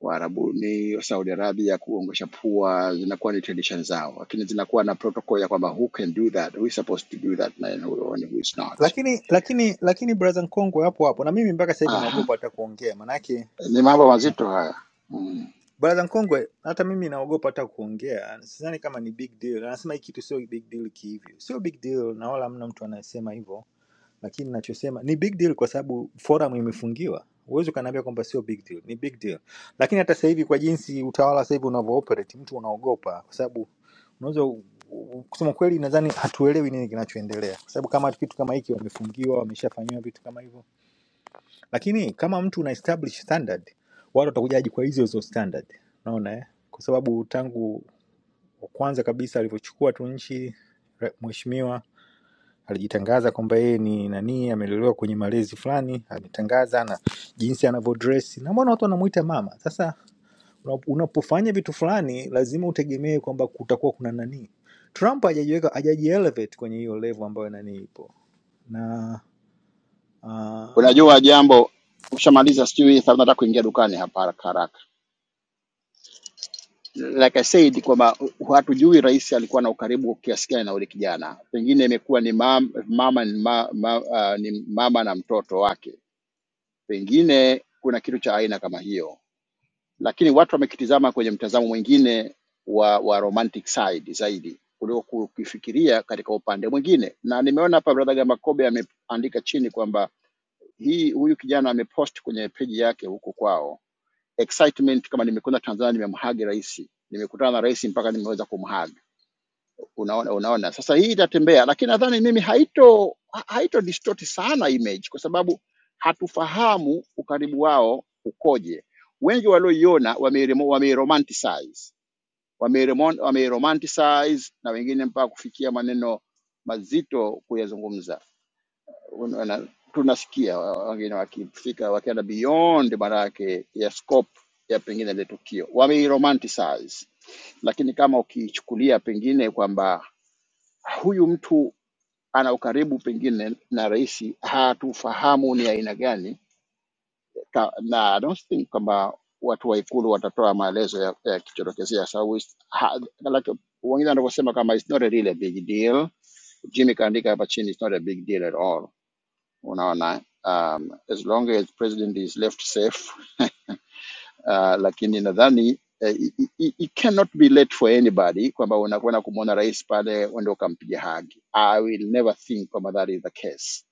H: Waarabuni wa Saudi Arabia kuongosha pua zinakuwa ni tradition zao, lakini zinakuwa na protocol ya kwamba who can do that, who is supposed to do that na who and who is not.
I: lakini lakini lakini brother Nkongwe hapo hapo, na mimi mpaka sasa hivi
H: Aha,
I: naogopa hata kuongea, manake
H: ni mambo mazito haya mm.
I: brother Nkongwe, hata mimi naogopa hata kuongea, sidhani kama ni big deal. Anasema hii kitu sio big deal kihivyo, sio big deal, na wala hamna mtu anayesema hivyo lakini nachosema ni big deal kwa sababu forum imefungiwa huwezi ukaniambia kwamba sio big deal ni big deal lakini hata sasa hivi kwa jinsi utawala sasa hivi unavyo operate mtu unaogopa kwa sababu unaweza u- u- kusema kweli nadhani hatuelewi nini kinachoendelea kwa sababu kama kitu kama hiki wamefungiwa wameshafanyiwa vitu kama hivyo lakini kama mtu una establish standard watu watakujaji kwa hizo hizo standard unaona eh? kwa sababu tangu kwanza kabisa alivyochukua tu nchi re- mheshimiwa alijitangaza kwamba yeye ni nani, amelelewa kwenye malezi fulani, ametangaza na jinsi anavyodress na mbona watu wanamuita mama. Sasa una- unapofanya vitu fulani lazima utegemee kwamba kutakuwa kuna nani. Trump hajajiweka hajajielevate kwenye hiyo level ambayo nani ipo na ah,
H: Unajua jambo, ushamaliza sijui, nataka kuingia dukani hapa haraka haraka. like I said kwamba hu- hatujui rais alikuwa na ukaribu kiasi gani na ule kijana. Pengine imekuwa ni mama, mama, ni ma, ma, uh, ni mama na mtoto wake, pengine kuna kitu cha aina kama hiyo lakini watu wamekitizama kwenye mtazamo mwingine wa, wa romantic side zaidi kuliko kukifikiria katika upande mwingine. Na nimeona hapa brother Gamakobe ameandika chini kwamba hii huyu kijana amepost kwenye peji yake huko kwao excitement, kama nimekwenda Tanzania nimemhagi rais, nimekutana na rais mpaka nimeweza kumhagi unaona unaona sasa hii itatembea lakini nadhani mimi haito ha- haito distort sana image kwa sababu hatufahamu ukaribu wao ukoje wengi walioiona wameiremo- wameiromanticize wameiremo- wameiromanticize na wengine mpaka kufikia maneno mazito kuyazungumza Unaona, tunasikia wa- wengine wakifika wakienda beyond maana yake ya scope ya pengine ile tukio wameiromanticize lakini kama ukiichukulia pengine kwamba huyu mtu ana ukaribu pengine na rais, hatufahamu ni aina gani, Ka- na I don't think kwamba watu wa ikulu watatoa maelezo ya, ya kichotokezea sababu is- ha- like, wengine wanavyosema kama it's not a really a big deal. Jimmy kaandika hapa chini it's not a big deal at all, unaona um, as long as president is left safe uh, lakini nadhani eh, i- i- i- it cannot be late for anybody kwamba unakwenda kumwona rais pale uende ukampiga hagi. I will never think kwamba that is the case,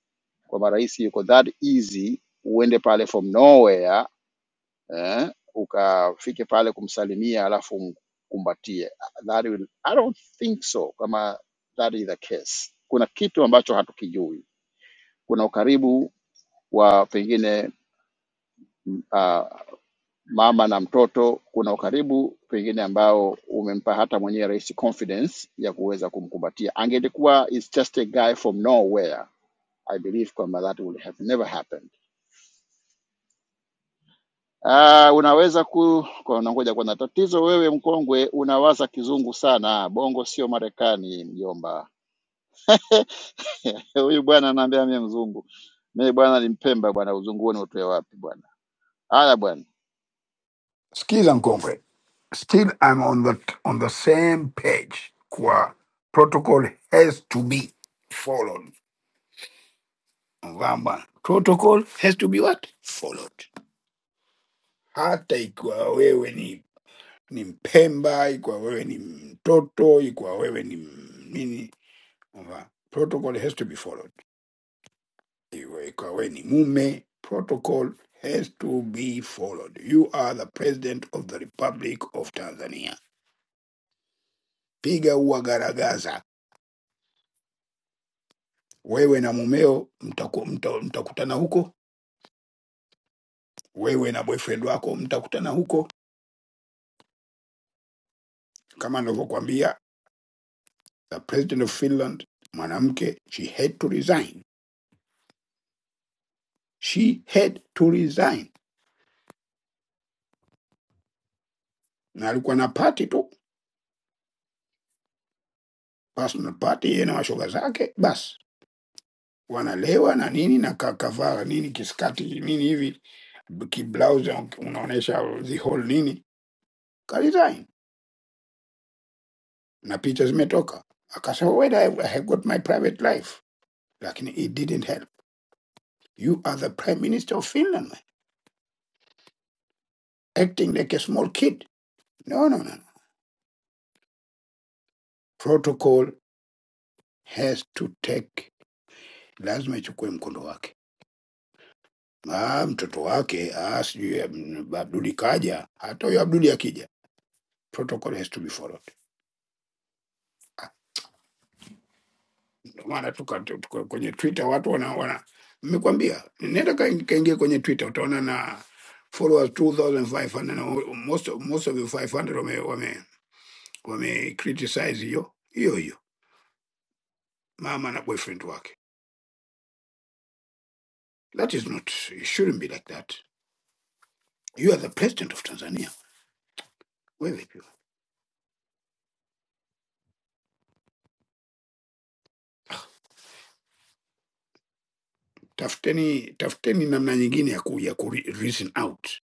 H: kwamba rais yuko that easy uende pale from nowhere eh, ukafike pale kumsalimia alafu umkumbatie. That will, I don't think so kama that is the case. Kuna kitu ambacho hatukijui, kuna ukaribu wa pengine uh, mama na mtoto, kuna ukaribu pengine ambao umempa hata mwenyewe rais confidence ya kuweza kumkumbatia. Angelikuwa is just a guy from nowhere, I believe kwamba that would have never happened. Uh, unaweza ku kwa nangoja kwanza. Tatizo wewe mkongwe unawaza kizungu sana. Bongo sio Marekani mjomba. Huyu bwana anaambia mimi mzungu. Mimi bwana ni Mpemba bwana, uzungu wewe utoe wapi bwana? Haya bwana.
G: Still Nkonkwe, still I'm on the on the same page. Kwa protocol has to be followed. Mvamba, protocol has to be what? Followed. Hata ikiwa wewe ni ni Mpemba, ikiwa wewe ni mtoto, ikiwa wewe ni m- nini, Mvamba, protocol has to be followed. Iwe- Ikiwa wewe ni mume, protocol has to be followed. You are the president of the Republic of Tanzania. Piga uagaragaza wewe na mumeo mtaku, mta, mtakutana huko, wewe na boyfriend wako mtakutana huko. Kama nilivyokuambia, the president of Finland mwanamke, she had to resign, she had to resign, na alikuwa na party tu, personal party, yeye na mashoga zake, basi wanalewa na nini na ka- kavaa nini kiskati nini hivi kiblausi unaonyesha the whole nini, ka resign na picha zimetoka, akasema well, I, I have got my private life, lakini it didn't help You are the Prime Minister of Finland, acting like a small kid. No, no, no. no. Protocol has to take, lazima ichukue mkondo wake. Ah, mtoto wake ah, sijui mm, Abduli kaja, hata huyo Abduli akija, protocol has to be followed. Ndio maana tuka, tuka, kwenye Twitter watu wana wana nimekwambia, nenda kain- kaingie kwenye Twitter utaona na followers 2500 na most of, most of the 500 wame wame, wame criticize hiyo hiyo hiyo mama na boyfriend wake. That is not, it shouldn't be like that. You are the president of Tanzania. Wewe pia. Tafuteni, tafuteni namna nyingine ya, ku, ya ku re- reason out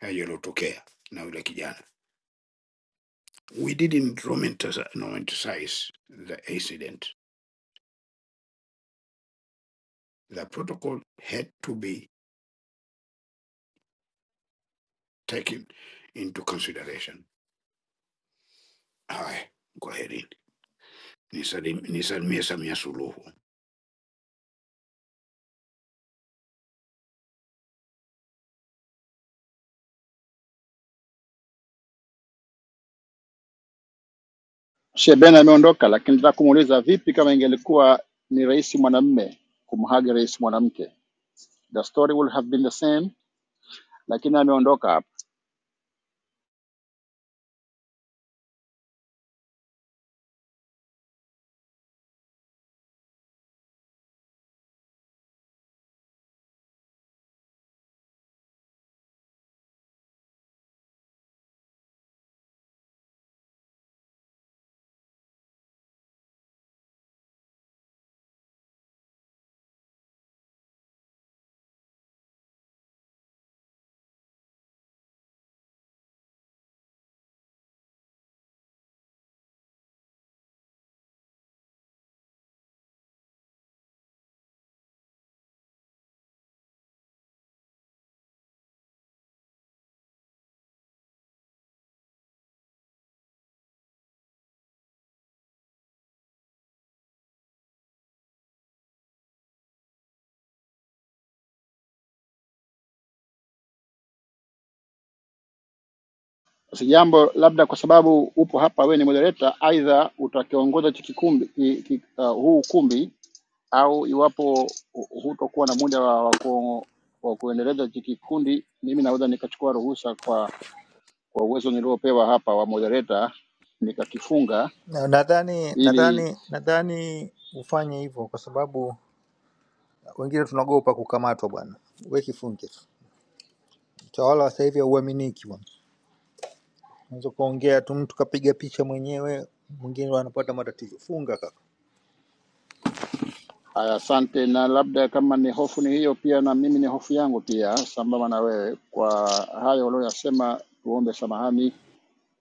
G: hayo yaliyotokea na yule kijana. We didn't romantasi- romanticize the incident. The protocol had to be taken into consideration. Haya, kwaherini. Nisalim- Nisalimie Samia Suluhu.
H: Shebena ameondoka, lakini nataka kumuuliza vipi kama ingelikuwa ni rais mwanamume kumhagi rais mwanamke, the story would have been the same, lakini ameondoka hapa. Sasa jambo labda kwa sababu upo hapa, wewe ni moderator, aidha utakiongoza hichi kikumbi ki, ki, uh, huu ukumbi au iwapo hu- hutokuwa na muda wa, wa, ku, wa kuendeleza hichi kikundi, mimi naweza nikachukua ruhusa kwa kwa uwezo niliopewa hapa wa moderator nikakifunga
I: na- nadhani
H: ili
I: nadhani nadhani ufanye hivyo kwa sababu wengine tunaogopa kukamatwa bwana, we kifunge tu. Utawala wa sasa hivi hauaminiki bwana. Unaweza kuongea tu mtu kapiga picha mwenyewe, mwingine anapata matatizo. Funga kaka.
H: Aya, asante. Na labda kama ni hofu ni hiyo, pia na mimi ni hofu yangu pia, sambamba na wewe. Kwa hayo walioyasema, tuombe samahani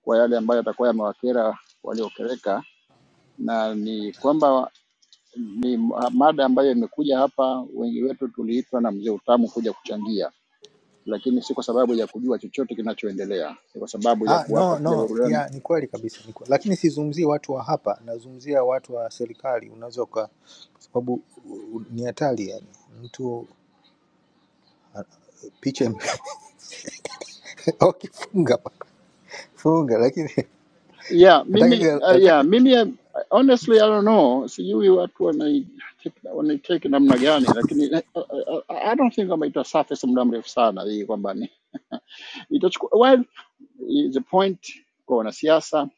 H: kwa yale ambayo yatakuwa yamewakera waliokereka, na ni kwamba ni mada ambayo imekuja hapa. Wengi wetu tuliitwa na mzee Utamu kuja kuchangia, lakini si kwa sababu ya kujua chochote kinachoendelea, ni kwa sababu ya
I: Ah,
H: kuwapa
I: no
H: pia
I: no,
H: burudani
I: ya ni kweli kabisa ni kweli. Lakini sizungumzii watu wa hapa, nazungumzia watu wa serikali. Unaweza uka kwa sababu u- u- ni hatari yani, mtu picha im- okay, funga bana. funga, lakini
H: yeah mimi
I: nataka
H: uh, yeah
I: nataka
H: mimi uh, honestly i don't know sijui watu wanai- wanaitake namna gani lakini uh, uh, uh, i don't think kama ita surface muda mrefu sana hii kwamba ni- itachukua well is a point kwa wanasiasa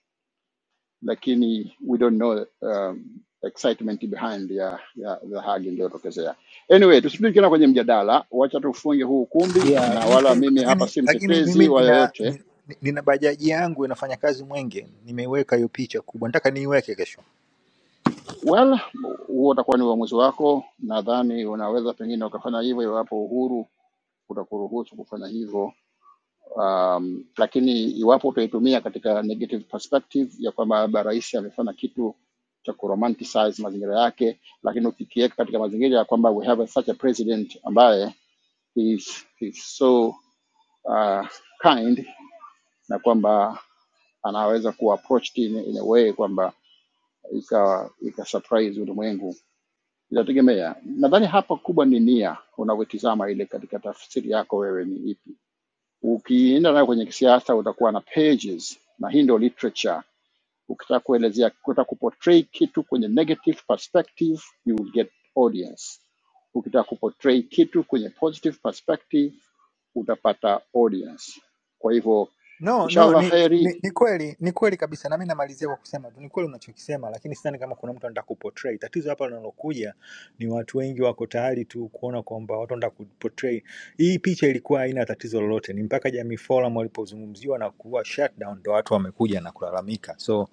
H: lakini we don't know um, excitement behind ya ya the hagi iliyotokezea anyway tusirudi tena kwenye mjadala wacha tufunge huu ukumbi
I: yeah,
H: na
I: hii
H: wala
I: funga,
H: mimi hapa
I: lakini
H: si
I: lakini mimi
H: mtetezi wa
I: nina
H: yoyote
I: ni- nina bajaji yangu inafanya kazi Mwenge, nimeiweka hiyo picha kubwa, nataka niiweke kesho.
H: Well, huo utakuwa ni uamuzi wako. Nadhani unaweza pengine ukafanya hivyo iwapo uhuru utakuruhusu kufanya hivyo. Um, lakini iwapo utaitumia katika negative perspective ya kwamba labda rais amefanya kitu cha kuromanticize mazingira yake, lakini ukikiweka katika mazingira ya kwamba we have a, such a president ambaye is, is so uh, kind na kwamba anaweza kuapproach it in, in a way kwamba ika, ika surprise ulimwengu Inategemea, nadhani hapa kubwa ni nia, unavyotizama ile katika tafsiri yako wewe ni ipi. Ukienda nayo kwenye kisiasa utakuwa na pages, na hii ndio literature. Ukitaka kuelezea, ukitaka kuportray kitu kwenye negative perspective, you will get audience. Ukitaka kuportray kitu kwenye positive perspective, utapata audience. Kwa hivyo
I: No, no,
H: inshallah
I: ni,
H: heri.
I: ni, ni kweli ni kweli kabisa, nami namalizia kwa kusema tu ni kweli unachokisema, lakini sidhani kama kuna mtu anataka kuportray. Tatizo hapa linalokuja ni watu wengi wako tayari tu kuona kwamba watu wanataka kuportray. Hii picha ilikuwa haina tatizo lolote, ni mpaka Jamii Forum walipozungumziwa na kuwa shutdown ndo watu wamekuja na kulalamika. So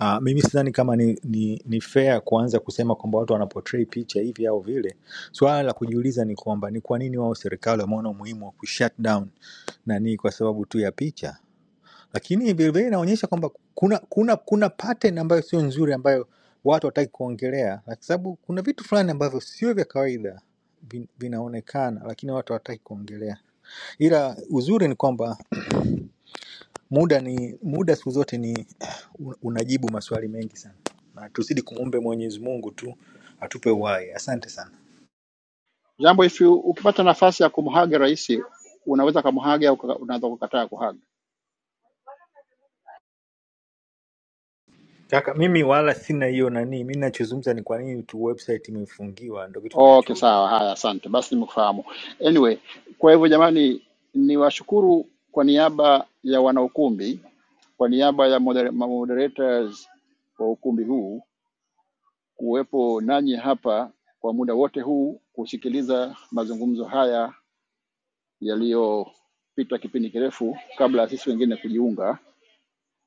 I: uh, mimi sidhani kama ni, ni, ni fair kuanza kusema kwamba watu wanaportray picha hivi au vile. Swala la kujiuliza ni kwamba ni kwa nini wao serikali wameona umuhimu wa kushutdown nani kwa sababu tu ya picha lakini vilevile inaonyesha kwamba kuna kuna kuna pattern ambayo sio nzuri ambayo watu wataki kuongelea, na kwa sababu kuna vitu fulani ambavyo sio vya kawaida vin- vinaonekana, lakini watu hawataki kuongelea. Ila uzuri ni kwamba muda ni muda, siku zote ni unajibu maswali mengi sana, na tuzidi kumwombe Mwenyezi Mungu tu atupe uhai. Asante sana
H: Jambo, if you- ukipata nafasi ya kumhaga rais, unaweza kumhaga au uka- unaweza kukataa kuhaga
I: kaka, mimi wala sina hiyo nani. Mimi ninachozungumza ni kwa nini tu website imefungiwa, ndio kitu
H: Okay,
I: ninachouliza.
H: sawa. Haya, asante. Basi nimekufahamu. Anyway, kwa hivyo jamani, niwashukuru kwa niaba ya wanaukumbi, kwa niaba ya moder moderators wa ukumbi huu kuwepo nanyi hapa kwa muda wote huu kusikiliza mazungumzo haya yaliyopita kipindi kirefu kabla ya sisi wengine kujiunga.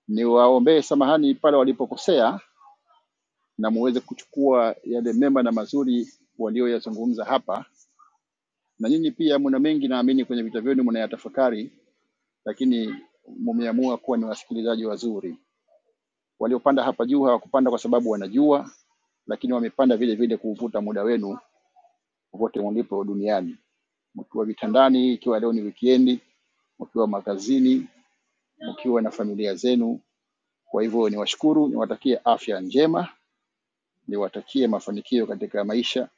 H: Niwaombee samahani pale walipokosea na muweze kuchukua yale mema na mazuri walioyazungumza hapa na nyinyi pia mna mengi naamini kwenye vita vyenu mnayatafakari, lakini mmeamua kuwa ni wasikilizaji wazuri. Waliopanda hapa juu hawakupanda kwa sababu wanajua, lakini wamepanda vile vile kuuvuta muda wenu popote mlipo duniani, mkiwa vitandani, ikiwa leo ni wikendi, mkiwa makazini, mkiwa na familia zenu. Kwa hivyo niwashukuru, niwatakie afya njema, niwatakie mafanikio katika maisha.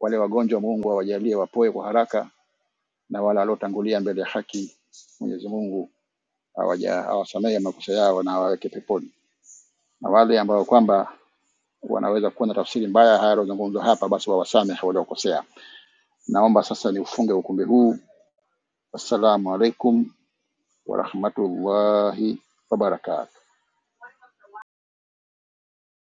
H: Wale wagonjwa, Mungu awajalie wapoe kwa haraka, na wale waliotangulia mbele ya haki, Mwenyezi Mungu hawaja- hawasamehe makosa yao na waweke peponi, na wale ambao kwamba wanaweza kuwa na tafsiri mbaya haya yaliyozungumzwa hapa, basi wawasamehe waliokosea. Naomba sasa niufunge ukumbi huu. Wassalamu alaikum warahmatullahi wabarakatuh.